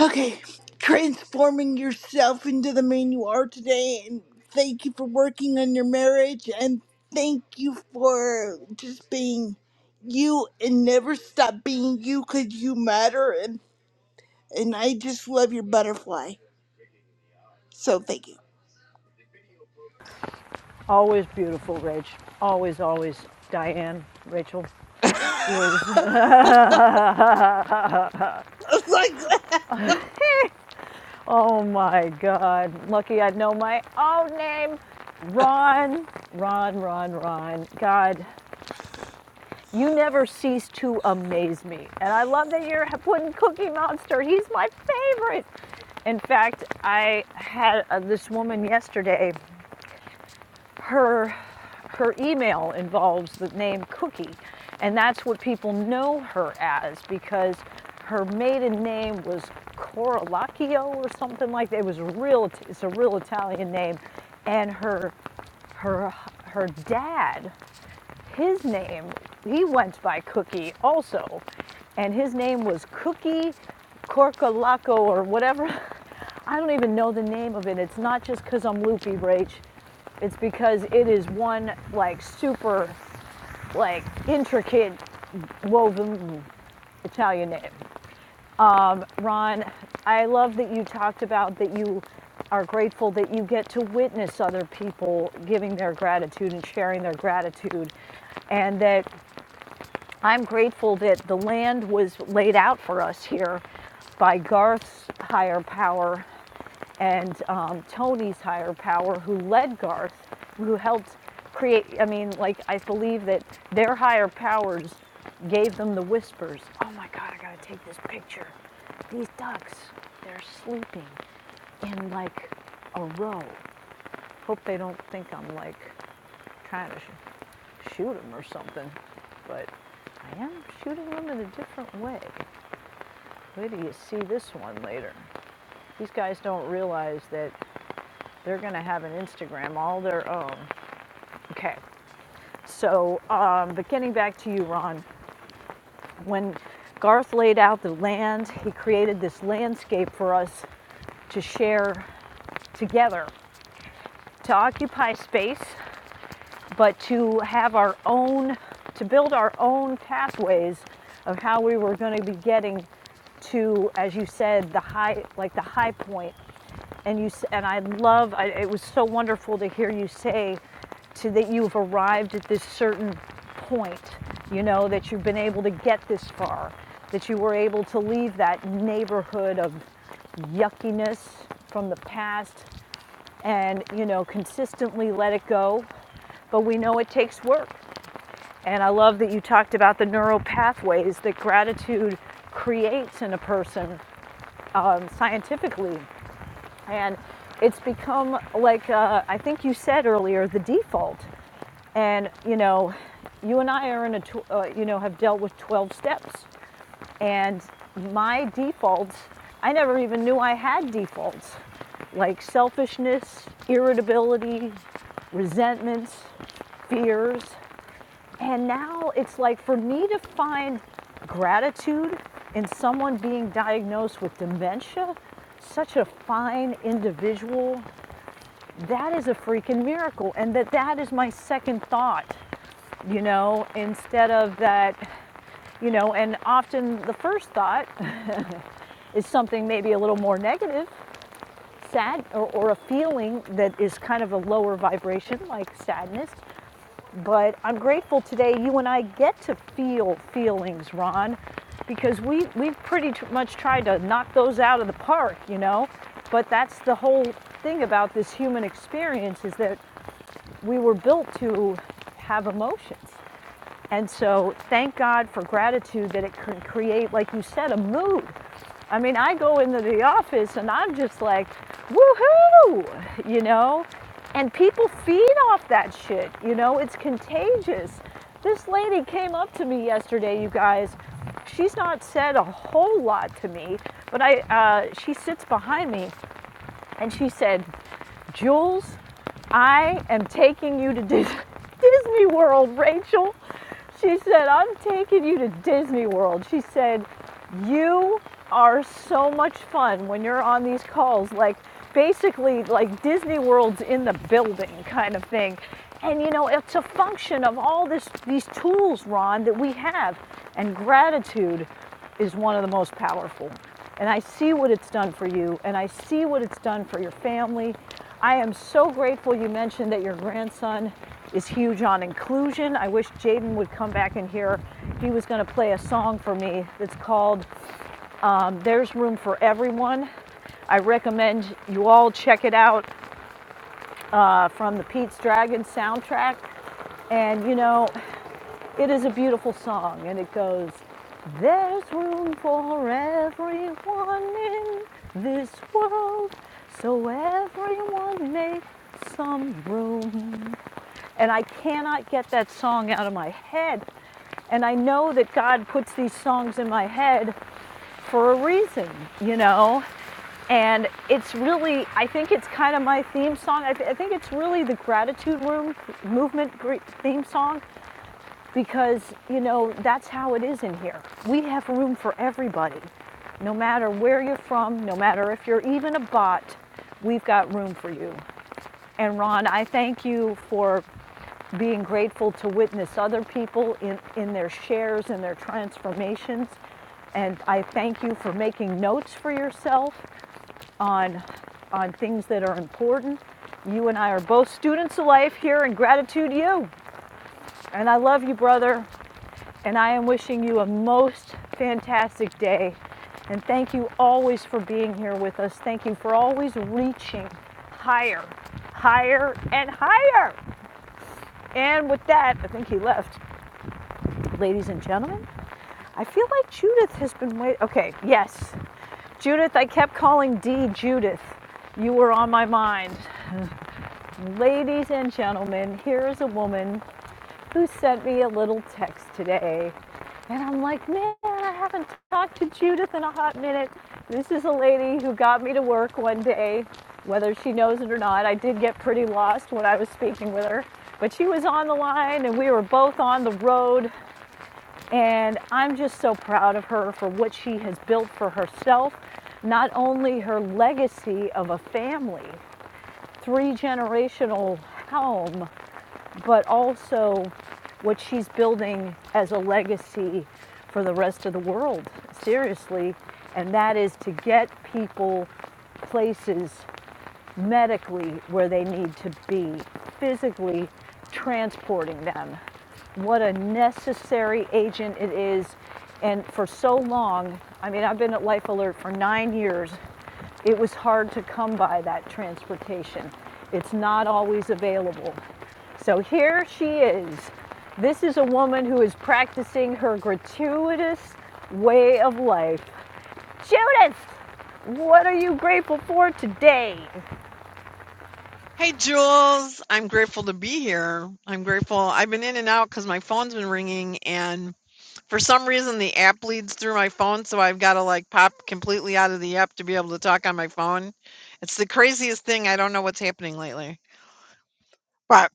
okay transforming yourself into the man you are today and thank you for working on your marriage and thank you for just being you and never stop being you because you matter and and I just love your butterfly. So thank you. Always beautiful, Rach. Always, always. Diane, Rachel, I Jules. was like Oh my God. Lucky I know my own name. Ron, Ron, Ron, Ron. God, you never cease to amaze me. And I love that you're putting Cookie Monster. He's my favorite. In fact, I had uh, this woman yesterday her her email involves the name Cookie, and that's what people know her as because her maiden name was Coralacchio or something like that. It was real. It's a real Italian name, and her her her dad his name, he went by Cookie also, and his name was Cookie Corcolaco or whatever. I don't even know the name of it. It's not just because I'm loopy, Rach. It's because it is one like super like intricate woven Italian name. Um, Ron, I love that you talked about that you are grateful that you get to witness other people giving their gratitude and sharing their gratitude, and that I'm grateful that the land was laid out for us here by Garth's higher power and um, Tony's higher power, who led Garth, who helped create. I mean, like, I believe that their higher powers gave them the whispers. Oh my God, I gotta take this picture. These ducks, they're sleeping in like a row. Hope they don't think I'm like trying to shoot them or something. But I am shooting them in a different way. Wait till you see this one later. These guys don't realize that they're going to have an Instagram all their own. Okay, so, um, but getting back to you, Ron, when Garth laid out the land, he created this landscape for us to share together, to occupy space but to have our own, to build our own pathways of how we were going to be getting to, as you said, the high, like the high point. And you and I love. I, it was so wonderful to hear you say to that you've arrived at this certain point. You know that you've been able to get this far, that you were able to leave that neighborhood of yuckiness from the past, and you know consistently let it go. But we know it takes work. And I love that you talked about the neural pathways that gratitude creates in a person um, scientifically. And it's become, like uh, I think you said earlier, the default. And, you know, you and I are in a, tw- uh, you know, have dealt with 12 steps. And my defaults, I never even knew I had defaults, like selfishness, irritability, resentments, fears. And now it's like for me to find gratitude in someone being diagnosed with dementia, such a fine individual, that is a freaking miracle. And that that is my second thought, you know, instead of that, you know, and often the first thought is something maybe a little more negative, sad, or, or a feeling that is kind of a lower vibration, like sadness. But I'm grateful today you and I get to feel feelings, Ron, because we, we've pretty much tried to knock those out of the park, you know? But that's the whole thing about this human experience is that we were built to have emotions. And so thank God for gratitude that it can create, like you said, a mood. I mean, I go into the office and I'm just like, woohoo, you know? And people feed off that shit, you know? It's contagious. This lady came up to me yesterday, you guys. She's not said a whole lot to me, but I, uh, she sits behind me and she said, Jules, I am taking you to Disney World, Rachel. She said, I'm taking you to Disney World. She said, You are so much fun when you're on these calls. Like, basically, like Disney World's in the building kind of thing. And you know, it's a function of all this, these tools, Ron, that we have. And gratitude is one of the most powerful. And I see what it's done for you, and I see what it's done for your family. I am so grateful you mentioned that your grandson is huge on inclusion. I wish Jaden would come back in here. He was going to play a song for me that's called um, There's Room for Everyone. I recommend you all check it out uh, from the Pete's Dragon soundtrack. And you know, it is a beautiful song, and it goes, There's room for everyone in this world, so everyone make some room. And I cannot get that song out of my head. And I know that God puts these songs in my head for a reason, you know? And it's really, I think it's kind of my theme song. I, th- I think it's really the gratitude room movement theme song because, you know, that's how it is in here. We have room for everybody. No matter where you're from, no matter if you're even a bot, we've got room for you. And Ron, I thank you for being grateful to witness other people in, in their shares and their transformations. And I thank you for making notes for yourself on, on things that are important. You and I are both students of life here and gratitude, to you. And I love you, brother. And I am wishing you a most fantastic day. And thank you always for being here with us. Thank you for always reaching higher, higher, and higher. And with that, I think he left. Ladies and gentlemen, I feel like Judith has been waiting. Okay, yes. Judith, I kept calling D Judith. You were on my mind. Ladies and gentlemen, here is a woman who sent me a little text today. And I'm like, man, I haven't talked to Judith in a hot minute. This is a lady who got me to work one day, whether she knows it or not. I did get pretty lost when I was speaking with her, but she was on the line and we were both on the road. And I'm just so proud of her for what she has built for herself, not only her legacy of a family, three generational home but also what she's building as a legacy for the rest of the world, seriously. And that is to get people places medically where they need to be, physically transporting them. What a necessary agent it is. And for so long, I mean, I've been at Life Alert for nine years, it was hard to come by that transportation. It's not always available. So here she is. This is a woman who is practicing her gratuitous way of life. Judith, what are you grateful for today? Hey, Jules, I'm grateful to be here. I'm grateful. I've been in and out because my phone's been ringing, and for some reason, the app leads through my phone, so I've got to like pop completely out of the app to be able to talk on my phone. It's the craziest thing. I don't know what's happening lately. But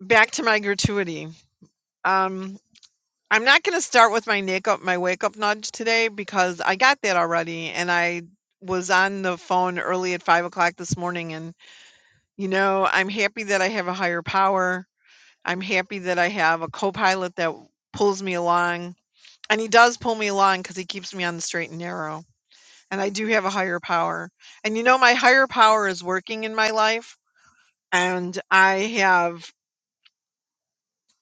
back to my gratuity. Um, I'm not going to start with my wake up, my wake up nudge today because I got that already, and I was on the phone early at five o'clock this morning, and You know, I'm happy that I have a higher power. I'm happy that I have a co-pilot that pulls me along. And he does pull me along because he keeps me on the straight and narrow. And I do have a higher power. And you know, my higher power is working in my life. And I have,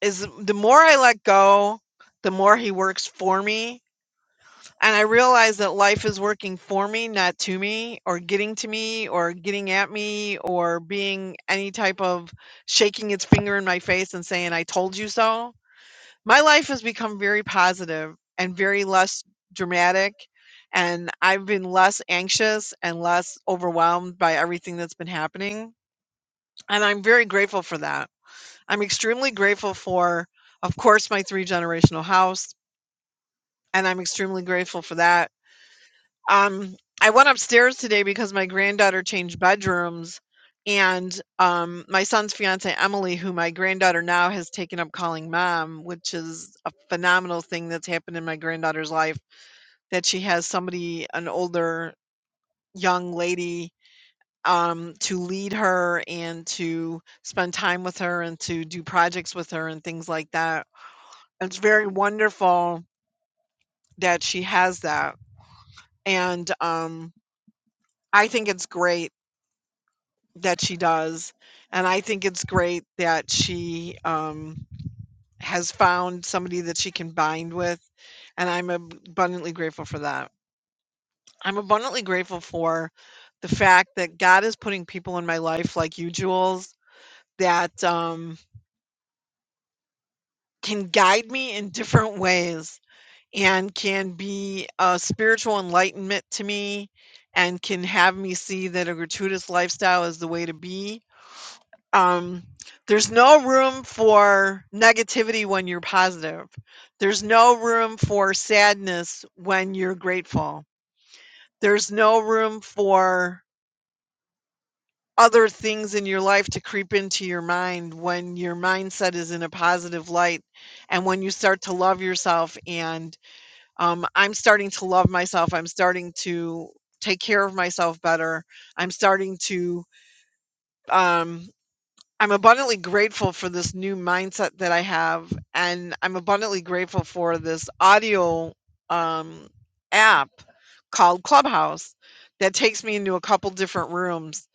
is the more I let go, the more he works for me And I realized that life is working for me, not to me, or getting to me, or getting at me, or being any type of shaking its finger in my face and saying, I told you so. My life has become very positive and very less dramatic. And I've been less anxious and less overwhelmed by everything that's been happening. And I'm very grateful for that. I'm extremely grateful for, of course, my three generational house. And I'm extremely grateful for that Um, I went upstairs today because my granddaughter changed bedrooms, and um, my son's fiance Emily, who my granddaughter now has taken up calling mom, which is a phenomenal thing that's happened in my granddaughter's life. That she has somebody, an older young lady, um, to lead her and to spend time with her and to do projects with her and things like that. It's very wonderful that she has that, and um, I think it's great that she does. And I think it's great that she um, has found somebody that she can bind with. And I'm ab- abundantly grateful for that. I'm abundantly grateful for the fact that God is putting people in my life like you, Jules, that um, can guide me in different ways and can be a spiritual enlightenment to me and can have me see that a gratuitous lifestyle is the way to be um, there's no room for negativity when you're positive. There's no room for sadness when you're grateful. There's no room for other things in your life to creep into your mind when your mindset is in a positive light and when you start to love yourself. And um, I'm starting to love myself. I'm starting to take care of myself better. I'm starting to um, I'm abundantly grateful for this new mindset that I have, and I'm abundantly grateful for this audio um, app called Clubhouse that takes me into a couple different rooms,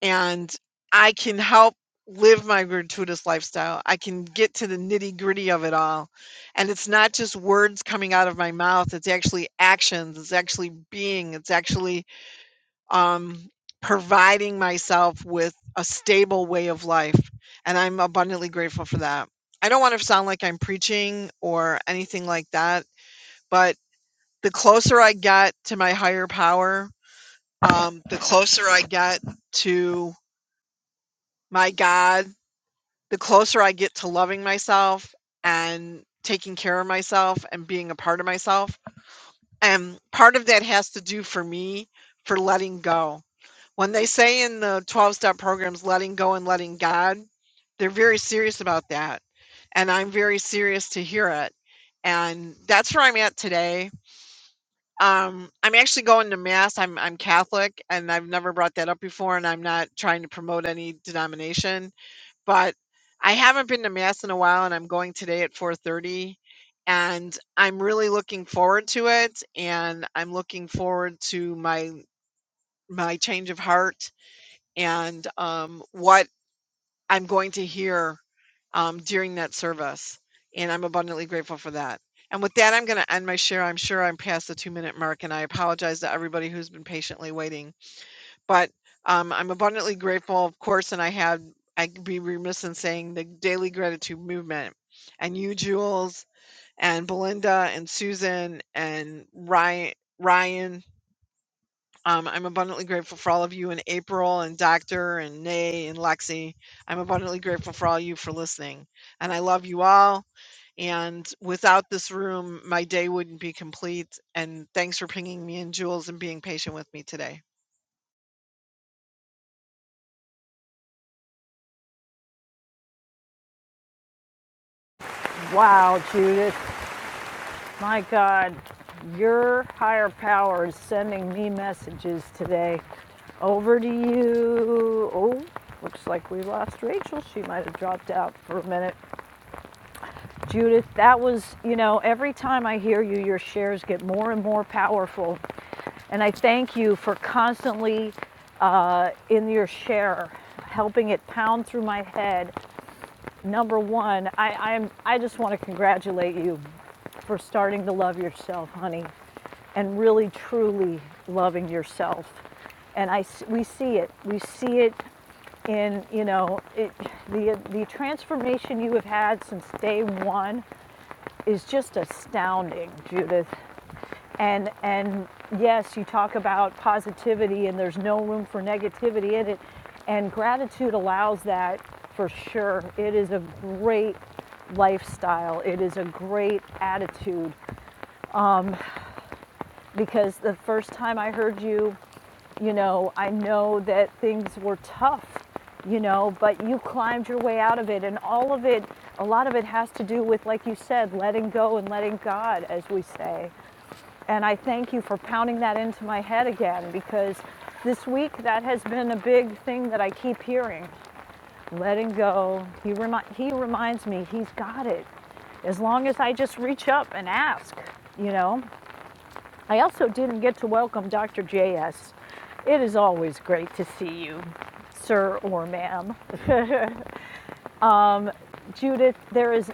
and I can help live my gratuitous lifestyle. I can get to the nitty gritty of it all, and it's not just words coming out of my mouth. It's actually actions. It's actually being. It's actually um, providing myself with a stable way of life. And I'm abundantly grateful for that. I don't want to sound like I'm preaching or anything like that, but the closer I get to my higher power, um, the closer I get to my God, the closer I get to loving myself and taking care of myself and being a part of myself. And part of that has to do for me for letting go When they say in the 12 step programs, letting go and letting God, they're very serious about that. And I'm very serious to hear it. And that's where I'm at today. Um, I'm actually going to mass. I'm, I'm Catholic and I've never brought that up before. And I'm not trying to promote any denomination, but I haven't been to mass in a while and I'm going today at 430 and I'm really looking forward to it. And I'm looking forward to my, my change of heart and um, what I'm going to hear um, during that service. And I'm abundantly grateful for that. And with that, I'm going to end my share. I'm sure I'm past the two minute mark, and I apologize to everybody who's been patiently waiting. But um, I'm abundantly grateful, of course, and I had, I'd be remiss in saying the daily gratitude movement and you, Jules, and Belinda, and Susan, and Ryan. Ryan um, I'm abundantly grateful for all of you and April and Doctor and Nay and Lexi. I'm abundantly grateful for all you for listening. And I love you all. And without this room, my day wouldn't be complete. And thanks for pinging me in, Jules, and being patient with me today. Wow, Judith, my God, your higher power is sending me messages today. Over to you. Oh, looks like we lost Rachel. She might have dropped out for a minute. Judith, that was, you know, every time I hear you, your shares get more and more powerful. And I thank you for constantly uh, in your share, helping it pound through my head. Number one, I, I'm, I just want to congratulate you. for starting to love yourself, honey, and really truly loving yourself. And i we see it. We see it in you know it, the the transformation you have had since day one is just astounding, Judith. And and yes, you talk about positivity, and there's no room for negativity in it. And gratitude allows that for sure. It is a great lifestyle. It is a great attitude because the first time I heard you, you know, I know that things were tough, you know, but you climbed your way out of it. And all of it, a lot of it has to do with, like you said, letting go and letting God, as we say. And I thank you for pounding that into my head again because this week that has been a big thing that I keep hearing. Letting go. He, remi- he reminds me, he's got it as long as I just reach up and ask, you know? I also didn't get to welcome Dr. J.S. It is always great to see you, sir or ma'am. um, Judith, there is,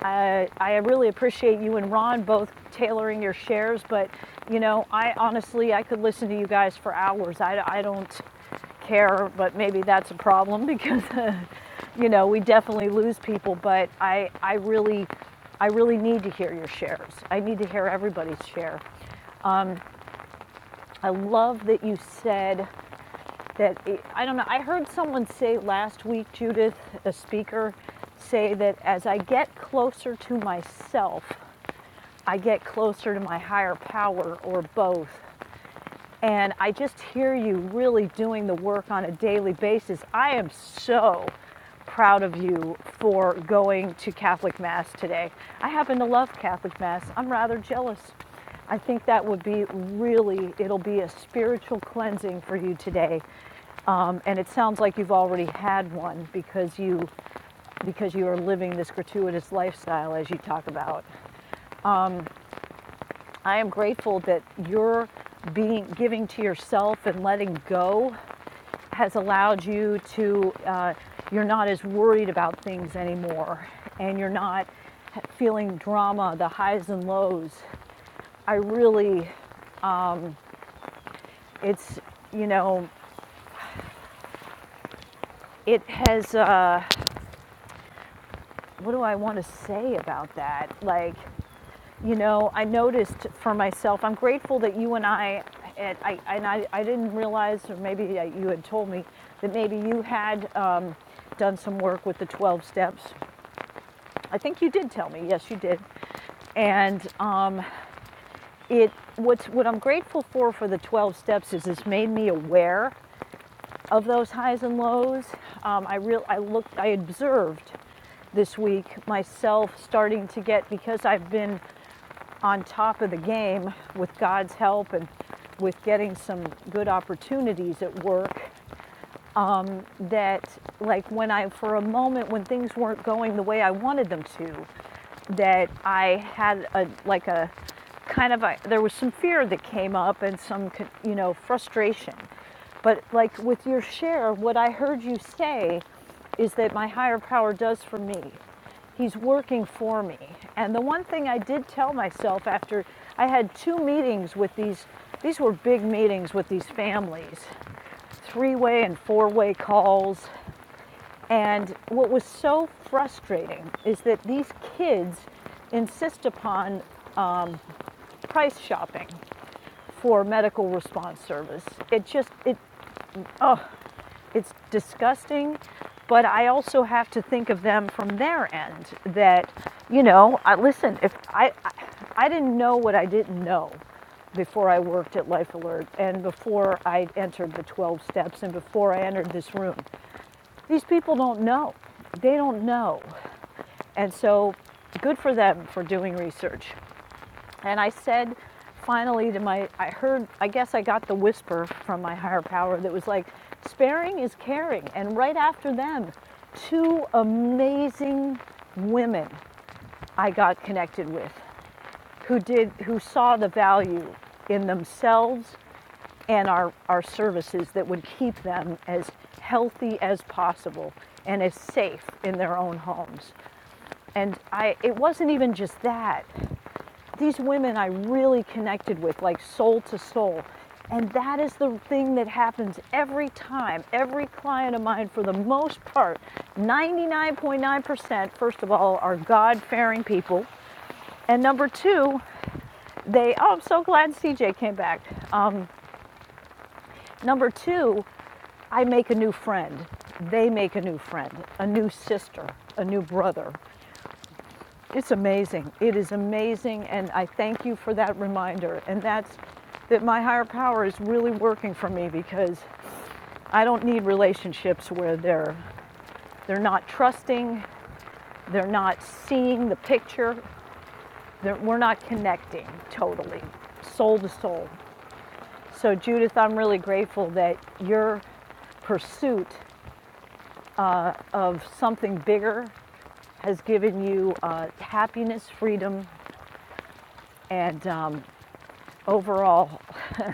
I, I really appreciate you and Ron both tailoring your shares, but you know, I honestly, I could listen to you guys for hours. I, I don't care, but maybe that's a problem because, you know, we definitely lose people, but I, I really, I really need to hear your shares. I need to hear everybody's share. I love that you said that. It, I don't know. I heard someone say last week, Judith, a speaker, say that as I get closer to myself, I get closer to my higher power or both. And I just hear you really doing the work on a daily basis. I am so proud of you for going to Catholic Mass today. I happen to love Catholic Mass. I'm rather jealous. I think that would be really, it'll be a spiritual cleansing for you today. Um, and it sounds like you've already had one because you because you are living this gratuitous lifestyle as you talk about. I am grateful that you're being giving to yourself and letting go has allowed you to, uh, you're not as worried about things anymore and you're not feeling drama, the highs and lows. I really, it's, you know, it has, uh, what do I want to say about that? Like, you know, I noticed for myself, I'm grateful that you and I, and I, and I, I didn't realize, or maybe uh, you had told me, that maybe you had um, done some work with the 12 steps. I think you did tell me, yes, you did. And um, it what's what I'm grateful for for the 12 steps is it's made me aware of those highs and lows. Um, I real I looked I observed this week myself starting to get because I've been on top of the game with God's help and with getting some good opportunities at work that like when I for a moment when things weren't going the way I wanted them to that I had a like a kind of a there was some fear that came up and some you know frustration. But like with your share, what I heard you say is that my higher power does for me. He's working for me. And the one thing I did tell myself after I had two meetings with these these were big meetings with these families, three-way and four-way calls and what was so frustrating is that these kids insist upon price shopping for medical response service. It just it it's disgusting, but I also have to think of them from their end that you know, I, listen, if I, I I didn't know what I didn't know before I worked at Life Alert and before I entered the 12 steps and before I entered this room. These people don't know. They don't know. And so good for them for doing research. And I said finally to my, I heard, I guess I got the whisper from my higher power that was like, sparing is caring. And right after them, two amazing women I got connected with who did, who saw the value in themselves and our, our services that would keep them as healthy as possible and as safe in their own homes. And I, it wasn't even just that. These women I really connected with, like soul to soul. And that is the thing that happens every time. Every client of mine, for the most part, 99.9%, first of all, are God fearing people. And number two, they, oh, I'm so glad CJ came back. Uh, number two, I make a new friend. They make a new friend, a new sister, a new brother, It's amazing. It is amazing. And I thank you for that reminder. And that's that my higher power is really working for me because I don't need relationships where they're, they're not trusting, they're not seeing the picture, that we're not connecting totally, soul to soul. So, Judith, I'm really grateful that your pursuit of something bigger has given you uh, happiness, freedom, and um, overall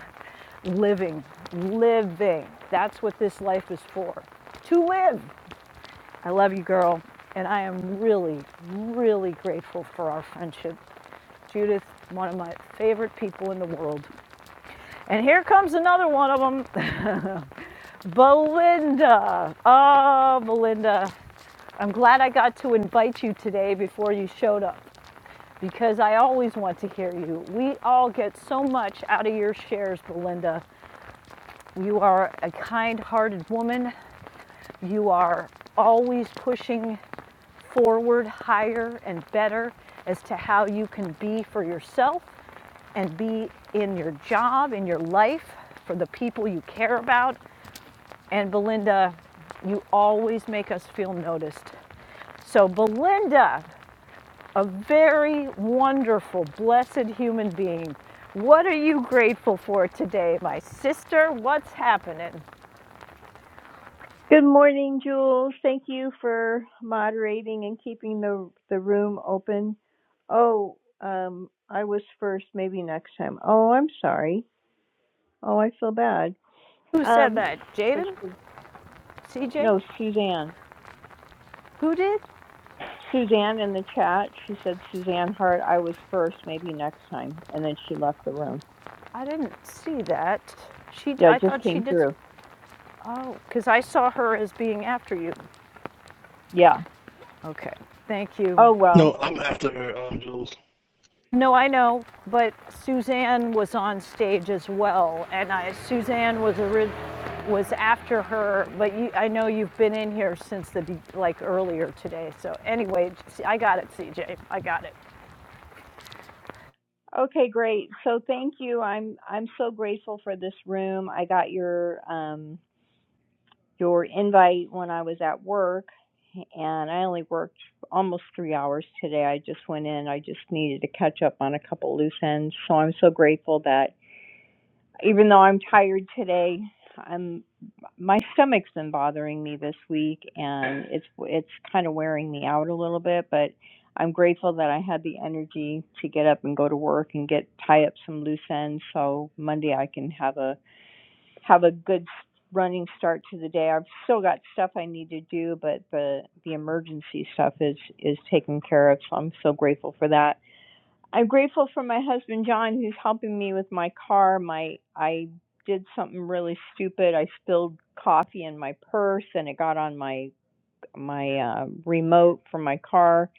living, living. That's what this life is for to live. I love you, girl. And I am really, really grateful for our friendship. Judith, one of my favorite people in the world. And here comes another one of them Belinda. Oh, Belinda. I'm glad I got to invite you today before you showed up because I always want to hear you. We all get so much out of your shares, Belinda. You are a kind hearted woman You are always pushing forward higher and better as to how you can be for yourself and be in your job, in your life, for the people you care about. And Belinda, you always make us feel noticed. So, Belinda, a very wonderful, blessed human being. What are you grateful for today, my sister? What's happening? Good morning, Jules. Thank you for moderating and keeping the the room open. Oh, um, I was first. Maybe next time. Oh, I'm sorry. Oh, I feel bad. Who said Um, that? but Jaden? you- CJ? no, Suzanne. Who did? Suzanne in the chat. She said Suzanne Hart. I was first. Maybe next time. And then she left the room. I didn't see that. She, Yeah, I it just thought she came just, through. oh, because I saw her as being after you. Yeah. Okay, thank you. Oh well. No, I'm after um, Jules. No, I know, but Suzanne was on stage as well, and I, Suzanne was a was after her, but you, I know you've been in here since the, be- like, earlier today. So anyway, I got it, CJ, I got it. Okay, great. So thank you. I'm I'm so grateful for this room. I got your um your invite when I was at work, and I only worked almost three hours today. I just went in. I just needed to catch up on a couple loose ends. So I'm so grateful that even though I'm tired today, I'm my stomach's been bothering me this week, and it's it's kind of wearing me out a little bit, but. I'm grateful that I had the energy to get up and go to work and get tie up some loose ends so Monday I can have a have a good running start to the day. I've still got stuff I need to do, but the the emergency stuff is is taken care of. So I'm so grateful for that. I'm grateful for my husband John who's helping me with my car. My I did something really stupid. I spilled coffee in my purse and it got on my my uh remote for my car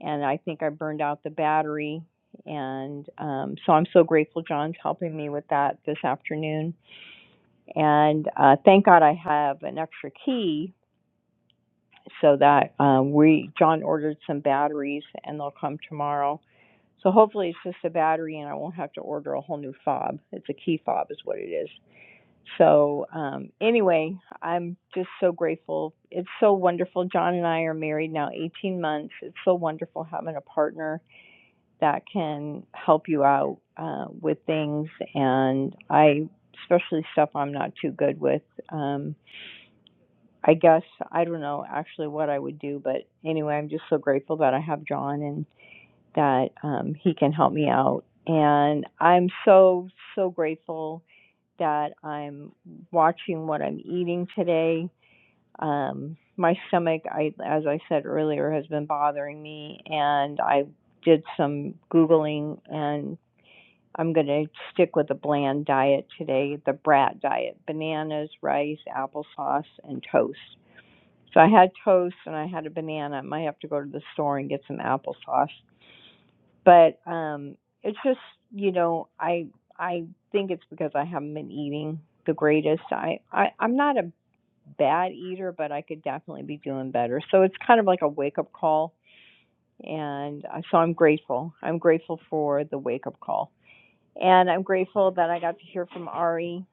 and I think I burned out the battery and um so I'm so grateful John's helping me with that this afternoon and uh, thank God I have an extra key so that um, we, John ordered some batteries and they'll come tomorrow. So hopefully it's just a battery and I won't have to order a whole new fob. It's a key fob, is what it is. So um, anyway, I'm just so grateful. It's so wonderful. John and I are married now 18 months. It's so wonderful having a partner that can help you out uh, with things. And I, especially stuff I'm not too good with. Um, I guess I don't know actually what I would do, but anyway, I'm just so grateful that I have John and that um, he can help me out. And I'm so so grateful that I'm watching what I'm eating today. Um, my stomach, I as I said earlier, has been bothering me, and I did some googling, and I'm going to stick with the bland diet today, the brat diet: bananas, rice, applesauce, and toast so I had toast and I had a banana. I might have to go to the store and get some applesauce. But um it's just, you know, I I think it's because I haven't been eating the greatest. I, I I'm not a bad eater, but I could definitely be doing better. So it's kind of like a wake up call and uh, so I'm grateful. I'm grateful for the wake up call. And I'm grateful that I got to hear from Ari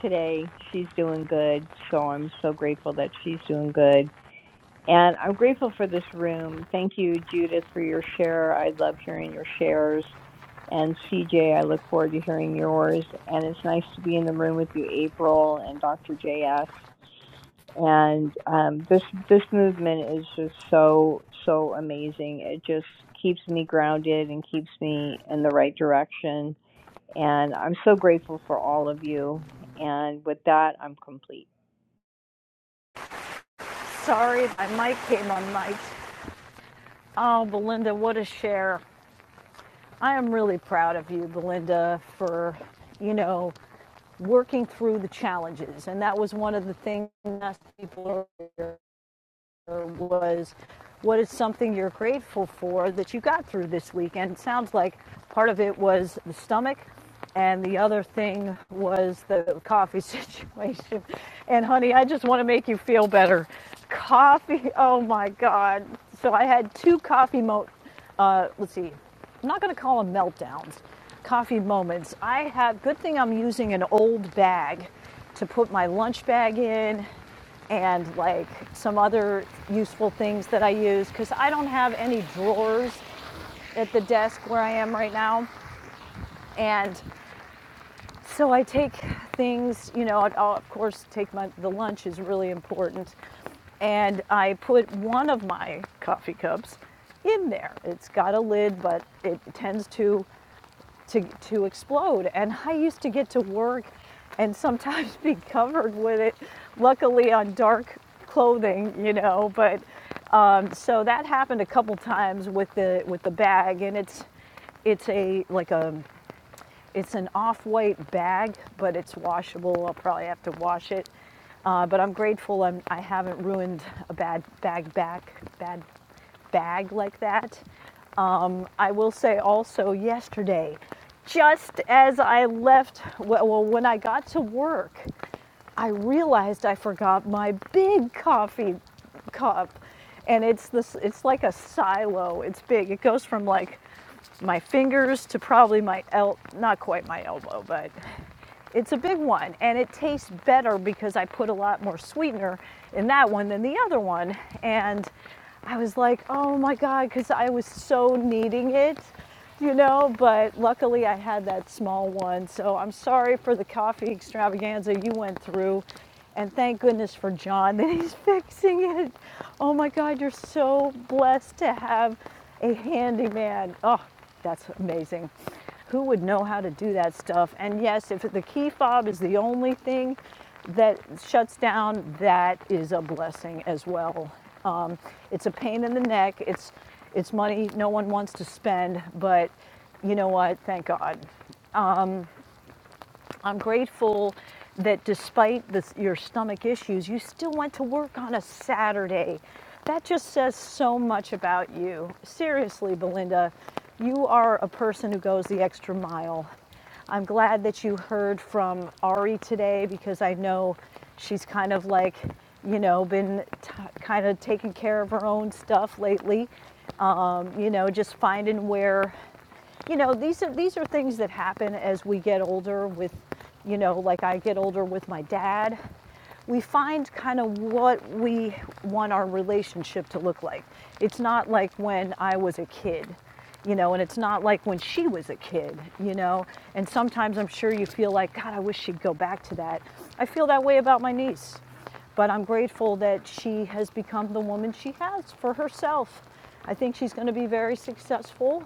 today. She's doing good. So I'm so grateful that she's doing good And I'm grateful for this room. Thank you, Judith, for your share. I love hearing your shares. And CJ, I look forward to hearing yours. And it's nice to be in the room with you, April and Dr. JS. And um, this this movement is just so so amazing. It just keeps me grounded and keeps me in the right direction. And I'm so grateful for all of you. And with that, I'm complete. Sorry, my mic came on mic. Oh, Belinda, what a share. I am really proud of you, Belinda, for, you know, working through the challenges. And that was one of the things I asked people earlier was what is something you're grateful for that you got through this week? And it sounds like part of it was the stomach, and the other thing was the coffee situation. And honey, I just want to make you feel better. Coffee, oh my God. So I had two coffee mo uh, let's see, I'm not going to call them meltdowns, coffee moments. I have, good thing I'm using an old bag to put my lunch bag in and like some other useful things that I use because I don't have any drawers at the desk where I am right now. And so I take things, you know, I'll, of course take my, the lunch is really important. And I put one of my coffee cups in there. It's got a lid, but it tends to to, to explode. And I used to get to work and sometimes be covered with it, luckily on dark clothing, you know. But um, so that happened a couple times with the with the bag, and it's it's a like a it's an off-white bag, but it's washable. I'll probably have to wash it. Uh, but I'm grateful I'm, I haven't ruined a bad bag back, bad bag like that. Um, I will say also yesterday, just as I left, well, when I got to work, I realized I forgot my big coffee cup, and it's this. It's like a silo. It's big. It goes from like my fingers to probably my el not quite my elbow, but it's a big one and it tastes better because I put a lot more sweetener in that one than the other one. And I was like, oh my God, because I was so needing it, you know. But luckily I had that small one. So I'm sorry for the coffee extravaganza you went through. And thank goodness for John that he's fixing it. Oh my God, you're so blessed to have a handyman. Oh, that's amazing. Who would know how to do that stuff? And yes, if the key fob is the only thing that shuts down, that is a blessing as well. Um, it's a pain in the neck. It's it's money no one wants to spend, but you know what? Thank God I'm grateful that despite this, your stomach issues, you still went to work on a Saturday. That just says so much about you. Seriously, Belinda, you are a person who goes the extra mile. I'm glad that you heard from Ari today because I know she's kind of like, you know, been t- kind of taking care of her own stuff lately. Um, you know, just finding where you know, these are these are things that happen as we get older with, you know, like I get older with my dad. We find kind of what we want our relationship to look like. It's not like when I was a kid, you know, and it's not like when she was a kid, you know. And sometimes I'm sure you feel like, God, I wish she'd go back to that. I feel that way about my niece but I'm grateful that she has become the woman she has for herself. I think she's going to be very successful.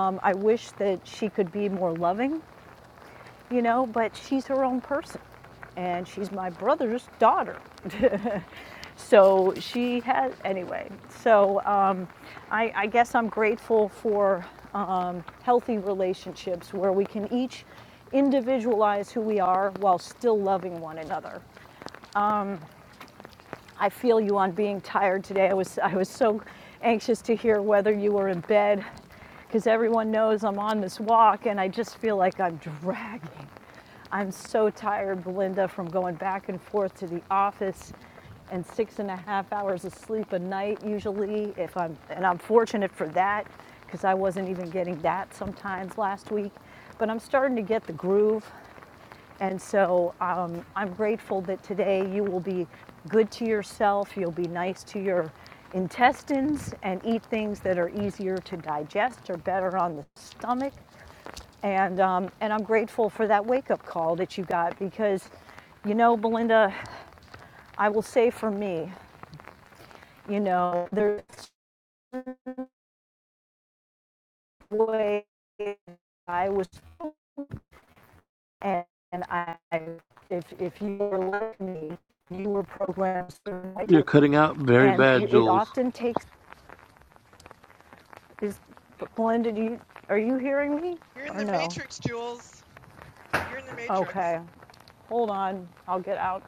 Um, I wish that she could be more loving, you know, but she's her own person and she's my brother's daughter. so she has, anyway, so um, I, I guess I'm grateful for um, healthy relationships where we can each individualize who we are while still loving one another. I feel you on being tired today. I was I was so anxious to hear whether you were in bed because everyone knows I'm on this walk and I just feel like I'm dragging. I'm so tired, Belinda, from going back and forth to the office and six and a half hours of sleep a night usually if I'm and I'm fortunate for that because I wasn't even getting that sometimes last week. But I'm starting to get the groove and so um, I'm grateful that today you will be good to yourself, you'll be nice to your intestines, and eat things that are easier to digest or better on the stomach. And, um, and I'm grateful for that wake up call that you got because, you know, Belinda, I will say for me, you know, there's a way I was And, and I, if, if you were like me, you were programmed a certain way You're too. cutting out very And bad, it Jules. often takes, is, Belinda, do you, are you hearing me You're in or the no? Matrix, Jules. You're in the Matrix. Okay, hold on, I'll get out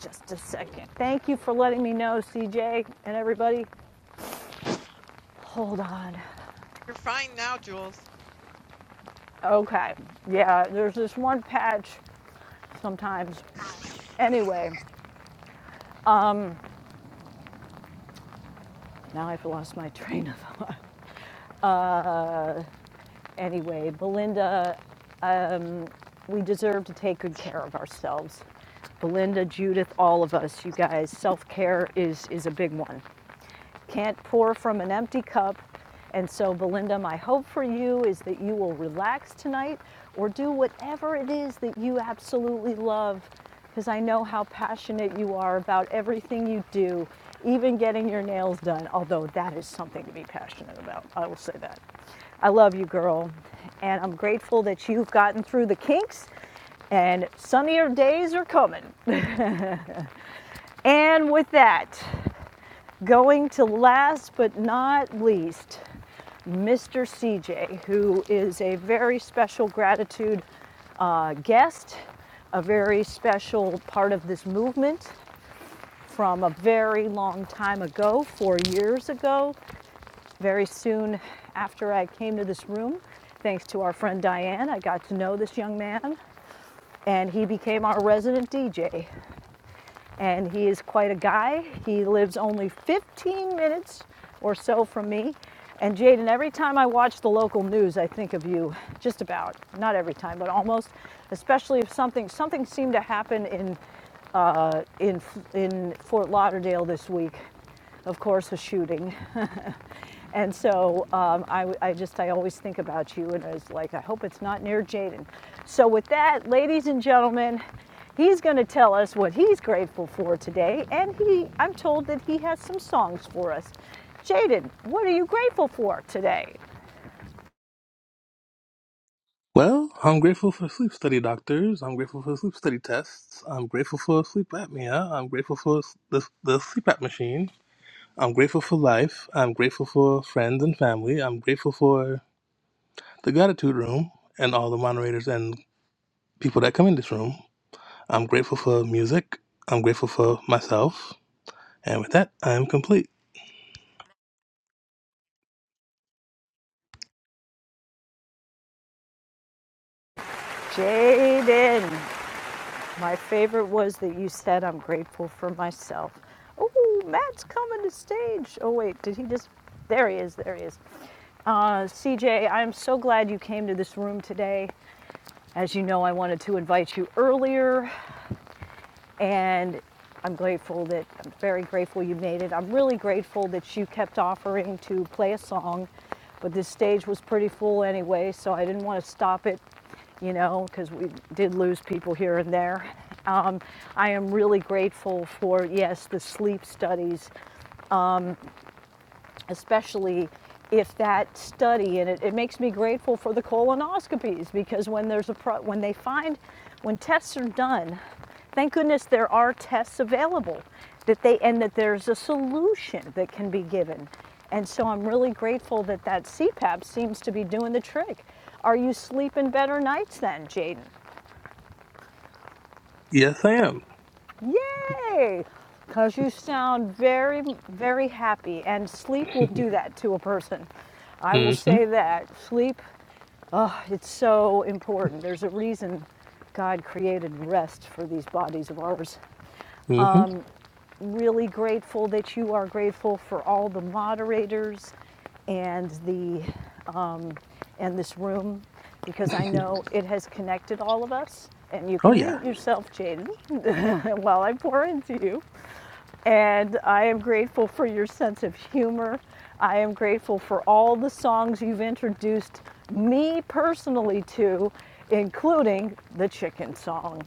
just a second. Thank you for letting me know, CJ and everybody. Hold on. You're fine now, Jules. Okay, yeah, there's this one patch sometimes. Anyway, now I've lost my train of thought. Anyway, Belinda we deserve to take good care of ourselves. Belinda, Judith, all of us, you guys, self care is, is a big one can't pour from an empty cup. And so, Belinda, my hope for you is that you will relax tonight or do whatever it is that you absolutely love, because I know how passionate you are about everything you do, even getting your nails done, although that is something to be passionate about. I will say that. I love you, girl, and I'm grateful that you've gotten through the kinks and sunnier days are coming. And with that, going to last but not least, Mr. CJ, who is a very special gratitude uh, guest, a very special part of this movement from a very long time ago, four years ago, very soon after I came to this room. Thanks to our friend Diane, I got to know this young man, and he became our resident DJ and he is quite a guy. He lives only 15 minutes or so from me. And Jaden, every time I watch the local news, I think of you, just about, not every time, but almost, especially if something, something seemed to happen in, uh, in, in Fort Lauderdale this week of course, a shooting. and so um, I, w- I just, I always think about you, and I was like, I hope it's not near Jaden. So, with that, ladies and gentlemen, he's going to tell us what he's grateful for today, and he, I'm told that he has some songs for us. Jaden, what are you grateful for today? Well, I'm grateful for sleep study doctors. I'm grateful for sleep study tests. I'm grateful for sleep apnea. I'm grateful for s- the, the sleep app machine. I'm grateful for life. I'm grateful for friends and family. I'm grateful for the gratitude room and all the moderators and people that come in this room. I'm grateful for music. I'm grateful for myself. And with that, I am complete. Jaden. My favorite was that you said, I'm grateful for myself. Oh, Matt's coming to stage. Oh, wait, did he just? There he is, there he is. Uh, CJ, I'm so glad you came to this room today. As you know, I wanted to invite you earlier, and I'm grateful that, I'm very grateful you made it. I'm really grateful that you kept offering to play a song, but this stage was pretty full anyway, so I didn't want to stop it, you know, because we did lose people here and there. Um, I am really grateful for, yes, the sleep studies especially if that study and it, it makes me grateful for the colonoscopies because when there's a pro, when they find when tests are done thank goodness there are tests available that they and that there's a solution that can be given and so i'm really grateful that that cpap seems to be doing the trick are you sleeping better nights then jaden Yes, I am. Yay! Because you sound very, very happy, and sleep will do that to a person. I will Mm-hmm. say that. Sleep, oh, it's so important. There's a reason God created rest for these bodies of ours. Mm-hmm. Really grateful that you are grateful for all the moderators and the and this room because I know it has connected all of us. And you oh can yeah. mute yourself, Jaden, while I pour into you. And I am grateful for your sense of humor. I am grateful for all the songs you've introduced me personally to, including the chicken song.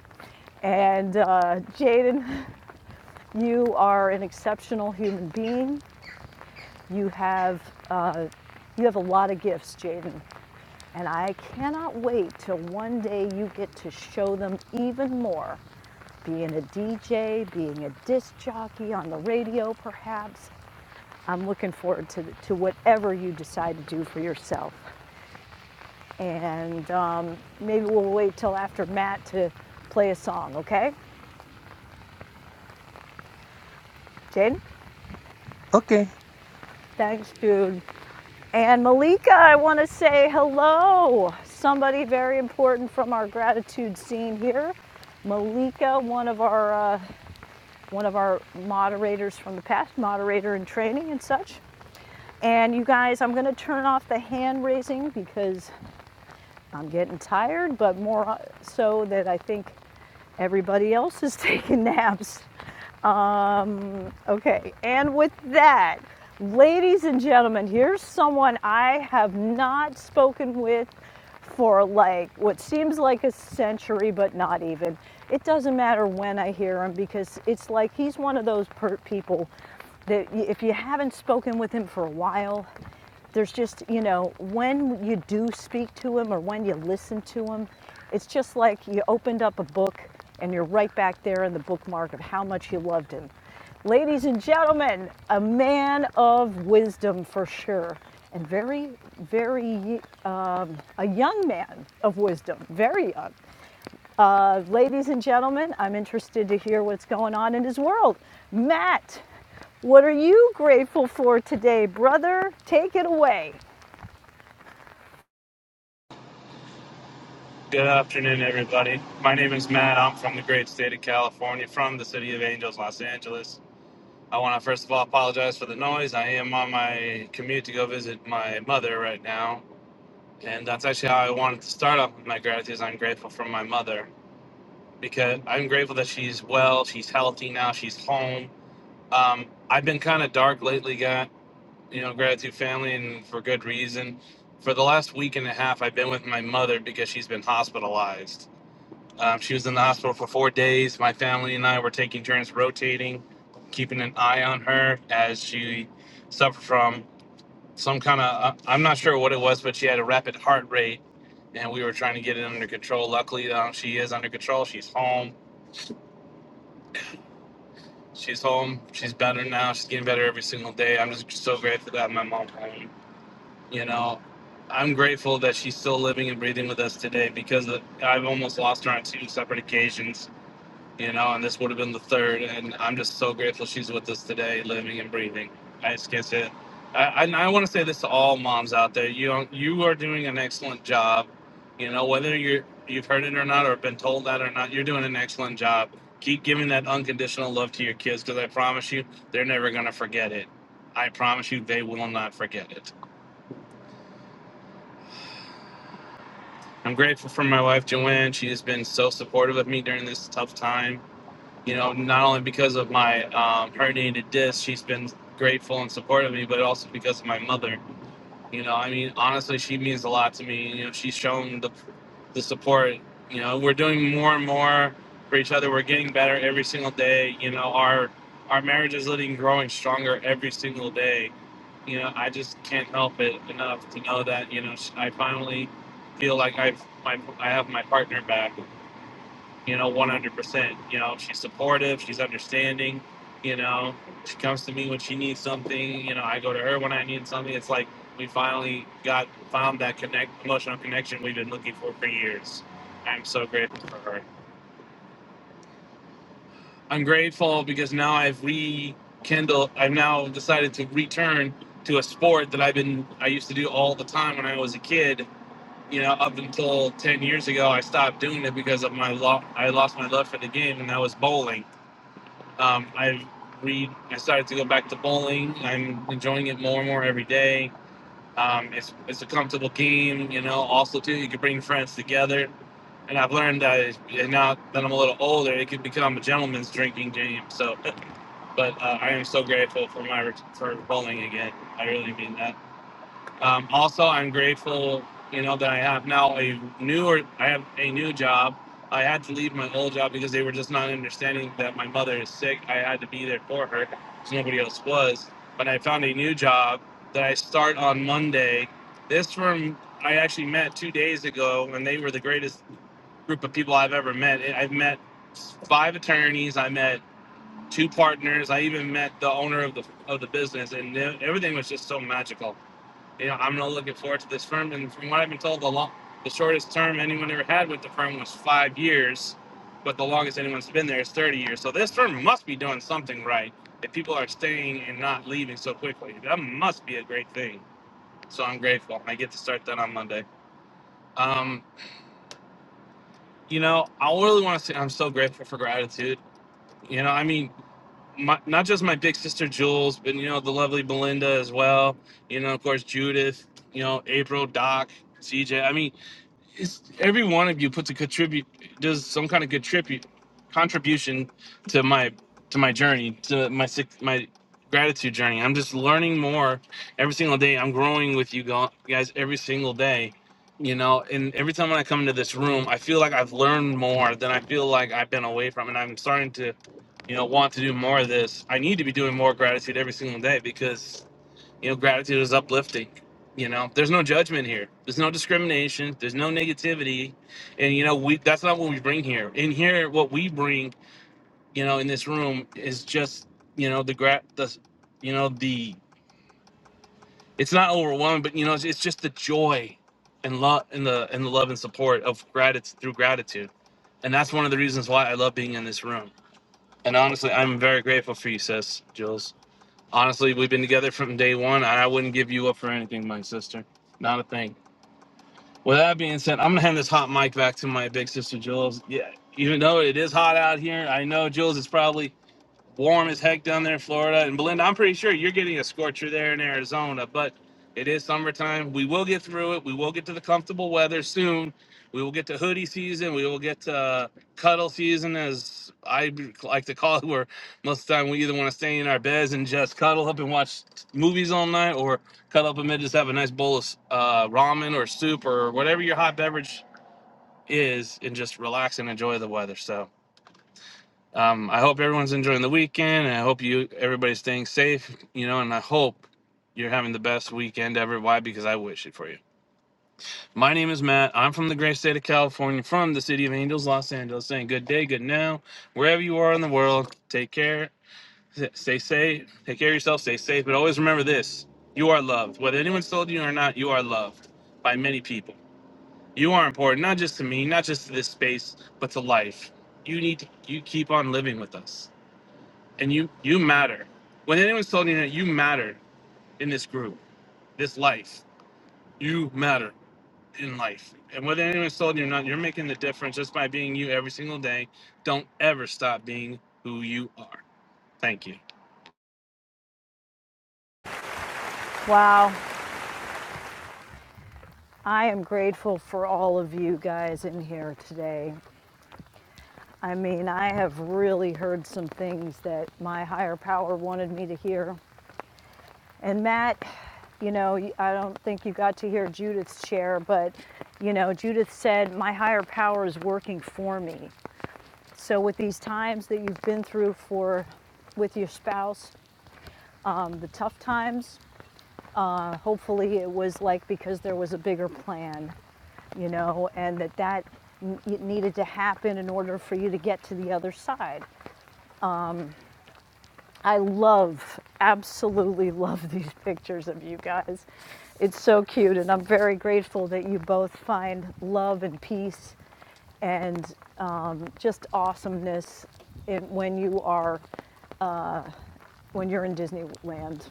And uh, Jaden, you are an exceptional human being. You have uh, you have a lot of gifts, Jaden, and I cannot wait till one day you get to show them even more being a DJ, being a disc jockey on the radio, perhaps. I'm looking forward to, to whatever you decide to do for yourself. And um, maybe we'll wait till after Matt to play a song, okay? Jaden? Okay. Thanks, dude. And Malika, I want to say hello. Somebody very important from our gratitude scene here. Malika, one of our uh, one of our moderators from the past, moderator in training and such. And you guys, I'm going to turn off the hand raising because I'm getting tired, but more uh, so that I think everybody else is taking naps. Um, okay, and with that, ladies and gentlemen, here's someone I have not spoken with for like what seems like a century, but not even. It doesn't matter when I hear him because it's like he's one of those per- people that if you haven't spoken with him for a while, there's just, you know, when you do speak to him or when you listen to him, it's just like you opened up a book and you're right back there in the bookmark of how much you loved him. Ladies and gentlemen, a man of wisdom for sure, and very, very, um, a young man of wisdom, very young. Uh, ladies and gentlemen, I'm interested to hear what's going on in his world. Matt, what are you grateful for today, brother? Take it away. Good afternoon, everybody. My name is Matt. I'm from the great state of California, from the city of Angels, Los Angeles. I want to first of all apologize for the noise. I am on my commute to go visit my mother right now. And that's actually how I wanted to start off with my gratitude. is I'm grateful for my mother because I'm grateful that she's well, she's healthy now, she's home. Um, I've been kind of dark lately, got, you know, gratitude family, and for good reason. For the last week and a half, I've been with my mother because she's been hospitalized um, she was in the hospital for four days. My family and I were taking turns rotating, keeping an eye on her as she suffered from some kind of, uh, I'm not sure what it was, but she had a rapid heart rate and we were trying to get it under control. Luckily, um, she is under control. She's home. She's home. She's better now. She's getting better every single day. I'm just so grateful that my mom's home. You know, I'm grateful that she's still living and breathing with us today because uh, I've almost lost her on two separate occasions you know, and this would have been the third. And I'm just so grateful she's with us today, living and breathing. I just can't say it. I, I, I want to say this to all moms out there. You are, you are doing an excellent job. You know, whether you're, you've heard it or not, or been told that or not, you're doing an excellent job. Keep giving that unconditional love to your kids because I promise you, they're never going to forget it. I promise you, they will not forget it. I'm grateful for my wife, Joanne. She has been so supportive of me during this tough time you know, not only because of my um, herniated disc, she's been grateful and supportive of me, but also because of my mother. You know, I mean, honestly, she means a lot to me. You know, she's shown the, the support. You know, we're doing more and more for each other. We're getting better every single day. You know, our our marriage is living, growing stronger every single day. You know, I just can't help it enough to know that you know sh- I finally feel like I've my I have my partner back you know, 100%. You know, she's supportive, she's understanding, you know, she comes to me when she needs something, you know, I go to her when I need something. It's like we finally got found that connect emotional connection we've been looking for for years. I'm so grateful for her. I'm grateful because now I've rekindled, I've now decided to return to a sport that I've been, I used to do all the time when I was a kid. You know, up until 10 years ago, I stopped doing it because of my lo- I lost my love for the game, and that was bowling Um, I read. I started to go back to bowling. I'm enjoying it more and more every day. Um, it's it's a comfortable game, you know. Also, too, you can bring friends together. And I've learned that now that I'm a little older, it could become a gentleman's drinking game. So, but uh, I am so grateful for my ret- for bowling again. I really mean that. Um, also, I'm grateful, you know, that I have now a newer, I have a new job. I had to leave my old job because they were just not understanding that my mother is sick. I had to be there for her because nobody else was. But I found a new job that I start on Monday. This firm I actually met two days ago, and they were the greatest group of people I've ever met. I- I've met five attorneys. I met two partners. I even met the owner of the of the business, and e, everything was just so magical you know, I'm not looking forward to this firm. And from what I've been told, the long, the shortest term anyone ever had with the firm was five years, but the longest anyone's been there is 30 years. So this firm must be doing something right if people are staying and not leaving so quickly. That must be a great thing. So I'm grateful. I get to start that on Monday. Um, you know, I really want to say I'm so grateful for gratitude. You know, I mean, my, not just my big sister Jules, but you know the lovely Belinda as well. You know, of course Judith. You know, April, Doc, CJ. I mean, it's every one of you puts a contribute does some kind of contribute contribution to my to my journey to my six my gratitude journey i'm just learning more every single day i'm growing with you go- guys every single day you know and every time when i come into this room i feel like i've learned more than i feel like i've been away from and i'm starting to you know want to do more of this i need to be doing more gratitude every single day because you know, gratitude is uplifting. You know, there's no judgment here. There's no discrimination. There's no negativity, and you know, we that's not what we bring here. In here, what we bring, you know, in this room is just, you know, the gra- the, you know, the it's not overwhelming, but you know, it's, it's just the joy and love and the and the love and support of gratitude through gratitude, and that's one of the reasons why I love being in this room. And honestly, I'm very grateful for you, sis, Jules. Honestly, we've been together from day one, and I wouldn't give you up for anything, my sister. Not a thing. With that being said, I'm gonna hand this hot mic back to my big sister Jules. Yeah, even though it is hot out here, I know Jules is probably warm as heck down there in Florida. And Belinda, I'm pretty sure you're getting a scorcher there in Arizona, but it is summertime. We will get through it. We will get to the comfortable weather soon. We will get to hoodie season. We will get to uh, cuddle season, as I like to call it, where most of the time we either want to stay in our beds and just cuddle up and watch movies all night, or cuddle up and just have a nice bowl of uh, ramen or soup or whatever your hot beverage is and just relax and enjoy the weather. So, um, I hope everyone's enjoying the weekend, and I hope you everybody's staying safe. You know, and I hope you're having the best weekend ever. Why? Because I wish it for you. My name is Matt. I'm from the great state of California, from the city of Angels, Los Angeles. Saying good day, good now, wherever you are in the world. Take care, stay safe, take care of yourself, stay safe. But always remember this: you are loved. Whether anyone's told you or not, you are loved by many people. You are important, not just to me, not just to this space, but to life. You need to you keep on living with us and you you matter. When anyone's telling you that you matter in this group, this life, you matter in life. And whether anyone's telling you or not, you're making the difference just by being you every single day. Don't ever stop being who you are. Thank you. Wow. I am grateful for all of you guys in here today. I mean, I have really heard some things that my higher power wanted me to hear. And Matt, you know, I don't think you got to hear Judith's share, but, you know, Judith said, My higher power is working for me. So with these times that you've been through for with your spouse, um, the tough times, uh, hopefully it was like because there was a bigger plan, you know, and that that it needed to happen in order for you to get to the other side. I love, absolutely love these pictures of you guys. It's so cute, and I'm very grateful that you both find love and peace and um, just awesomeness in, when you are when you're in Disneyland.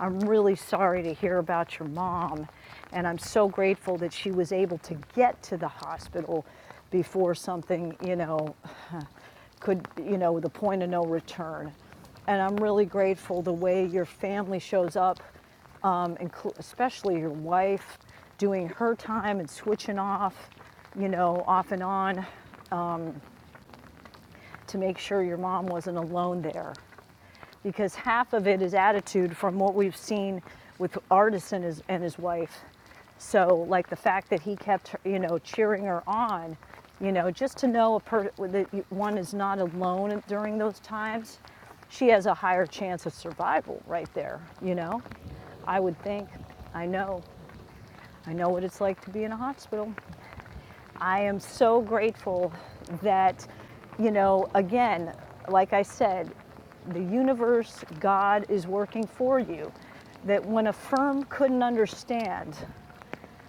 I'm really sorry to hear about your mom, and I'm so grateful that she was able to get to the hospital before something, you know, could, you know, the point of no return. And I'm really grateful the way your family shows up, um, especially your wife doing her time and switching off, you know, off and on to make sure your mom wasn't alone there because half of it is attitude from what we've seen with Artis and his, and his wife. So, like the fact that he kept, you know, cheering her on, you know, just to know a per- that one is not alone during those times, she has a higher chance of survival right there, you know? I would think. I know. I know what it's like to be in a hospital. I am so grateful that, you know, again, like I said, the universe, God is working for you. That when a firm couldn't understand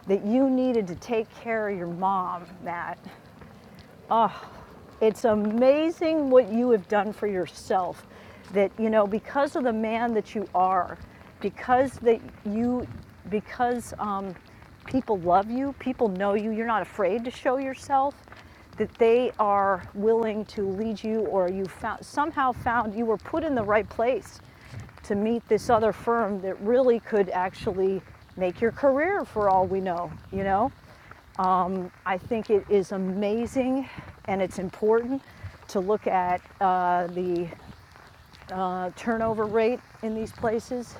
that you needed to take care of your mom, Matt, it's amazing what you have done for yourself. That you know, because of the man that you are, because that you, because um, people love you, people know you. You're not afraid to show yourself. That they are willing to lead you, or you found, somehow found you were put in the right place to meet this other firm that really could actually make your career for all we know, you know? I think it is amazing and it's important to look at uh, the uh, turnover rate in these places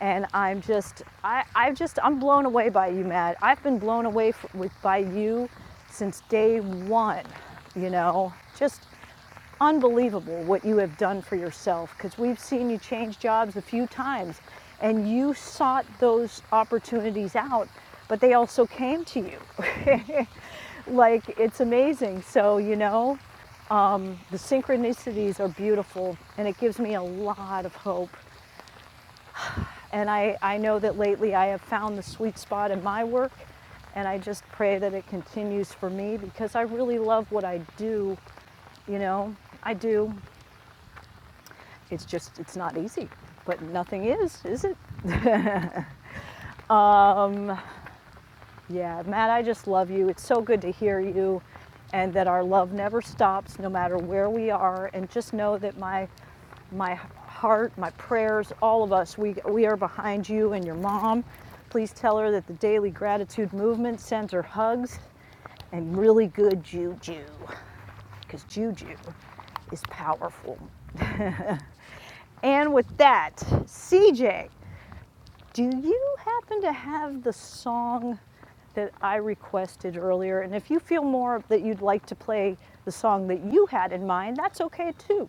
and I'm just, I, I've just, I'm blown away by you, Matt. I've been blown away f- with, by you since day one. You know, just unbelievable what you have done for yourself. Because we've seen you change jobs a few times, and you sought those opportunities out, but they also came to you. like it's amazing. So you know, um, the synchronicities are beautiful, and it gives me a lot of hope and I, I know that lately I have found the sweet spot in my work, and I just pray that it continues for me because I really love what I do. You know, I do. It's just, it's not easy, but nothing is, is it? Yeah, Matt, I just love you. It's so good to hear you and that our love never stops no matter where we are and just know that my my heart, my prayers, all of us, we we are behind you and your mom. Please tell her that the Daily Gratitude Movement sends her hugs and really good juju cuz juju is powerful. And with that, CJ Do you happen to have the song that I requested earlier? And if you feel more that you'd like to play the song that you had in mind, that's okay too.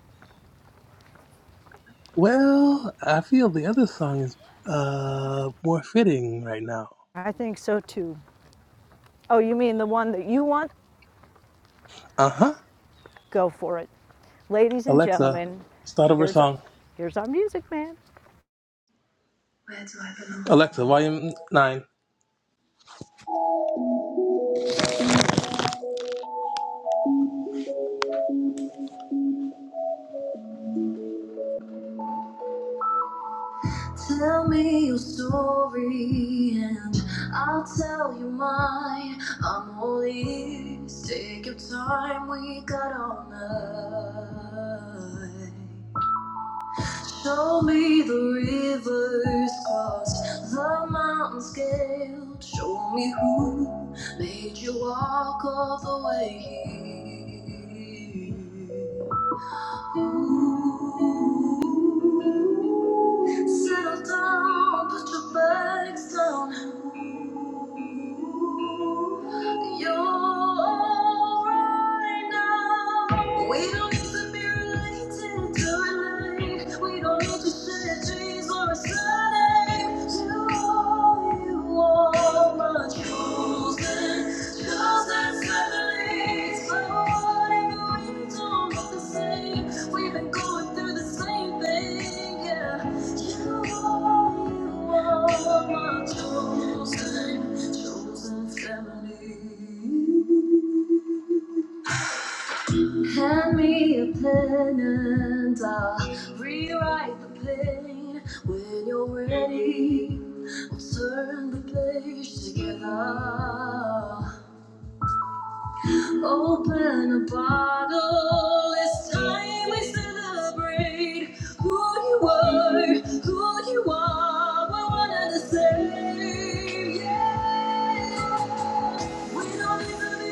Well, I feel the other song is uh more fitting right now. I think so too. Oh, you mean the one that you want? Uh-huh. Go for it. Ladies and Alexa, gentlemen, start over here's our, song. here's our music man. Alexa, volume nine. Tell me your story and I'll tell you mine. I'm all ears. Take your time, we got all night. Show me the rivers crossed, the mountains scaled. Show me who made you walk all the way here. Ooh. Settle down, put your bags down. Ooh. You're right now. We don't need to be related to relate. We don't need to share dreams or a surname. You are, you are my chosen, chosen son. Hand me a pen and I'll rewrite the pain. When you're ready, we'll turn the page together. Open a bottle. It's time we celebrate who you were, who you are. We're one and the same. Yeah. We don't need to be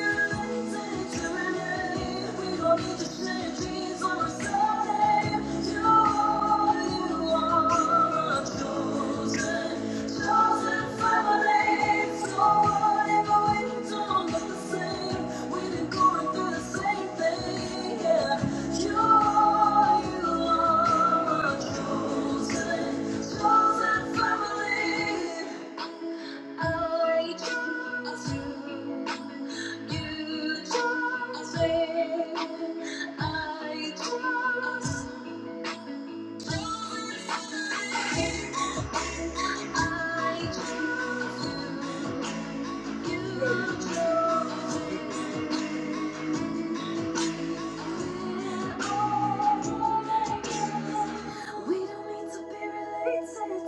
to any. We don't need to share dreams or something. You are, you are a chosen, chosen family. So whatever we don't look the same, we've been going through the same thing. Yeah. You are, you are a chosen, chosen family. I trust you. You trust me. I trust. I trust you. You trust me. We don't need to be related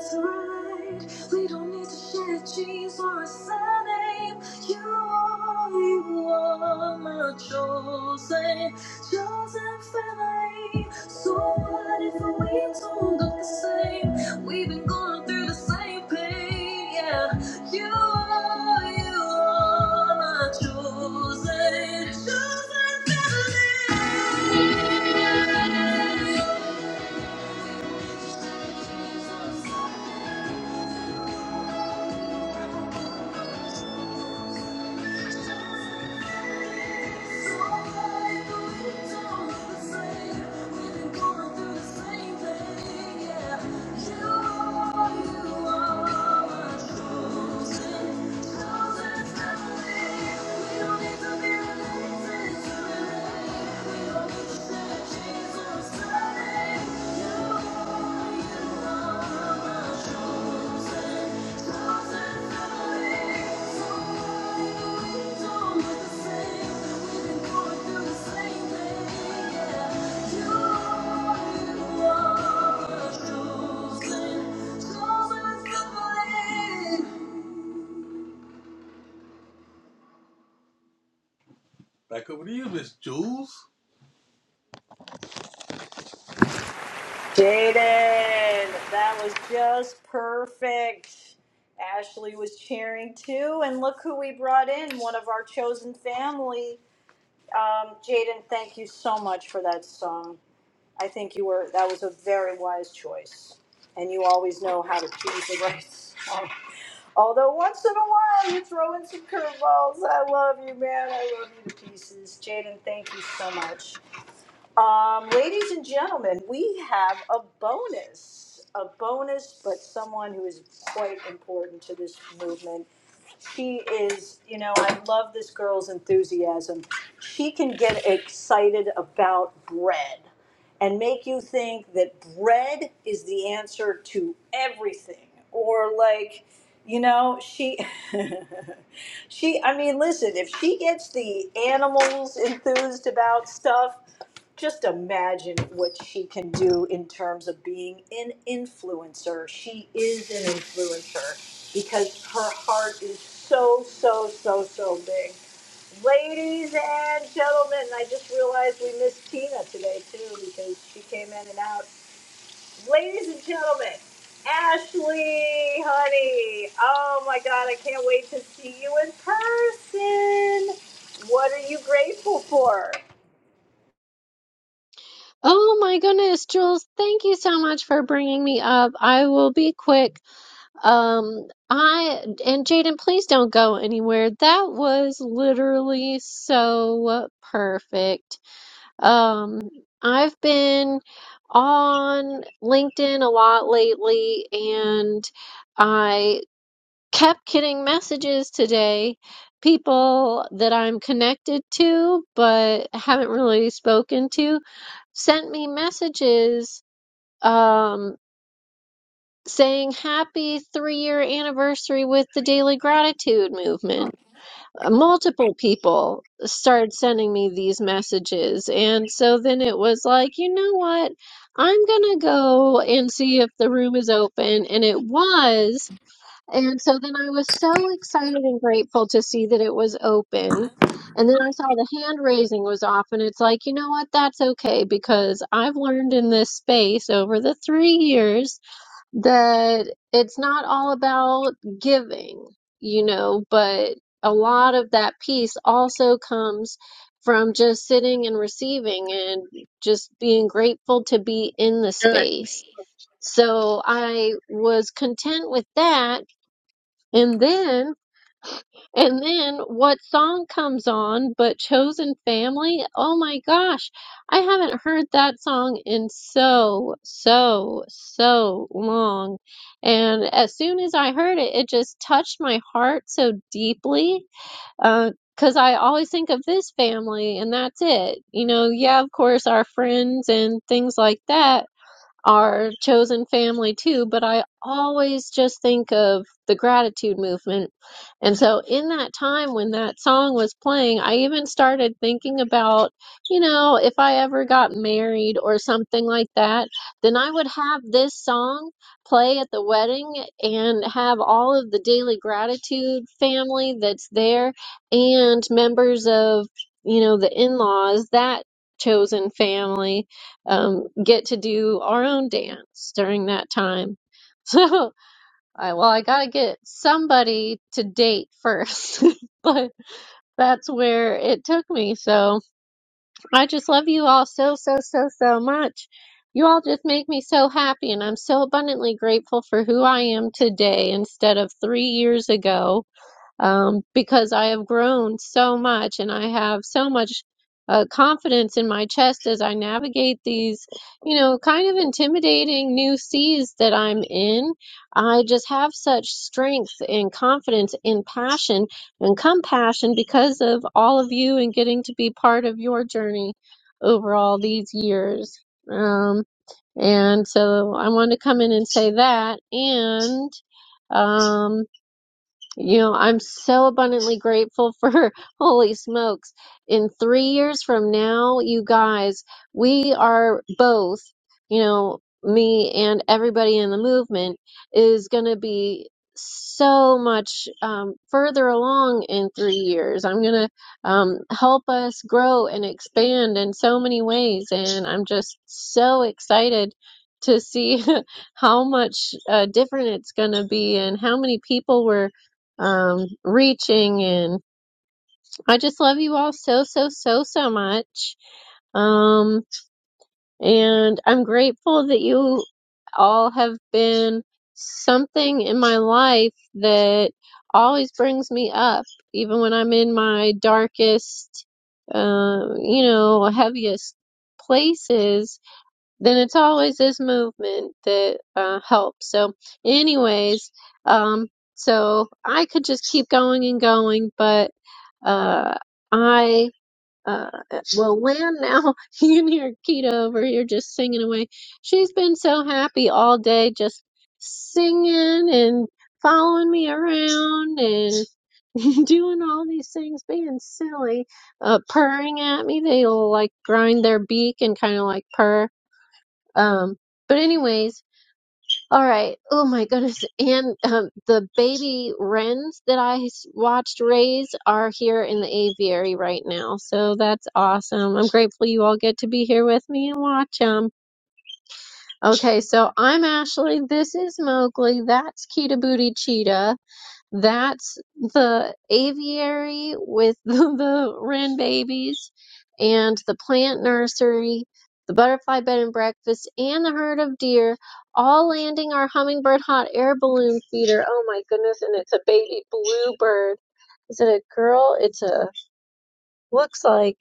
to relate. We don't need to share genes or a surname. You are, you are my chosen, chosen family. So what if we don't look the same? We've been going through the same pain, yeah. You are, you are my chosen, chosen family. We don't need to be related to relate. We don't need to share. Back over to you, Miss Jules. Jaden, that was just perfect. Ashley was cheering too, and look who we brought in one of our chosen family. Um, Jaden, thank you so much for that song. I think you were that was a very wise choice, and you always know how to choose the right song. Although once in a while you throw in some curveballs. I love you, man. I love you to pieces. Jaden, thank you so much. Um, ladies and gentlemen, we have a bonus, a bonus, but someone who is quite important to this movement. She is, you know, I love this girl's enthusiasm. She can get excited about bread and make you think that bread is the answer to everything or like you know she she i mean listen if she gets the animals enthused about stuff just imagine what she can do in terms of being an influencer. She is an influencer because her heart is so, so, so, so big. Ladies and gentlemen, I just realized we missed Tina today too because she came in and out. Ladies and gentlemen, Ashley, honey, oh my God, I can't wait to see you in person. What are you grateful for? Oh my goodness, Jules, thank you so much for bringing me up. I will be quick. Um, I and Jaden, please don't go anywhere. That was literally so perfect. Um, I've been on LinkedIn a lot lately and I kept getting messages today, people that I'm connected to but haven't really spoken to sent me messages um, saying happy three year anniversary with the Daily Gratitude Movement. Uh, Multiple people started sending me these messages. And so then it was like, you know what? I'm going to go and see if the room is open. And it was. And so then I was so excited and grateful to see that it was open. And then I saw the hand raising was off, and it's like, you know what? That's okay because I've learned in this space over the three years that it's not all about giving, you know, but a lot of that piece also comes from just sitting and receiving and just being grateful to be in the space. So I was content with that and then, and then what song comes on but Chosen Family? Oh my gosh, I haven't heard that song in so, so, so long. And as soon as I heard it, it just touched my heart so deeply. Uh, 'cause I always think of this family and that's it. You know, yeah, of course, our friends and things like that our chosen family too, but I always just think of the gratitude movement. And so in that time when that song was playing, I even started thinking about, you know, if I ever got married or something like that, then I would have this song play at the wedding and have all of the daily gratitude family that's there and members of, you know, the in-laws, that chosen family um, get to do our own dance during that time. So, I, well, I gotta get somebody to date first, but that's where it took me. So, I just love you all so, so, so, so much. You all just make me so happy, and I'm so abundantly grateful for who I am today instead of three years ago um, because I have grown so much and I have so much uh, confidence in my chest as I navigate these, you know, kind of intimidating new seas that I'm in. I just have such strength and confidence and passion and compassion because of all of you and getting to be part of your journey over all these years. Um, and so I wanted to come in and say that. And um, you know, I'm so abundantly grateful for holy smokes. In three years from now, you guys, we are both, you know, me and everybody in the movement is going to be so much um, further along in three years. I'm going to um, help us grow and expand in so many ways. And I'm just so excited to see how much uh, different it's going to be and how many people we're um, reaching and I just love you all so, so, so, so much. Um, and I'm grateful that you all have been something in my life that always brings me up, even when I'm in my darkest, uh, you know, heaviest places then it's always this movement that uh, helps. So, anyways, um, so I could just keep going and going, but uh, I uh, will land now. You can hear Kita over here just singing away. She's been so happy all day, just singing and following me around and doing all these things, being silly, uh, purring at me. They'll like grind their beak and kind of like purr um, but anyways, all right. Oh my goodness. And um, the baby wrens that I s- watched raise are here in the aviary right now. So that's awesome. I'm grateful you all get to be here with me and watch them. Okay, so I'm Ashley. This is Mowgli. That's Kita Booty Cheetah. That's the aviary with the, the wren babies and the plant nursery, the butterfly bed and breakfast, and the herd of deer all landing our hummingbird hot air balloon feeder. Oh my goodness, and it's a baby bluebird. Is it a girl? It's a Looks like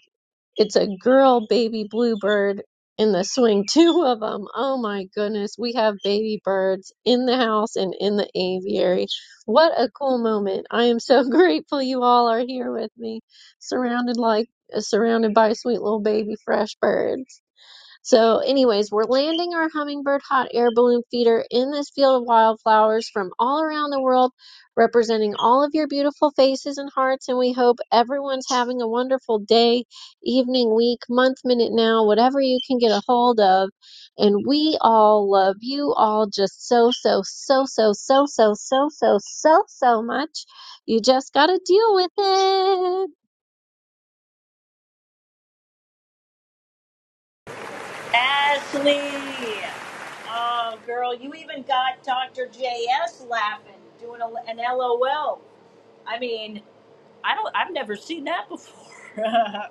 it's a girl baby bluebird in the swing. Two of them. Oh my goodness. We have baby birds in the house and in the aviary. What a cool moment. I am so grateful you all are here with me, surrounded like uh, surrounded by sweet little baby fresh birds. So, anyways, we're landing our hummingbird hot air balloon feeder in this field of wildflowers from all around the world, representing all of your beautiful faces and hearts. And we hope everyone's having a wonderful day, evening, week, month, minute, now, whatever you can get a hold of. And we all love you all just so, so, so, so, so, so, so, so, so, so much. You just got to deal with it. Ashley. Oh, girl, you even got Dr. JS laughing, doing a, an LOL. I mean, I don't. I've never seen that before. Dr.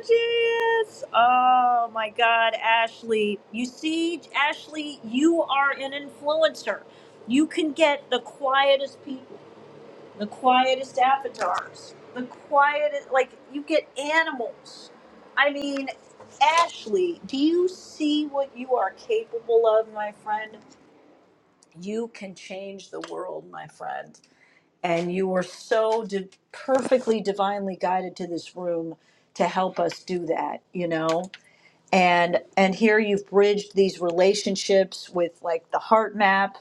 JS. Oh my God, Ashley. You see, Ashley, you are an influencer. You can get the quietest people the quietest avatars, the quietest, like you get animals. I mean, Ashley, do you see what you are capable of, my friend? You can change the world, my friend. And you were so di- perfectly divinely guided to this room to help us do that, you know? And and here you've bridged these relationships with like the heart map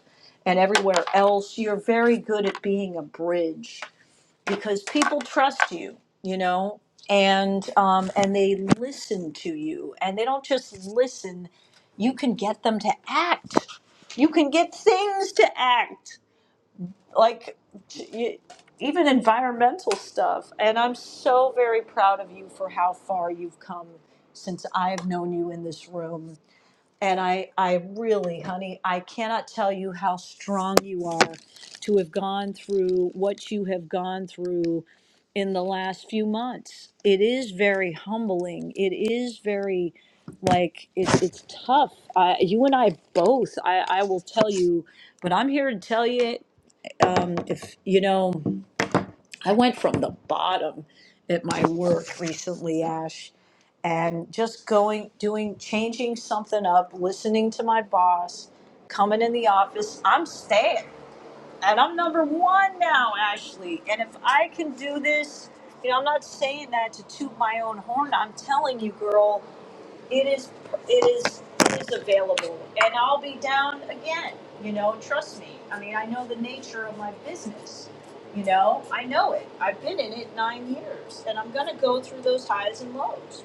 and everywhere else. You're very good at being a bridge because people trust you, you know, and um, and they listen to you, and they don't just listen. You can get them to act. You can get things to act, like t- even environmental stuff. And I'm so very proud of you for how far you've come since I've known you in this room. And I, I really, honey, I cannot tell you how strong you are to have gone through what you have gone through in the last few months. It is very humbling. It is very, like, it's it's tough. Uh, you and I both, I, I will tell you, but I'm here to tell you, if, you know, I went from the bottom at my work recently, Ash, and just going, doing, changing something up, listening to my boss, coming in the office. I'm staying, and I'm number one now, Ashley. And if I can do this, you know, I'm not saying that to toot my own horn. I'm telling you, girl, it is it is it is available and i'll be down again you know trust me i mean i know the nature of my business you know i know it i've been in it nine years and i'm going to go through those highs and lows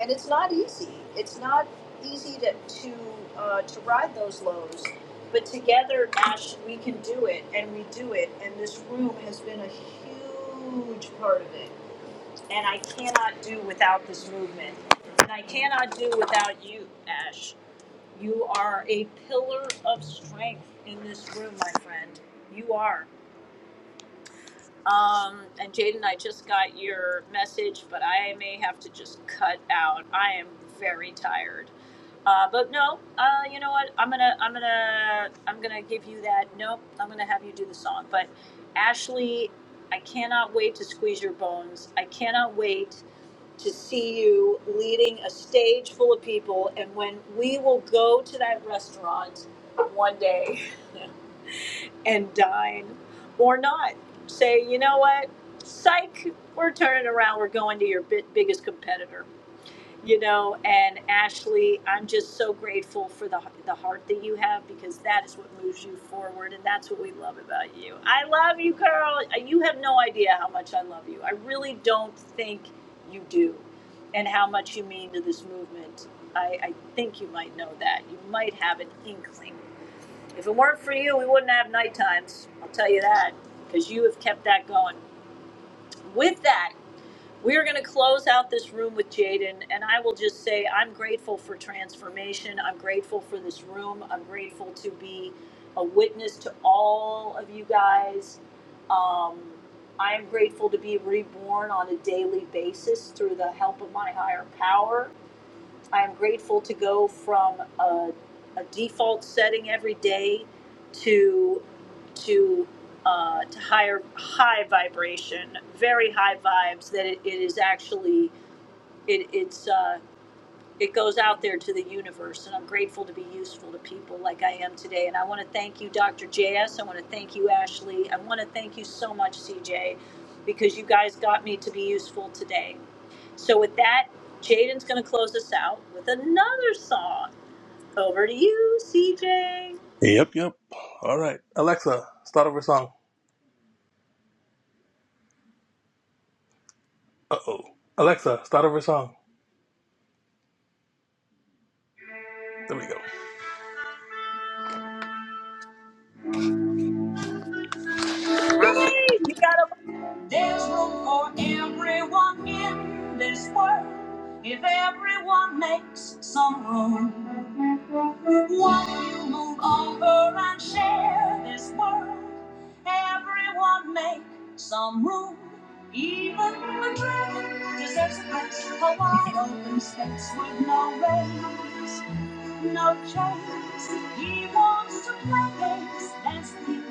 and it's not easy it's not easy to to uh, to ride those lows but together ash we can do it and we do it and this room has been a huge part of it and I cannot do without this movement. And I cannot do without you, Ash. You are a pillar of strength in this room, my friend. You are. Um, and Jaden, I just got your message, but I may have to just cut out. I am very tired. Uh, but no, uh, you know what? I'm gonna, I'm gonna, I'm gonna give you that. Nope, I'm gonna have you do the song. But Ashley, I cannot wait to squeeze your bones. I cannot wait to see you leading a stage full of people and when we will go to that restaurant one day and dine or not say you know what psych we're turning around we're going to your bit, biggest competitor you know and ashley i'm just so grateful for the, the heart that you have because that is what moves you forward and that's what we love about you i love you girl Uh, you have no idea how much i love you i really don't think you do and how much you mean to this movement i, I think you might know that you might have an inkling if it weren't for you we wouldn't have night times i'll tell you that because you have kept that going with that we are going to close out this room with Jaden, and I will just say I'm grateful for transformation. I'm grateful for this room. I'm grateful to be a witness to all of you guys. Um, I am grateful to be reborn on a daily basis through the help of my higher power. I'm grateful to go from a, a default setting every day to to uh, to higher high vibration, very high vibes. That it, it is actually it, it's. Uh, it goes out there to the universe and i'm grateful to be useful to people like i am today and i want to thank you dr js i want to thank you ashley i want to thank you so much cj because you guys got me to be useful today so with that jaden's going to close us out with another song over to you cj yay Yep, yep. All right. Alexa, start over song. Uh oh. Alexa, start over song. There we go. you got a There's room for everyone in this world if everyone makes some room. Why you move over and share this world? Everyone make some room. Even a dragon deserves a place, a wide open space with no rails. no chance. He wants to play games. Ask you,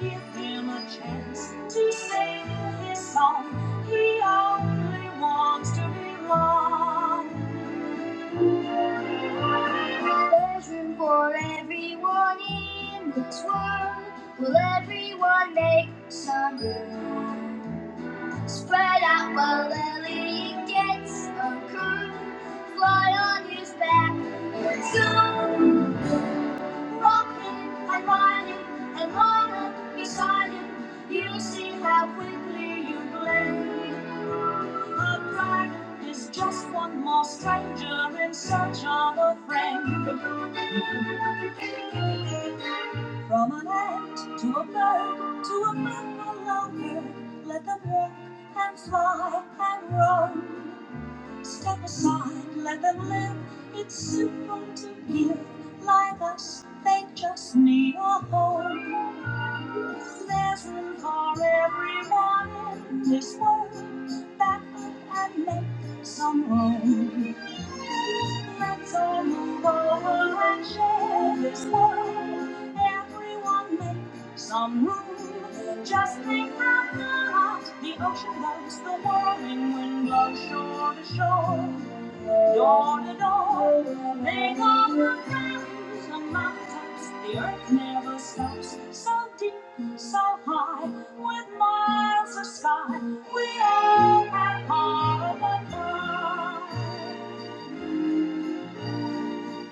give him a chance to sing his song. He only wants to belong. There's room for everyone in this world. Will everyone make some room? Spread out while Lily gets a curl. Fly on his back and zoom. Walking and running and running beside him. You will see how quickly you blend. A dragon is just one more stranger in search of a friend. From an ant to a bird to a buffalo herd, let them walk and fly and roam. Step aside, let them live. It's simple to give. Like us, they just need a home. There's room for everyone in this world. Back up and make some room. Let's all move over and share this world. Everyone make some move just think from the heart. The ocean loves the whirling wind blows shore to shore, door to door. They go from valleys and mountains. The earth never stops. So deep, so high, with miles of sky, we all have part of the pie.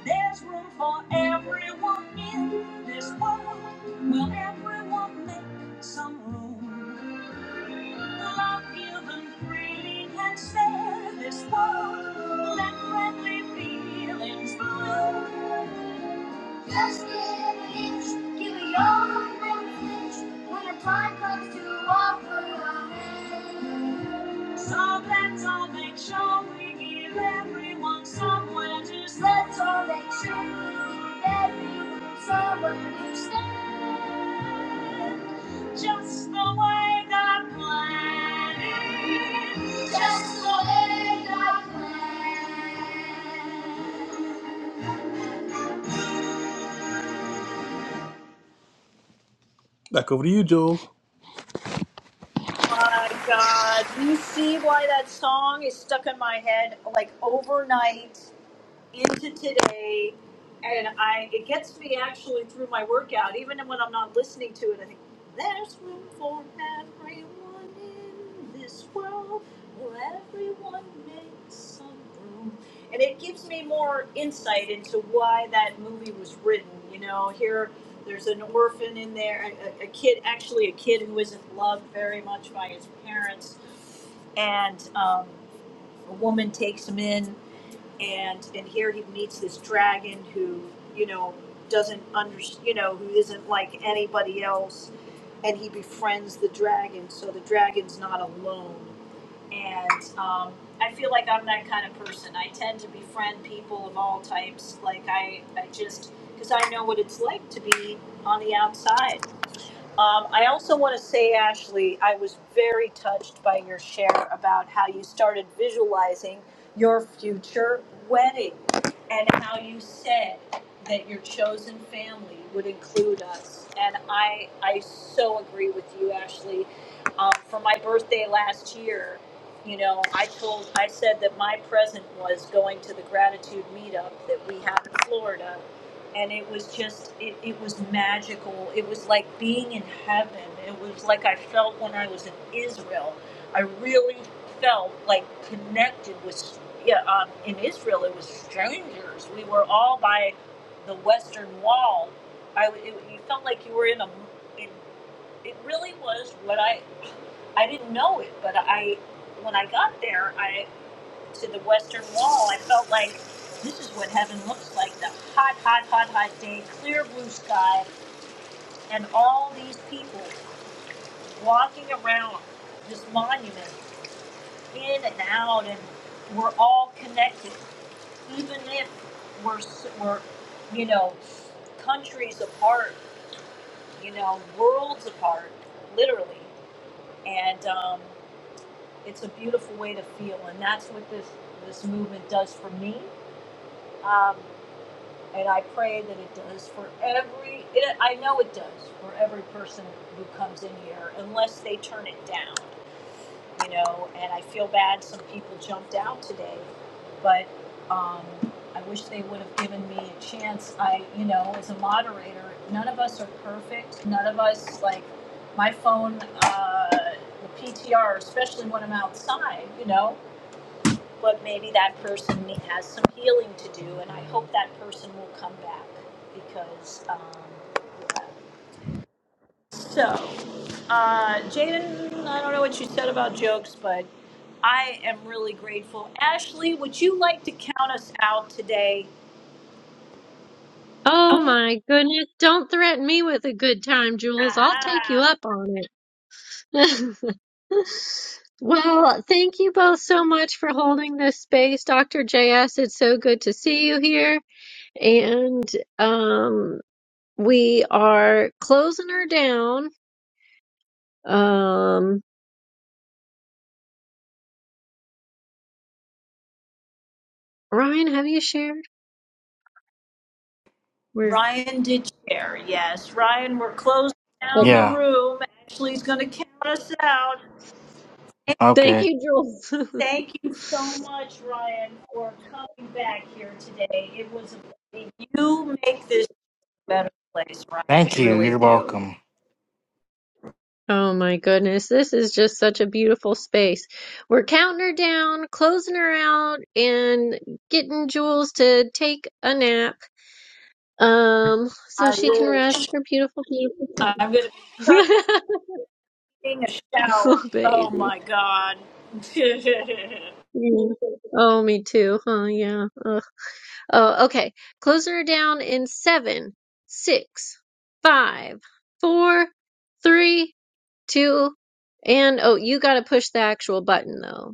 There's room for everyone in this world. Will everyone make some room? Love you and freely can share this world. Let friendly feelings flow. Just give an inch, give it your best inch. When the time comes to offer a hand. So let's all make sure we give everyone somewhere to stand. Let's all make sure we give everyone somewhere to stand. Just the way God planned it. Just the way God planned. Back over to you, Joel. my god you see why that song is stuck in my head like overnight into today and I it gets me actually through my workout, even when I'm not listening to it, I think there's room for everyone in this world where everyone makes some room. And it gives me more insight into why that movie was written. You know, here there's an orphan in there, a, a kid, actually a kid who isn't loved very much by his parents, and um, a woman takes him in and and here he meets this dragon who you know doesn't under you know who isn't like anybody else and he befriends the dragon so the dragon's not alone and um, i feel like i'm that kind of person i tend to befriend people of all types like i i just because i know what it's like to be on the outside um, I also want to say, Ashley, I was very touched by your share about how you started visualizing your future wedding and how you said that your chosen family would include us. And I, I so agree with you, Ashley. Um, for my birthday last year, you know, I told, I said that my present was going to the gratitude meetup that we have in Florida and it was just it, it was magical it was like being in heaven it was like i felt when i was in israel i really felt like connected with yeah, um, in israel it was strangers we were all by the western wall I it, you felt like you were in a it, it really was what i i didn't know it but i when i got there I to the western wall, I felt like this is what heaven looks like the hot, hot, hot, hot day, clear blue sky, and all these people walking around this monument in and out, and we're all connected, even if we're, we're you know, countries apart, you know, worlds apart, literally. And um, it's a beautiful way to feel, and that's what this, this movement does for me but maybe that person has some healing to do, and I hope that person will come back because. Um, so, uh, Jaden, I don't know what you said about jokes, but I am really grateful. Ashley, would you like to count us out today? Oh my goodness. Don't threaten me with a good time, Jules. I'll take you up on it. Well, thank you both so much for holding this space, Dr. JS. It's so good to see you here. And um, we are closing her down. Um, Ryan, have you shared? We're Ryan did share. Yes, Ryan, we're closing down okay. the Yeah. room. Ashley's going to count us out. Thank Okay. you, Jules. Thank you so much, Ryan, for coming back here today. It was a you make this better. Thank you. You're welcome. Oh my goodness, this is just such a beautiful space. We're counting her down, closing her out, and getting Jules to take a nap. Um, so I she will. can rest her beautiful, beautiful I'm going to self. Taking a shower. oh, Oh baby. my god. Yeah. Oh, me too. Huh? Yeah. Ugh. Oh, okay. Closing her down in seven, six, five, four, three, two, and oh, you gotta push the actual button though.